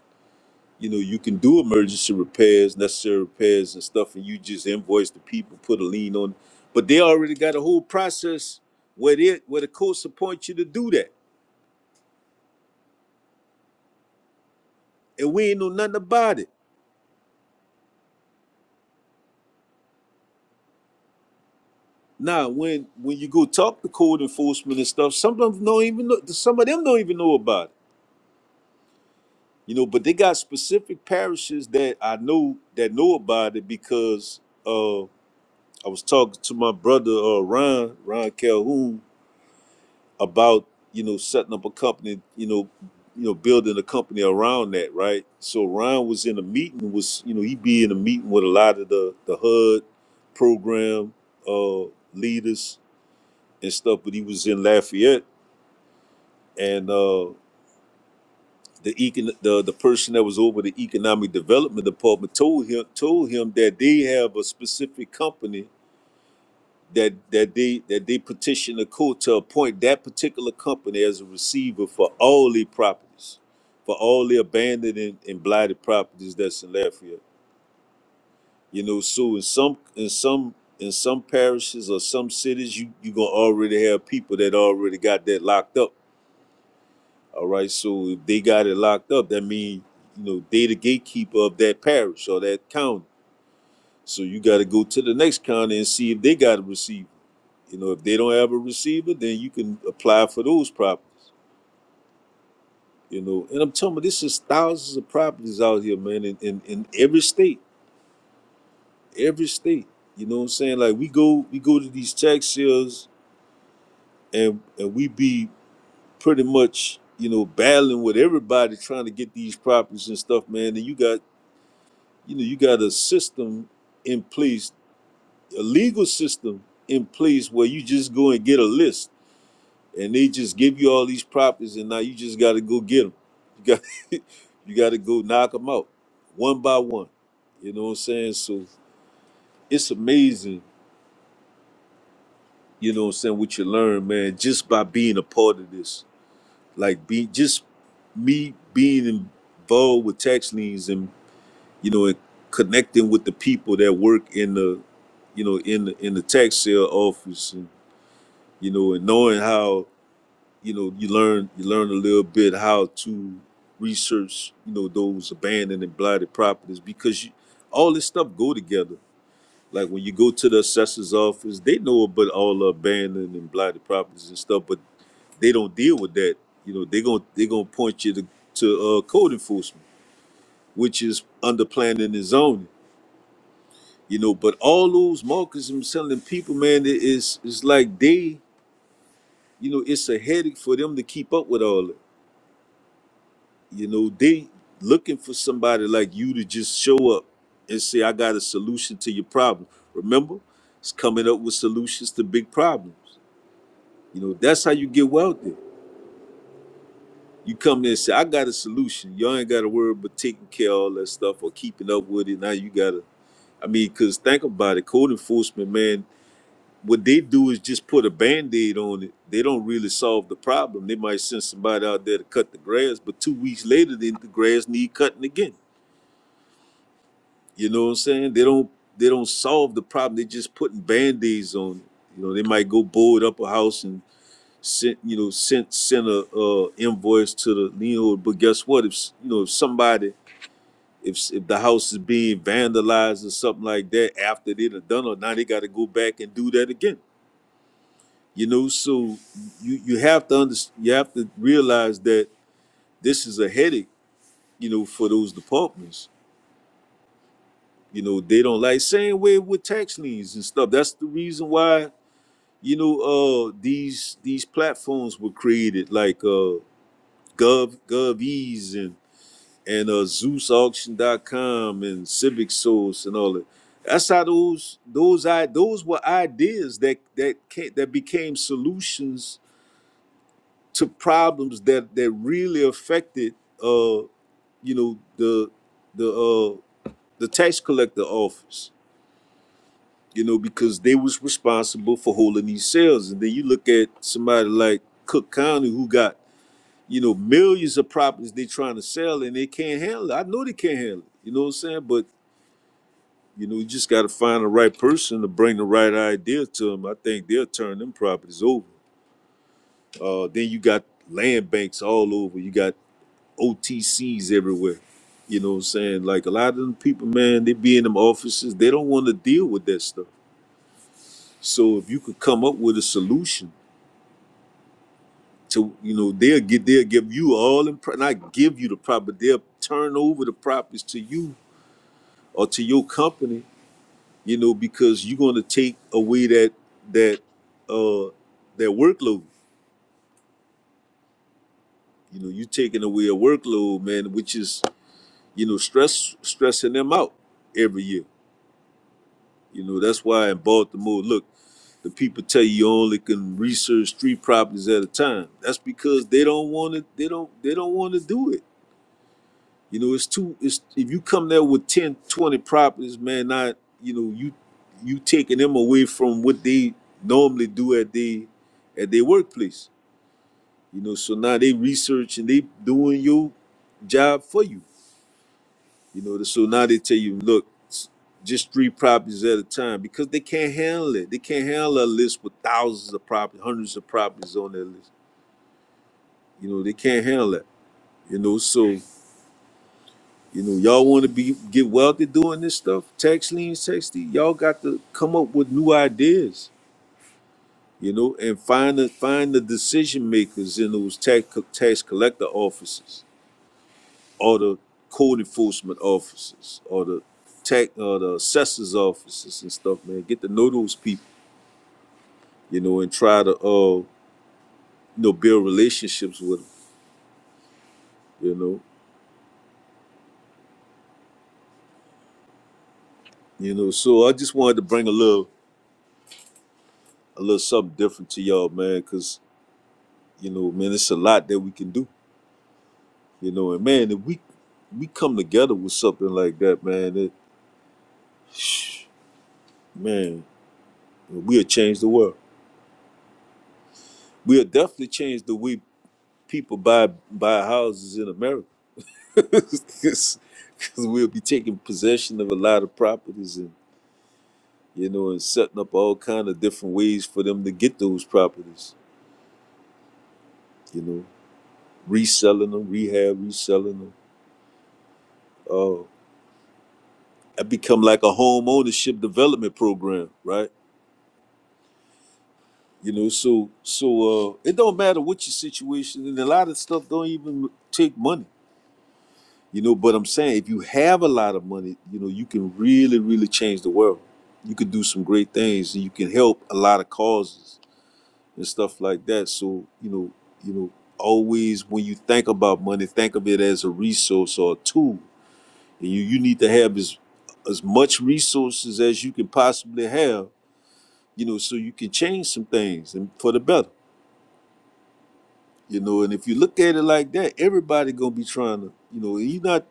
J: you know you can do emergency repairs necessary repairs and stuff and you just invoice the people put a lien on but they already got a whole process where they where the courts appoint you to do that and we ain't know nothing about it now when when you go talk to code enforcement and stuff some of them don't even know some of them don't even know about it you know but they got specific parishes that i know that know about it because uh i was talking to my brother uh ron ron calhoun about you know setting up a company you know you know building a company around that right so ron was in a meeting was you know he be in a meeting with a lot of the the hud program uh leaders and stuff but he was in lafayette and uh the econ the, the person that was over the economic development department told him told him that they have a specific company that that they that they petition the court to appoint that particular company as a receiver for all the properties, for all the abandoned and, and blighted properties that's in Lafayette. You know, so in some in some in some parishes or some cities, you you gonna already have people that already got that locked up. All right, so if they got it locked up, that means you know they the gatekeeper of that parish or that county. So you got to go to the next county and see if they got a receiver You know, if they don't have a receiver, then you can apply for those properties. You know, and I'm telling you, this is thousands of properties out here, man, in, in, in every state. Every state. You know what I'm saying? Like we go we go to these tax sales and and we be pretty much, you know, battling with everybody trying to get these properties and stuff, man. And you got, you know, you got a system in place, a legal system in place where you just go and get a list and they just give you all these properties, and now you just got to go get them. You got you got to go knock them out one by one. You know what I'm saying? So it's amazing. You know what I'm saying? What you learn, man, just by being a part of this. Like be just me being involved with tax liens and you know and connecting with the people that work in the you know in the in the tax sale office and you know and knowing how you know you learn you learn a little bit how to research you know those abandoned and blighted properties because you, all this stuff go together like when you go to the assessor's office they know about all the abandoned and blighted properties and stuff but they don't deal with that you know they're going they're going to point you to, to uh, code enforcement which is under planning and zoning you know but all those markets and selling people man it is it's like they you know it's a headache for them to keep up with all that You know, they looking for somebody like you to just show up and say, I got a solution to your problem. Remember, it's coming up with solutions to big problems. You know, that's how you get wealthy. You come there and say, I got a solution. Y'all ain't got to worry about taking care of all that stuff or keeping up with it. Now you got to, I mean, because think about it, code enforcement, man, what they do is just put a band-aid on it they don't really solve the problem they might send somebody out there to cut the grass but two weeks later then the grass need cutting again You know what I'm saying? They don't they don't solve the problem. They just putting band-aids on it. You know, they might go board up a house and send you know send send a uh, invoice to the lien But guess what? If s- you know if somebody if s- if the house is being vandalized or something like that after they done done it, now they got to go back and do that again. You know, so you you have to under, you have to realize that this is a headache. You know, for those departments You know, they don't like same way with tax liens and stuff. That's the reason why, you know, uh these these platforms were created like uh Gov GovEase and and uh Zeus Auction dot com and Civic Source and all that. That's how those those I those were ideas that that came, that became solutions to problems that that really affected uh you know the the uh the tax collector office you know, because they was responsible for holding these sales. And then you look at somebody like Cook County who got, you know, millions of properties they trying to sell and they can't handle it. I know they can't handle it. You know what I'm saying? But, you know, you just got to find the right person to bring the right idea to them. I think they'll turn them properties over. Uh, then you got land banks all over. You got OTCs everywhere. You know what I'm saying? Like a lot of them people, man, they be in them offices. They don't want to deal with that stuff. So if you could come up with a solution to you know they'll get they'll give you all in pro- not give you the property but they'll turn over the properties to you or to your company you know because you're going to take away that that uh that workload you know you're taking away a workload man which is you know stress stressing them out every year you know that's why in baltimore look the people tell you you only can research three properties at a time that's because they don't want to they don't they don't want to do it You know, it's too it's if you come there with 10, 20 properties, man, not you know, you you taking them away from what they normally do at they at their workplace. You know, so now they research and they doing your job for you. You know, so now they tell you, look, s- just three properties at a time because they can't handle it. They can't handle a list with thousands of properties, hundreds of properties on their list. You know, they can't handle that. You know, so You know, y'all want to be get wealthy doing this stuff, tax liens, tax deed. Y'all got to come up with new ideas. You know, and find the find the decision makers in those tax co- tax collector offices, or the code enforcement offices, or the tax or the assessors offices and stuff. Man, get to know those people. You know, and try to uh you know build relationships with them. You know, you know. So I just wanted to bring a little a little something different to y'all, man, because you know, man, it's a lot that we can do You know, and man, if we we come together with something like that, man, it, man, we'll change the world. We'll definitely change the way people buy buy houses in America, because we'll be taking possession of a lot of properties and you know, and setting up all kind of different ways for them to get those properties. You know, reselling them, rehab, reselling them. Uh, it become like a home ownership development program, right? You know, so so uh it don't matter what your situation and a lot of stuff don't even take money. You know, but I'm saying if you have a lot of money, you know, you can really, really change the world. You can do some great things and you can help a lot of causes and stuff like that. So, you know, you know, always when you think about money, think of it as a resource or a tool. And you, you need to have as as much resources as you can possibly have, you know, so you can change some things and for the better You know, and if you look at it like that, everybody gonna be trying to, you know, and you not,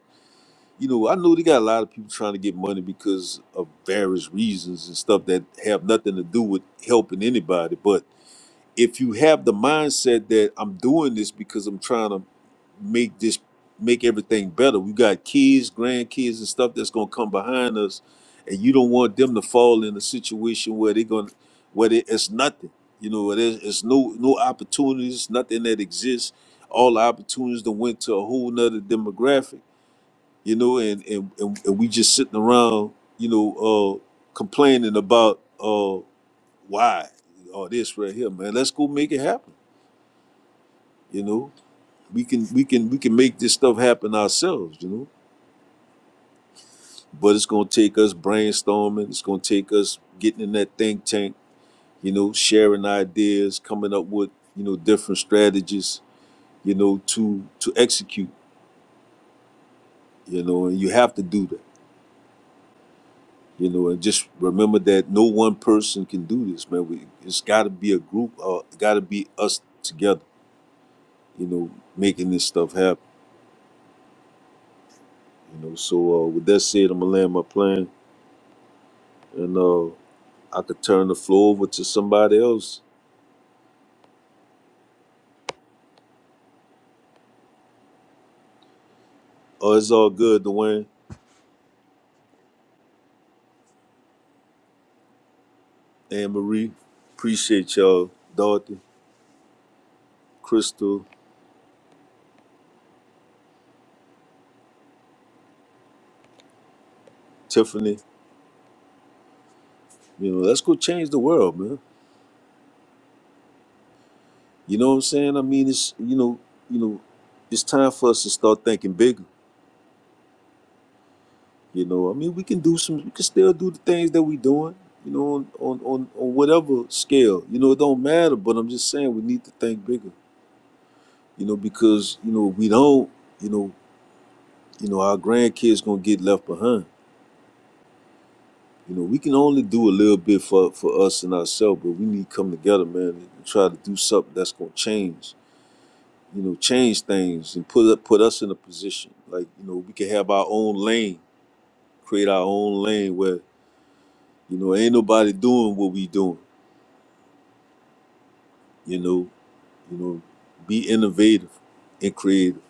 J: you know, I know they got a lot of people trying to get money because of various reasons and stuff that have nothing to do with helping anybody. but if you have the mindset that I'm doing this because I'm trying to make this make everything better. We got kids, grandkids, and stuff that's gonna come behind us, and you don't want them to fall in a situation where they're gonna where they, it's nothing. You know, where there's it's no no opportunities, nothing that exists. All the opportunities that went to a whole nother demographic. You know, and and and, and we just sitting around, you know, uh, complaining about. uh, why all this right here, man. Let's go make it happen. You know, we can we can we can make this stuff happen ourselves. You know, but it's gonna take us brainstorming. It's gonna take us getting in that think tank. You know, sharing ideas, coming up with you know different strategies. You know, to to execute. You know, and you have to do that. You know, and just remember that no one person can do this, man. We, it's got to be a group. Uh, got to be us together. You know, making this stuff happen. You know, so uh, with that said, I'm gonna land my plane, and uh, I could turn the floor over to somebody else. Oh, it's all good, Dwayne, Anne Marie. Appreciate y'all, Dorothy, Crystal, Tiffany. You know, let's go change the world, man. You know what I'm saying? I mean, it's you know, you know, it's time for us to start thinking bigger. You know, I mean, we can do some, we can still do the things that we doing. You know, on on on, on whatever scale. You know, it don't matter. But I'm just saying, we need to think bigger. you know, because you know we don't, you know, you know our grandkids gonna get left behind. You know, we can only do a little bit for for us and ourselves, but we need to come together, man, and try to do something that's gonna change. You know, change things and put up- put us in a position like you know we can have our own lane, create our own lane where you know ain't nobody doing what we doing. You know, you know, be innovative and creative.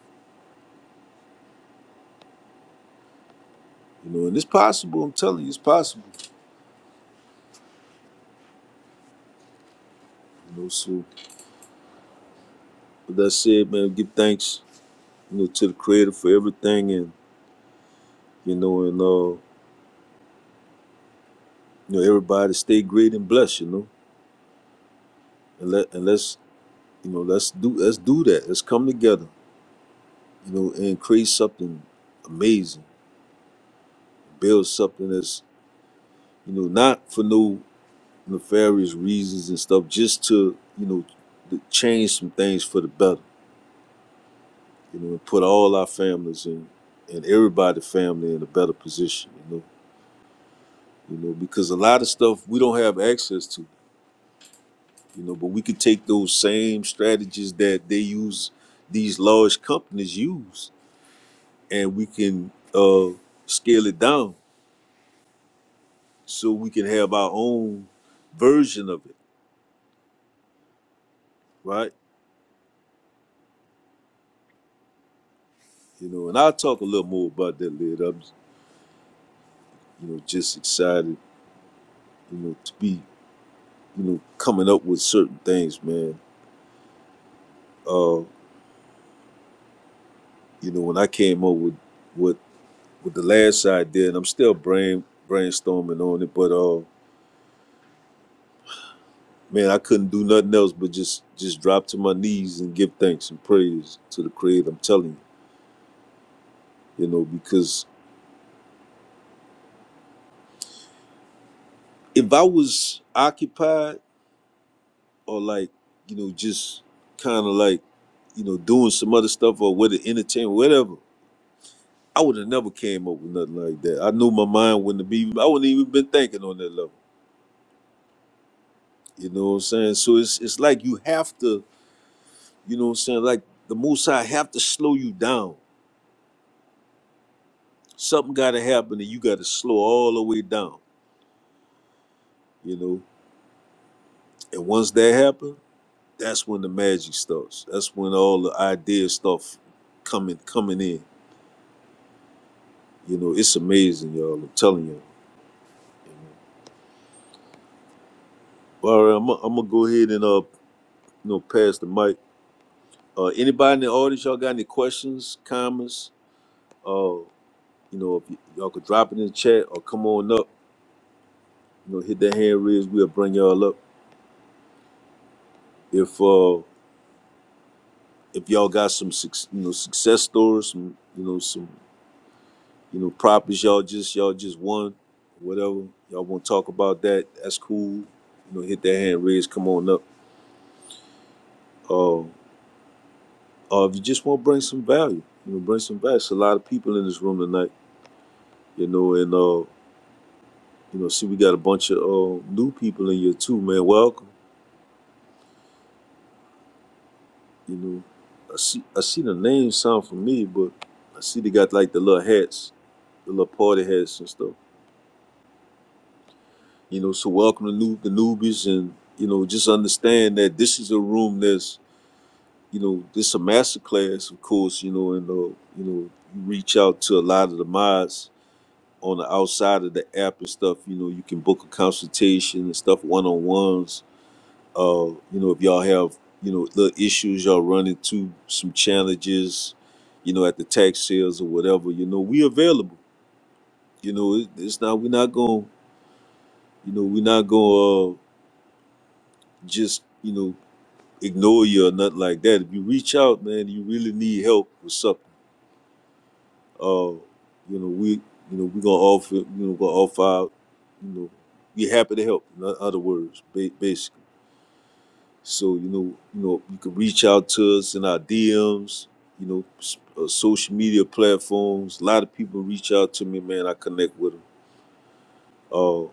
J: You know, and it's possible. I'm telling you, it's possible. You know, so with that said, man, give thanks you know, to the creator for everything and you know and uh you know everybody stay great and blessed, you know. And let and let's you know, let's do let's do that. Let's come together, you know, and create something amazing. Build something that's, you know, not for no nefarious reasons and stuff, just to, you know, to change some things for the better, you know, and put all our families in and everybody's family in a better position, you know. You know, because a lot of stuff we don't have access to you know but we could take those same strategies that they use these large companies use and we can uh scale it down so we can have our own version of it right you know and i'll talk a little more about that later i'm you know just excited you know to be you know coming up with certain things man uh you know when i came up with with with the last idea and i'm still brain brainstorming on it but uh, man, I couldn't do nothing else but just just drop to my knees and give thanks and praise to the Creator. I'm telling you, you know, because if I was occupied or like, you know, just kind of like, you know, doing some other stuff or whether entertainment, whatever, I would have never came up with nothing like that. I knew my mind wouldn't have been. I wouldn't even been thinking on that level. You know what I'm saying? So it's it's like you have to, you know what I'm saying? Like the Most High have to slow you down. Something got to happen, and you got to slow all the way down. You know, And once that happens, that's when the magic starts. That's when all the ideas start coming coming in. You know, it's amazing, y'all. I'm telling y'all. you know. Well, all right, I'm, gonna- I'm gonna go ahead and uh, you know, pass the mic. Uh, anybody in the audience, y'all got any questions, comments? Uh, you know, if y- y'all could drop it in the chat or come on up. You know, hit that hand raise. We'll bring y'all up. If uh, if y'all got some suc you know success stories, some you know some You know, properties y'all just y'all just won, whatever. Y'all want to talk about that? That's cool. You know, hit that hand raised. Come on up. Uh, uh, if you just want to bring some value, you know, bring some value. It's a lot of people in this room tonight. You know, and uh, you know, see, we got a bunch of uh, new people in here too, man. Welcome. You know, I see I see the names sound familiar, but I see they got like the little hats, the little party hats and stuff. You know, so welcome to new the newbies and you know, just understand that this is a room that's you know, this a masterclass, of course, you know, and uh, you know, you reach out to a lot of the mods on the outside of the app and stuff. You know, you can book a consultation and stuff, one on ones. Uh, you know, if y'all have you know little issues y'all run into, some challenges, you know, at the tax sales or whatever. You know, we available. You know, it, it's not we're not going. You know, we're not going to uh, just you know ignore you or nothing like that. If you reach out, man, you really need help with something Uh, you know, we, you know, we gonna offer, you know, gonna offer, our, you know, we happy to help. In o- other words, ba- basically. So you know, you know, you can reach out to us in our DMs. You know, s- uh, social media platforms. A lot of people reach out to me, man. I connect with them. Uh,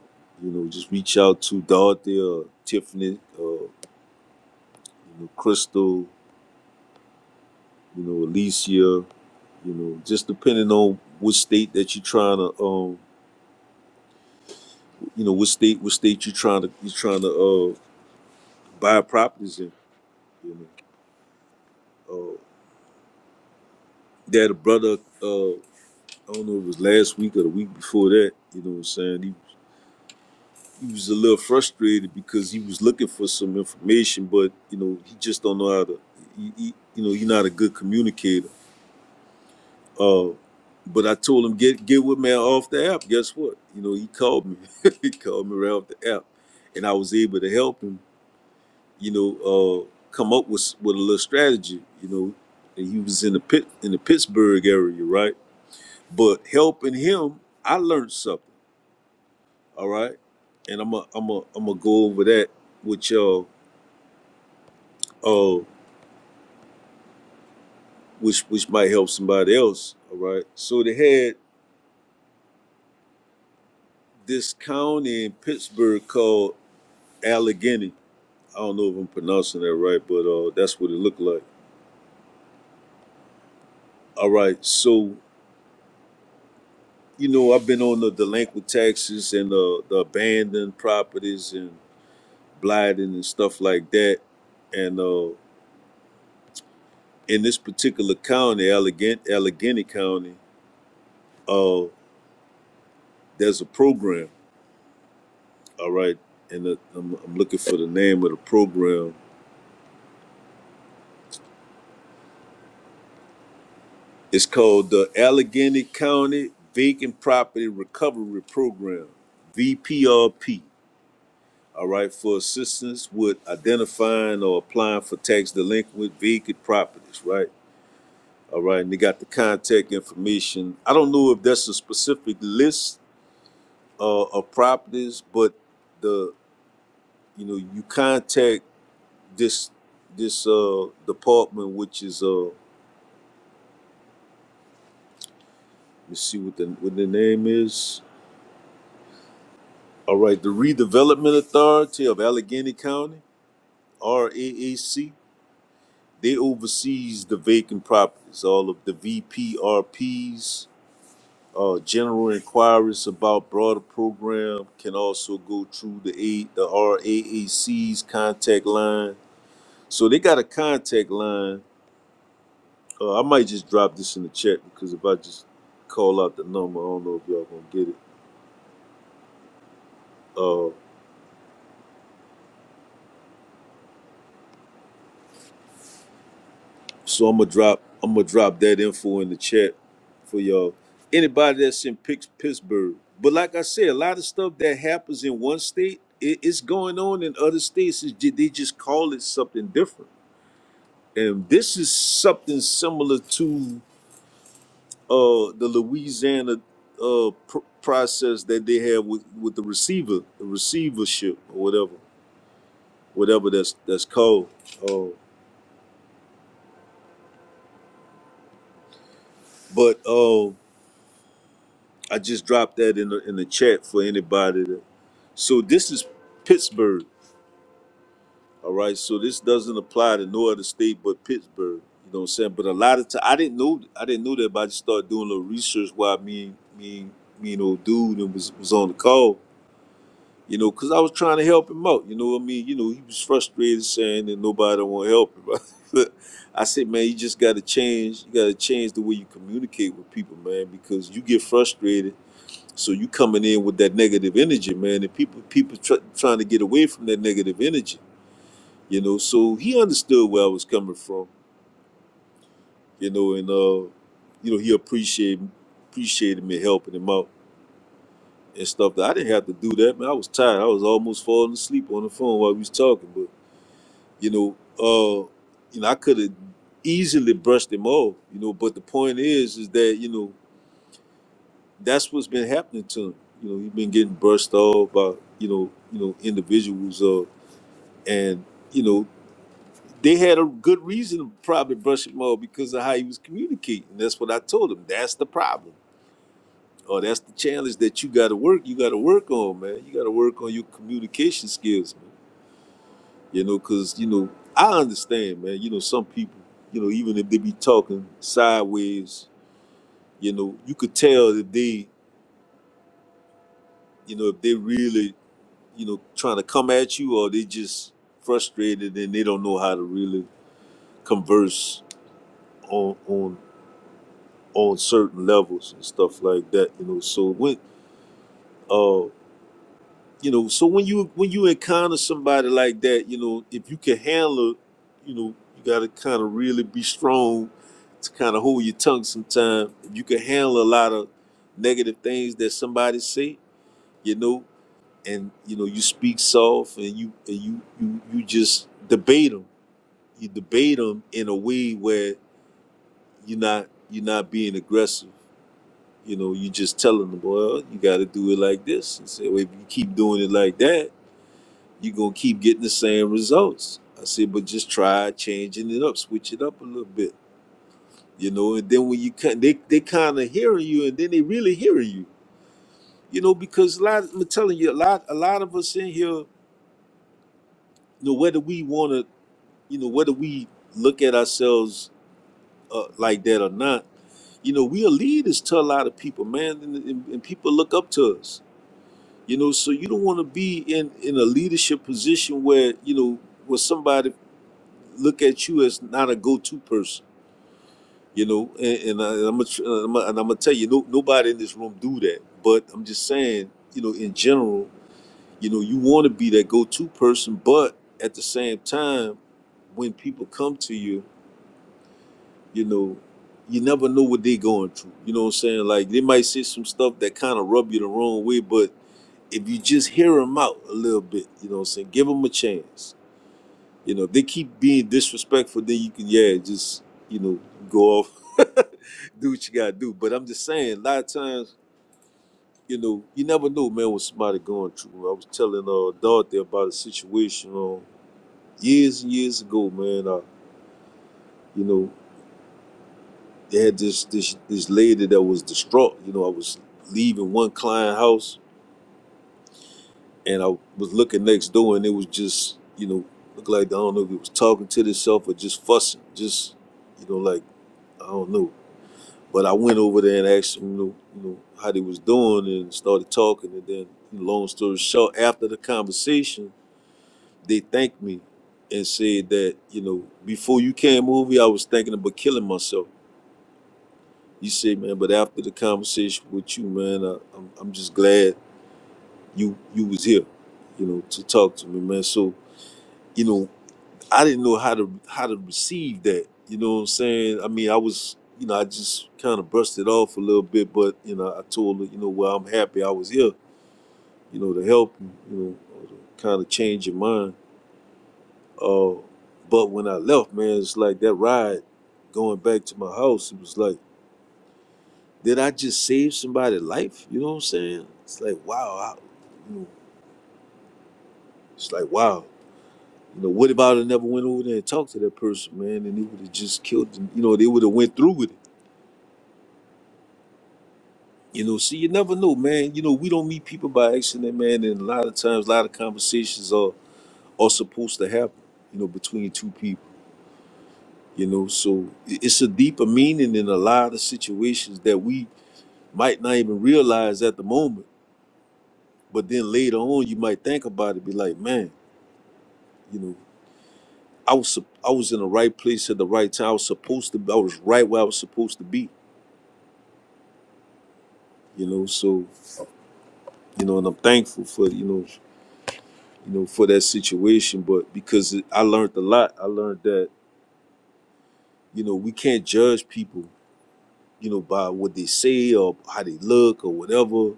J: you know, just reach out to Dorothy or Tiffany, uh, you know, Crystal, you know, Alicia, you know, just depending on what state that you're trying to um, you know what state what state you trying to you trying to uh buy properties in you know uh they had a brother uh i don't know if it was last week or the week before that you know what i'm saying he he was a little frustrated because he was looking for some information but you know he just don't know how to he, he, you know he's not a good communicator uh but I told him get get with man off the app. Guess what? You know he called me. he called me right off the app, and I was able to help him you know, uh, come up with with a little strategy. You know, and he was in the pit in the Pittsburgh area, right? But helping him, I learned something. All right, and I'm a I'm a I'm gonna go over that with y'all, uh, which which might help somebody else. All right. So they had this county in Pittsburgh called Allegheny. I don't know if I'm pronouncing that right, but uh, that's what it looked like. All right. So you know, I've been on the delinquent taxes and the, the abandoned properties and blighting and stuff like that. And uh, in this particular county, Allegheny, Allegheny County, uh, there's a program. All right, and the, I'm, I'm looking for the name of the program. It's called the Allegheny County Vacant Property Recovery Program, VPRP. All right, for assistance with identifying or applying for tax delinquent vacant properties. Right All right, and they got the contact information. I don't know if that's a specific list uh, of properties, but the you know you contact this this uh, department, which is uh, let's see what the what the name is. All right, the Redevelopment Authority of Allegheny County (RAAC). They oversees the vacant properties, all of the VPRPs, Uh, general inquiries about broader program can also go through the A, the RAAC's contact line. So they got a contact line. Uh, I might just drop this in the chat because if I just call out the number, I don't know if y'all gonna get it. Uh, so I'm gonna drop I'm gonna drop that info in the chat for y'all. Anybody that's in Pix- Pittsburgh, but like I said, a lot of stuff that happens in one state, it, it's going on in other states. It's, ju- they just call it something different. and this is something similar to uh, the Louisiana uh, pr- process that they have with, with the receiver, the receivership or whatever, whatever that's that's called. Uh, but uh, I just dropped that in the, in the chat for anybody. That, so this is Pittsburgh, all right. So this doesn't apply to no other state but Pittsburgh. You know what I'm saying? But a lot of time I didn't know I didn't know that, but I just started doing a little research while me and- me and- me and old dude and was was on the call you know, because I was trying to help him out. You know what I mean? You know, he was frustrated saying that nobody want to help him. But I said, man, you just got to change. You got to change the way you communicate with people, man, because you get frustrated. So you coming in with that negative energy, man, and people people tr- trying to get away from that negative energy. You know, so he understood where I was coming from. You know, and uh, you know, he appreciated appreciated me helping him out and stuff. That I didn't have to do that, man. I was tired. I was almost falling asleep on the phone while we was talking, but. you know, uh, you know, I could have easily brushed him off, you know, but the point is, is that you know that's what's been happening to him. You know, he's been getting brushed off by you know, you know, individuals, uh, and you know, they had a good reason to probably brush him off because of how he was communicating. That's what I told him. That's the problem. Or that's the challenge that you got to work. You got to work on, man. You got to work on your communication skills, man. You know, cause you know, I understand, man. You know, some people, you know, even if they be talking sideways, you know, you could tell that they, you know, if they really, you know, trying to come at you or they just frustrated and they don't know how to really converse on on on certain levels and stuff like that. You know, so when uh you know so when you when you encounter somebody like that you know if you can handle it, you know you got to kind of really be strong to kind of hold your tongue Sometimes if you can handle a lot of negative things that somebody say you know and you know you speak soft and you and you you, you just debate them you debate them in a way where you're not you're not being aggressive you know you just telling them well you got to do it like this and say well, if you keep doing it like that you're gonna keep getting the same results. I said, but just try changing it up, switch it up a little bit, you know. And then when you cut, they they kind of hearing you, and then they really hearing you, you know, because a lot. I'm telling you, a lot a lot of us in here, you know, whether we want to, you know, whether we look at ourselves uh, like that or not, you know, we are leaders to a lot of people, man, and, and, and people look up to us, you know. So you don't want to be in in a leadership position where you know where somebody look at you as not a go-to person, you know. And, and, I, and I'm gonna uh, and I'm gonna tell you, no, nobody in this room do that. But I'm just saying, you know, in general, you know, you want to be that go-to person, but at the same time, when people come to you, you know, you never know what they're going through. You know what I'm saying? Like they might say some stuff that kind of rub you the wrong way, but if you just hear them out a little bit, you know what I'm saying? Give them a chance. You know, if they keep being disrespectful, then you can, yeah, just you know, go off do what you gotta do. But I'm just saying, a lot of times, you know, you never know, man, what somebody going through. I was telling uh Dorothy about a situation um years and years ago, man. Uh, you know, they had this this this lady that was distraught. You know, I was leaving one client house and I was looking next door and it was just, you know, looked like I don't know if it was talking to itself or just fussing, just you know, like I don't know But I went over there and asked him, you know, you know, how they was doing and started talking. And then, long story short, after the conversation, they thanked me and said that, you know, before you came over here, I was thinking about killing myself. You said, man, but after the conversation with you, man, I, I'm, I'm just glad you you was here, you know, to talk to me, man. So, you know, I didn't know how to how to receive that. You know what I'm saying? I mean, I was, you know, I just kind of brushed it off a little bit, but you know, I told her, you know, well, I'm happy I was here, you know, to help you, you know, or to kind of change your mind. Uh, but when I left, man, it's like that ride going back to my house. It was like, did I just save somebody's life? You know what I'm saying? It's like, wow, I, you know, it's like, wow. You know, what about I never went over there and talked to that person, man, and they would have just killed them. You know, they would have went through with it You know, so you never know, man. You know, we don't meet people by accident, man. And a lot of times, a lot of conversations are are supposed to happen, you know, between two people. You know, so i- it's a deeper meaning in a lot of situations that we might not even realize at the moment. But then later on, you might think about it, be like, man, you know, I was sup- I was in the right place at the right time. I was supposed to. I was right where I was supposed to be. You know, so you know, and I'm thankful for you know. you know, for that situation. But because I learned a lot, I learned that, you know, we can't judge people, you know, by what they say or how they look or whatever.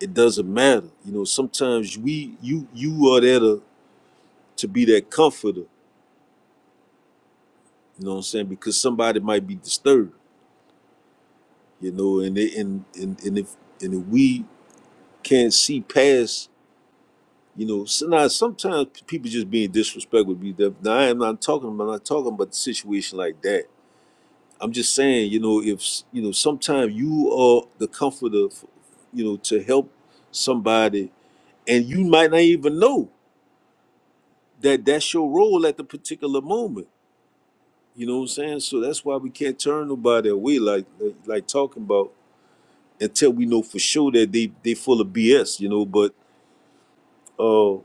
J: It doesn't matter. You know, sometimes we you you are there to, to be that comforter, you know what I'm saying? Because somebody might be disturbed, you know, and they, and, and and if and if we can't see past you know, so now sometimes people just being disrespectful. Be that now I'm not talking. I'm not talking about the situation like that I'm just saying, you know, if s- you know, sometimes you are the comforter, f- you know, to help somebody, and you might not even know that that's your role at the particular moment. You know what I'm saying? So that's why we can't turn nobody away, like like, like talking about until we know for sure that they they full of BS. You know, but uh,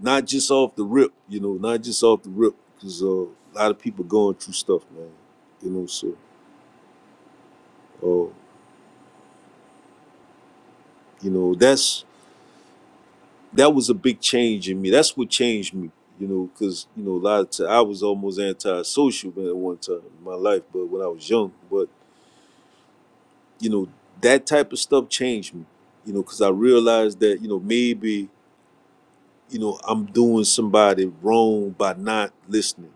J: not just off the rip. You know, not just off the rip, because uh, a lot of people going through stuff, man. You know, so uh, you know that's that was a big change in me. That's what changed me, you know, because you know a lot of time, I was almost antisocial man, at one time in my life, but when I was young, but you know that type of stuff changed me, you know, because I realized that you know maybe you know I'm doing somebody wrong by not listening,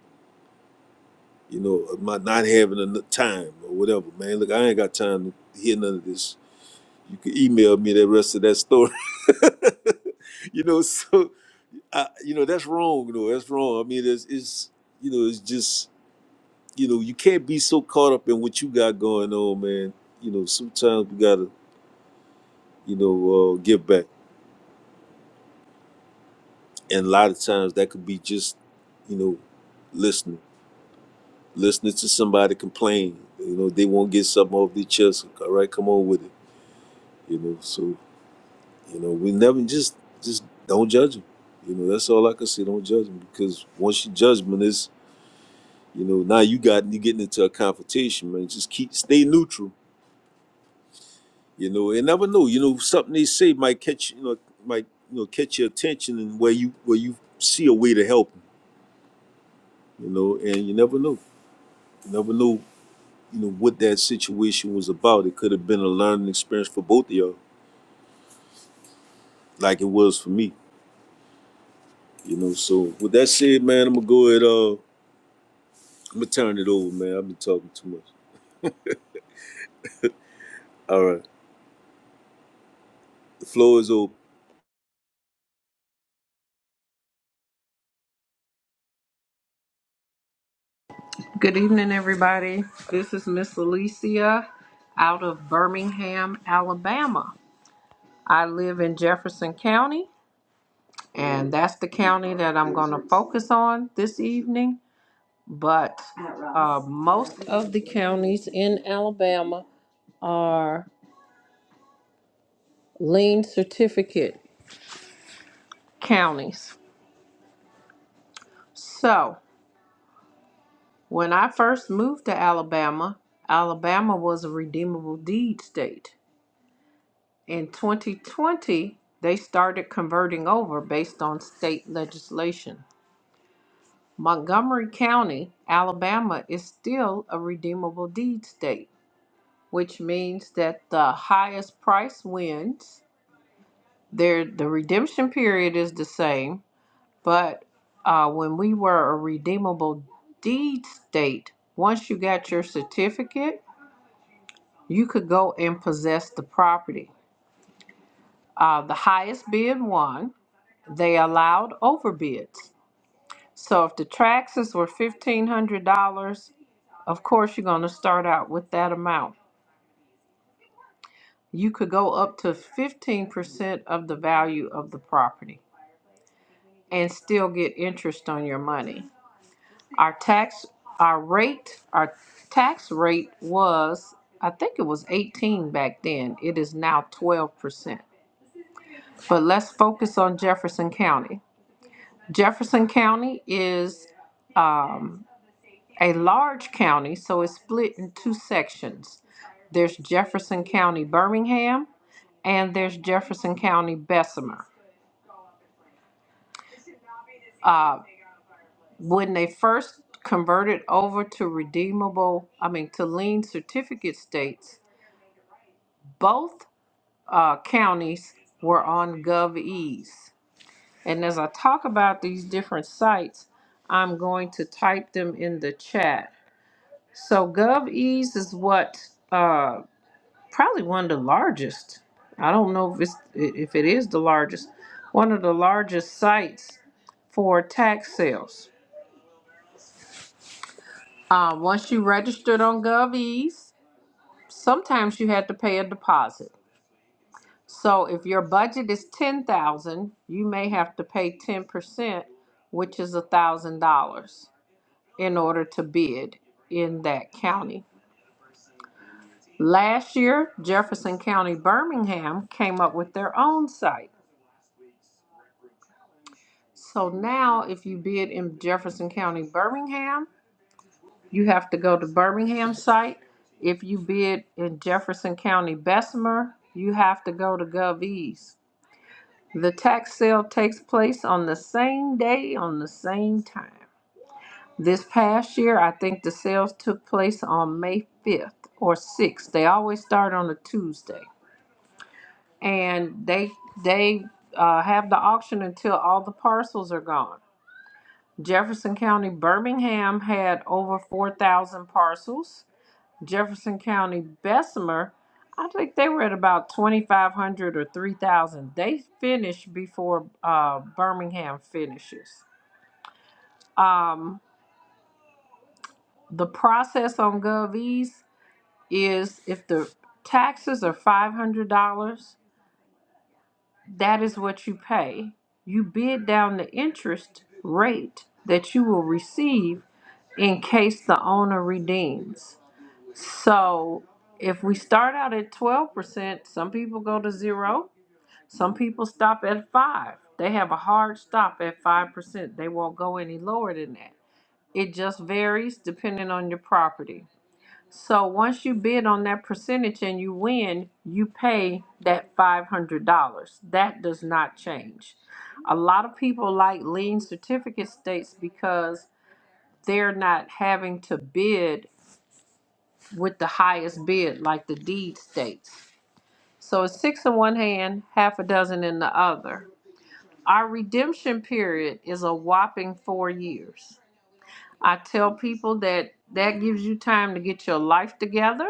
J: you know, by not having enough time or whatever. Man, look, I ain't got time to hear none of this. You can email me the rest of that story, you know. So I, you know that's wrong though that's wrong i mean it's, it's you know it's just you know you can't be so caught up in what you got going on man you know sometimes you gotta you know uh, give back and a lot of times that could be just you know listening listening to somebody complain you know they won't get something off their chest all right come on with it you know so you know we never just just don't judge them you know that's all i can say don't judge them because once you judge judge 'em, You know, now you got you getting into a confrontation, man. Just keep stay neutral. You know, and never know. You know, something they say might catch you know might you know catch your attention and where you where you see a way to help. 'em, You know, and you never know. You never know. You know what that situation was about. It could have been a learning experience for both of y'all, like it was for me. You know. So with that said, man, I'm gonna go ahead. Uh, I'm gonna turn it over, man. I've been talking too much. All right, the floor is open.
D: Good evening, everybody. This is Miss Alicia out of Birmingham, Alabama. I live in Jefferson County. and that's the county that I'm going to focus on this evening. But uh, most of the counties in Alabama are lien certificate counties. So when I first moved to Alabama, Alabama was a redeemable deed state. In 2020, they started converting over based on state legislation. Montgomery County, Alabama, is still a redeemable deed state which means that the highest price wins. There, the redemption period is the same, but uh, when we were a redeemable deed state, once you got your certificate, you could go and possess the property. Uh, the highest bid won. They allowed overbids. So if the taxes were fifteen hundred dollars, of course you're going to start out with that amount. You could go up to fifteen percent of the value of the property. and still get interest on your money. Our tax, our rate, our tax rate was, I think it was 18 back then. It is now 12%. But let's focus on Jefferson County. Jefferson County is um, a large county, so it's split in two sections. There's Jefferson County Birmingham, and there's Jefferson County Bessemer. Uh, when they first converted over to redeemable, I mean, to lien certificate states, both uh, counties were on GovEase. And as I talk about these different sites, I'm going to type them in the chat. So GovEase is what uh, probably one of the largest. I don't know if it's if it is the largest, one of the largest sites for tax sales. Uh, once you registered on GovEase, sometimes you had to pay a deposit. So if your budget is ten thousand, dollars, you may have to pay ten percent, which is a thousand dollars in order to bid in that county. Last year, Jefferson County, Birmingham came up with their own site. So now if you bid in Jefferson County, Birmingham, you have to go to Birmingham site. If you bid in Jefferson County, Bessemer, you have to go to GovEase. The tax sale takes place on the same day, on the same time. This past year, I think the sales took place on May 5th or 6th. They always start on a Tuesday. And they they uh, have the auction until all the parcels are gone. Jefferson County, Birmingham had over 4,000 parcels. Jefferson County, Bessemer, I think they were at about 2,500 or 3,000. They finish before uh, Birmingham finishes. Um, the process on GovEase is if the taxes are $500, that is what you pay. You bid down the interest rate that you will receive in case the owner redeems. So if we start out at 12%, some people go to zero Some people stop at five. They have a hard stop at five percent. They won't go any lower than that. It just varies depending on your property. So once you bid on that percentage and you win, you pay that five hundred dollars. That does not change. A lot of people like lien certificate states because they're not having to bid with the highest bid like the deed states. So it's six in one hand, half a dozen in the other Our redemption period is a whopping four years. I tell people that that gives you time to get your life together,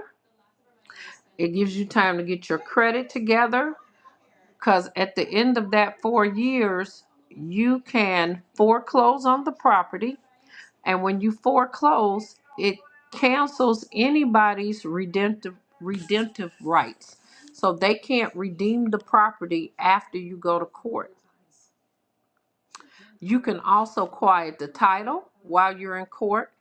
D: it gives you time to get your credit together, because at the end of that four years, you can foreclose on the property. And when you foreclose, it cancels anybody's redemptive, redemptive rights. So they can't redeem the property after you go to court. You can also quiet the title while you're in court.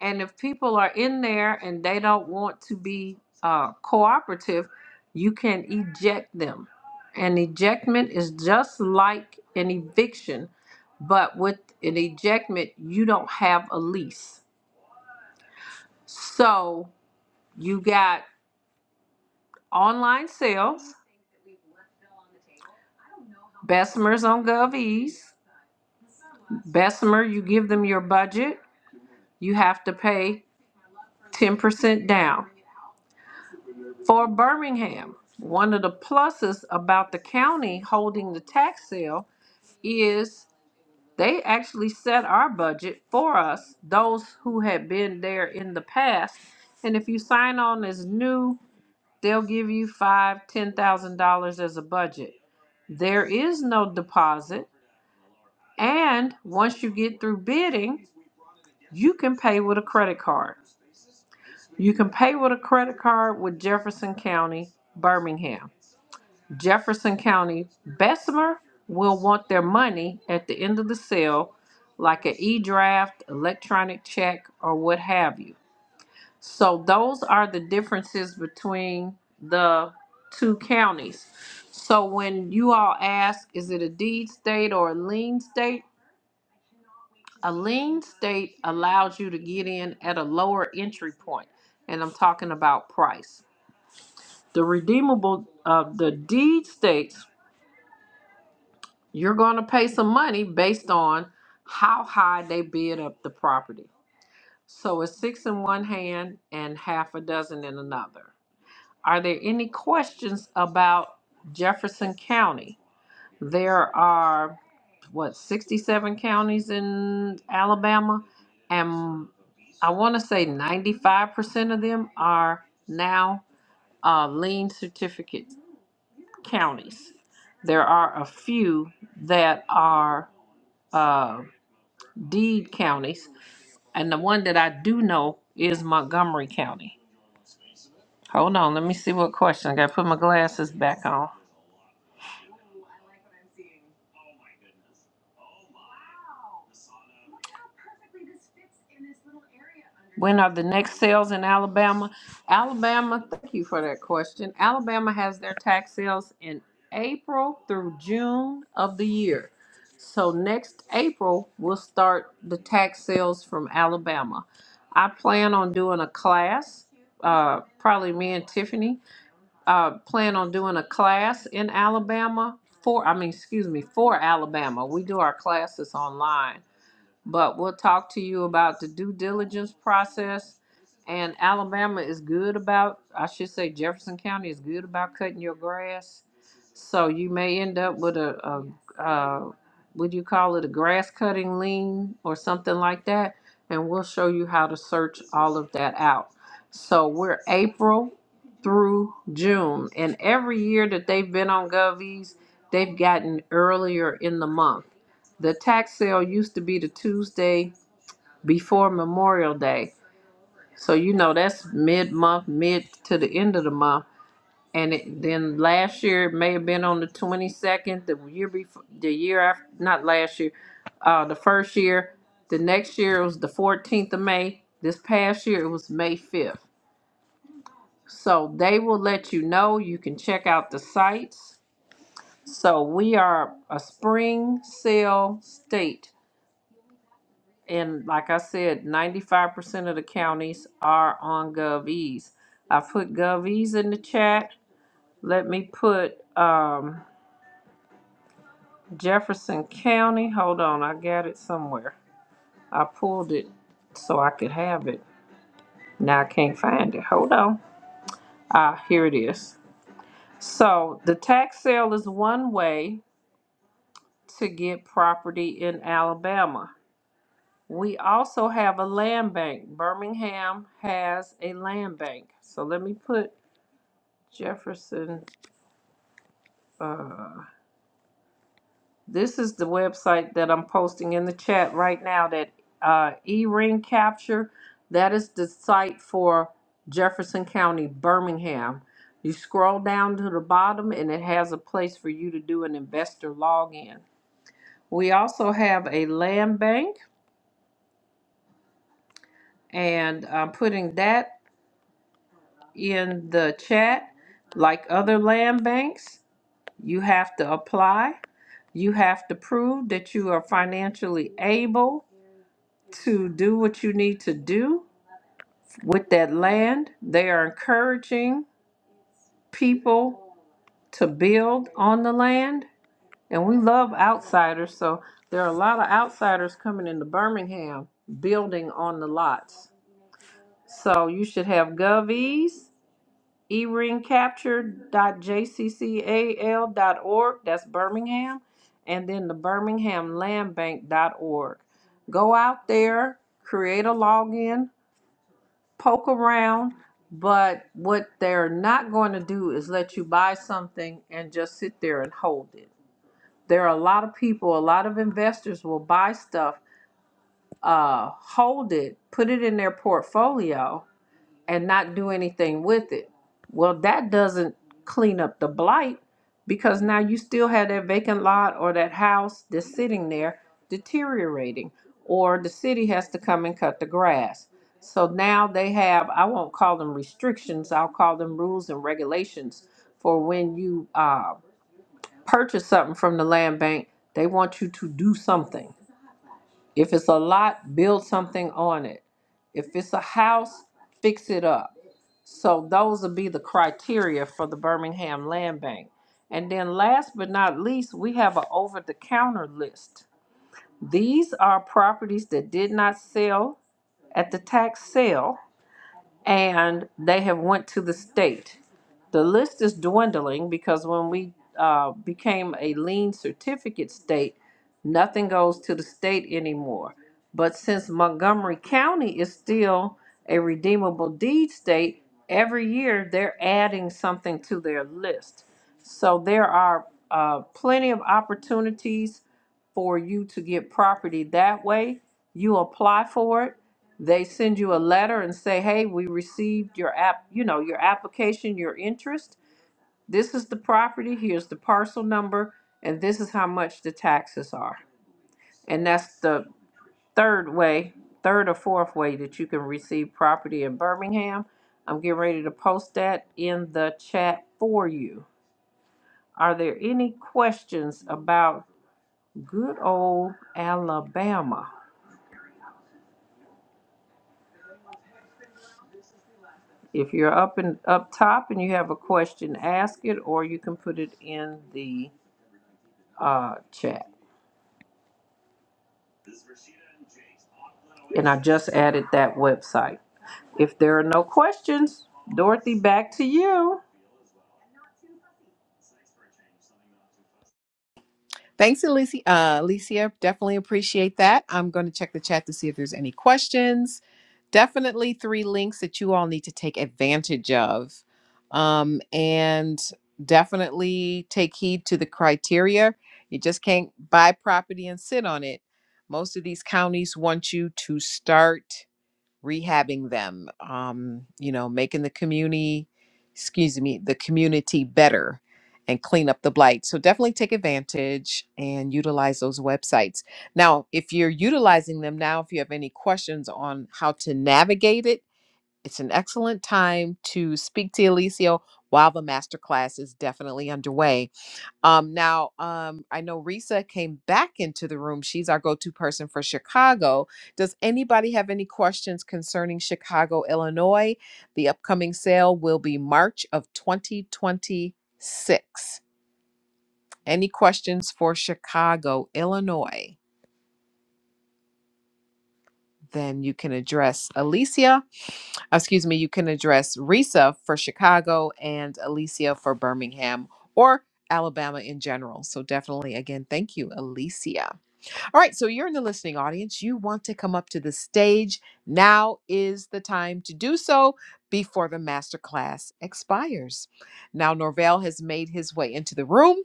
D: And if people are in there and they don't want to be uh, cooperative, you can eject them. An ejectment is just like an eviction, but with an ejectment, you don't have a lease. So you got online sales, Bessemer's on GovEase. Bessemer, you give them your budget, you have to pay 10% down. for Birmingham. One of the pluses about the county holding the tax sale is they actually set our budget for us, those who had been there in the past. And if you sign on as new, they'll give you five, ten thousand dollars as a budget. There is no deposit, and once you get through bidding, you can pay with a credit card. You can pay with a credit card with Jefferson County, Birmingham. Jefferson County Bessemer will want their money at the end of the sale, like an e draft, electronic check, or what have you. So, those are the differences between the two counties. So, when you all ask, is it a deed state or a lien state? A lien state allows you to get in at a lower entry point, and I'm talking about price. The redeemable, uh, the deed states You're going to pay some money based on how high they bid up the property. So it's six in one hand and half a dozen in another. Are there any questions about Jefferson County? There are, what, 67 counties in Alabama? And I want to say 95% of them are now uh, lien certificate counties. There are a few that are. uh, deed counties, and the one that I do know is Montgomery County. Hold on, let me see what question. I gotta put my glasses back on. When are the next sales in Alabama? Alabama, thank you for that question. Alabama has their tax sales in April through June of the year. So next April, we'll start the tax sales from Alabama. I plan on doing a class, uh, probably me and Tiffany uh, plan on doing a class in Alabama for, I mean, excuse me, for Alabama. We do our classes online but we'll talk to you about the due diligence process. And Alabama is good about, I should say, Jefferson County is good about cutting your grass. So you may end up with a, a, uh, would you call it a grass cutting lien or something like that? And we'll show you how to search all of that out. So we're April through June. And every year that they've been on GovEase, they've gotten earlier in the month. The tax sale used to be the Tuesday before Memorial Day. So you know that's mid month, mid to the end of the month. And it, then last year it may have been on the 22nd, the year before, the year after, not last year, uh, the first year. The next year it was the 14th of May. This past year it was May 5th. So they will let you know. You can check out the sites. So we are a spring sale state And like I said, ninety-five percent of the counties are on GovEase. I put GovEase in the chat. Let me put um, Jefferson County. Hold on, I got it somewhere. I pulled it so I could have it. Now I can't find it. Hold on. Ah, here it is. So the tax sale is one way to get property in Alabama. We also have a land bank. Birmingham has a land bank. So let me put Jefferson. Uh, this is the website that I'm posting in the chat right now. That uh, E-ring capture. That is the site for Jefferson County, Birmingham. You scroll down to the bottom, and it has a place for you to do an investor login. We also have a land bank, and I'm putting that in the chat, like other land banks. You have to apply. You have to prove that you are financially able to do what you need to do with that land. They are encouraging people to build on the land. And we love outsiders. So there are a lot of outsiders coming into Birmingham building on the lots. So you should have govies. eringcapture.jccal.org, that's Birmingham, and then the birminghamlandbank.org. Go out there, create a login, poke around, but what they're not going to do is let you buy something and just sit there and hold it. There are a lot of people, a lot of investors will buy stuff, uh, hold it, put it in their portfolio, and not do anything with it. Well, that doesn't clean up the blight because now you still have that vacant lot or that house that's sitting there deteriorating, or the city has to come and cut the grass. So now they have, I won't call them restrictions, I'll call them rules and regulations for when you uh, purchase something from the land bank, they want you to do something if it's a lot, build something on it. If it's a house, fix it up. So those would be the criteria for the Birmingham Land Bank. And then last but not least, we have an over-the-counter list. These are properties that did not sell at the tax sale and they have went to the state. The list is dwindling because when we uh, became a lien certificate state, nothing goes to the state anymore. But since Montgomery County is still a redeemable deed state, every year they're adding something to their list. So there are uh, plenty of opportunities for you to get property that way. You apply for it they send you a letter and say, "Hey, we received your app, you know, your application, your interest. This is the property, here's the parcel number, and this is how much the taxes are." And that's the third way, third or fourth way that you can receive property in Birmingham. I'm getting ready to post that in the chat for you. Are there any questions about good old Alabama? If you're up and up top and you have a question, ask it, or you can put it in the uh, chat. And I just added that website. If there are no questions, Dorothy, back to you.
A: Thanks, Alicia. Uh, Alicia, definitely appreciate that. I'm going to check the chat to see if there's any questions. Definitely three links that you all need to take advantage of. Um, and definitely take heed to the criteria. You just can't buy property and sit on it. Most of these counties want you to start rehabbing them, um, you know, making the community, excuse me, the community better and clean up the blight. So definitely take advantage and utilize those websites. Now, if you're utilizing them now, if you have any questions on how to navigate it, it's an excellent time to speak to Alicio while the masterclass is definitely underway. Um, now, um, I know Risa came back into the room. She's our go to person for Chicago. Does anybody have any questions concerning Chicago, Illinois? The upcoming sale will be March of 2026. Any questions for Chicago, Illinois? Then you can address Alicia, excuse me, you can address Risa for Chicago and Alicia for Birmingham or Alabama in general. So, definitely, again, thank you, Alicia. All right, so you're in the listening audience. You want to come up to the stage. Now is the time to do so before the masterclass expires. Now, Norvell has made his way into the room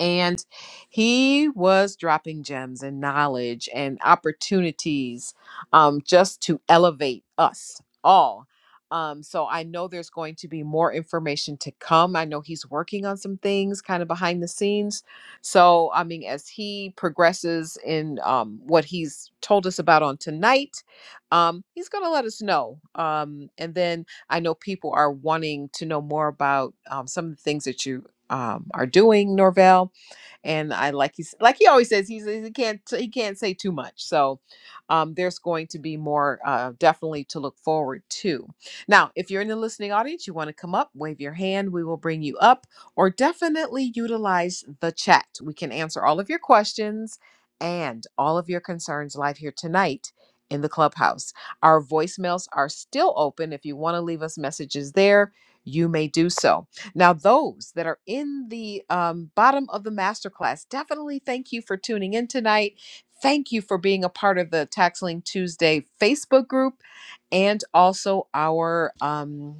A: and he was dropping gems and knowledge and opportunities um, just to elevate us all. Um, so I know there's going to be more information to come. I know he's working on some things kind of behind the scenes. So, I mean, as he progresses in um, what he's told us about on tonight, um, he's going to let us know. Um, and then I know people are wanting to know more about um, some of the things that you um, are doing, Norvell and I like he's like he always says he's he can't he can't say too much. So um, there's going to be more uh, definitely to look forward to. Now, if you're in the listening audience, you want to come up, wave your hand, we will bring you up, or definitely utilize the chat. We can answer all of your questions and all of your concerns live here tonight in the clubhouse. Our voicemails are still open. If you want to leave us messages there, you may do so. Now, those that are in the um, bottom of the masterclass, definitely thank you for tuning in tonight. Thank you for being a part of the Taxling Tuesday Facebook group and also our. um,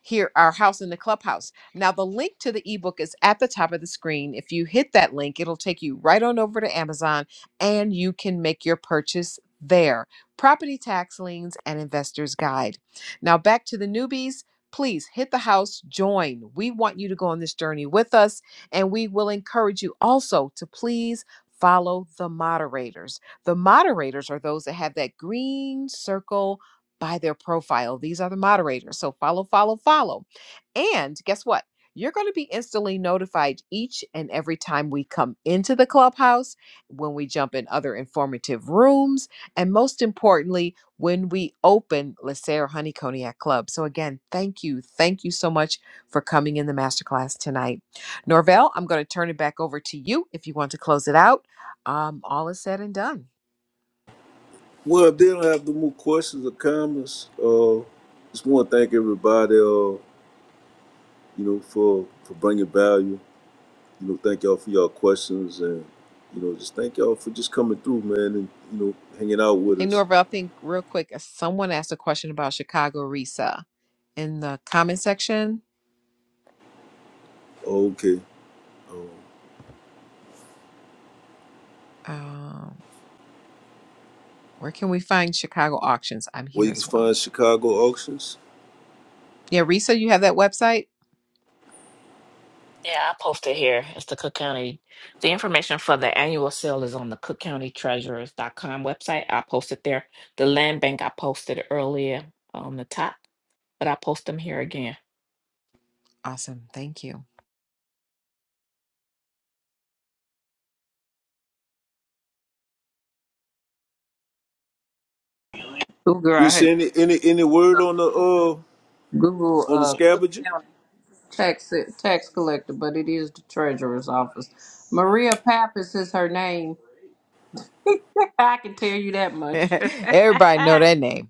A: here our house in the clubhouse now the link to the ebook is at the top of the screen if you hit that link it'll take you right on over to amazon and you can make your purchase there property tax liens and investors guide now back to the newbies please hit the house join we want you to go on this journey with us and we will encourage you also to please follow the moderators the moderators are those that have that green circle by their profile. These are the moderators. So follow, follow, follow. And guess what? You're going to be instantly notified each and every time we come into the clubhouse, when we jump in other informative rooms, and most importantly, when we open Lacer Honey Cognac Club. So, again, thank you. Thank you so much for coming in the masterclass tonight. Norvell, I'm going to turn it back over to you if you want to close it out. Um, all is said and done.
J: Well, if they don't have no more questions or comments, uh, just want to thank everybody, uh, you know, for for bringing value. You know, thank y'all for y'all questions, and you know, just thank y'all for just coming through, man, and you know, hanging out with
A: Hey,
J: us.
A: Norva, I think real quick, uh, someone asked a question about Chicago Risa in the comment section.
J: Oh, Okay, um,
A: Um, where can we find Chicago auctions? I'm
J: where
A: here
J: you can
A: as well.
J: find Chicago auctions.
A: Yeah, Risa, you have that website?
F: Yeah, I posted here. It's the Cook County. The information for the annual sale is on the Cook County Treasurers dot com website. I posted there. The land bank I posted earlier on the top, but I post them here again.
A: Awesome. Thank you.
D: Ooh, girl, I
J: Reese,
D: had
J: any any any word on the uh
D: Google
J: on the
D: uh,
J: scavenger?
D: tax tax collector, but it is the treasurer's office. Maria Pappas is her name. I can tell you that much.
A: Everybody know that name.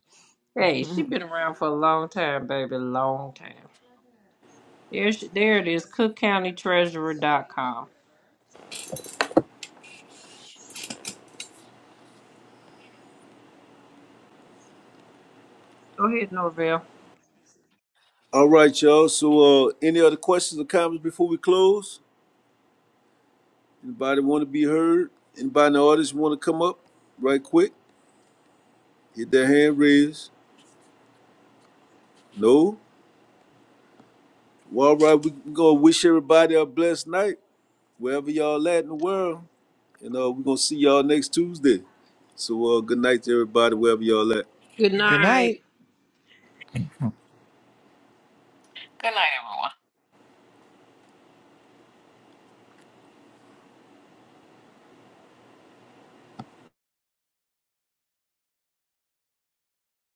D: hey, she been around for a long time, baby, long time. There's, there it is, cook county treasurer dot com. Go ahead, Norville.
J: All right, y'all. So, uh, any other questions or comments before we close? Anybody want to be heard? Anybody in the audience want to come up right quick? Hit that hand raised. No. Well, all right, we we gonna wish everybody a blessed night, wherever y'all at in the world. And uh, we're gonna see y'all next Tuesday. So uh, good night to everybody, wherever y'all at.
D: Good
A: Good
D: night.
A: night.
F: Mhm. Good night, everyone.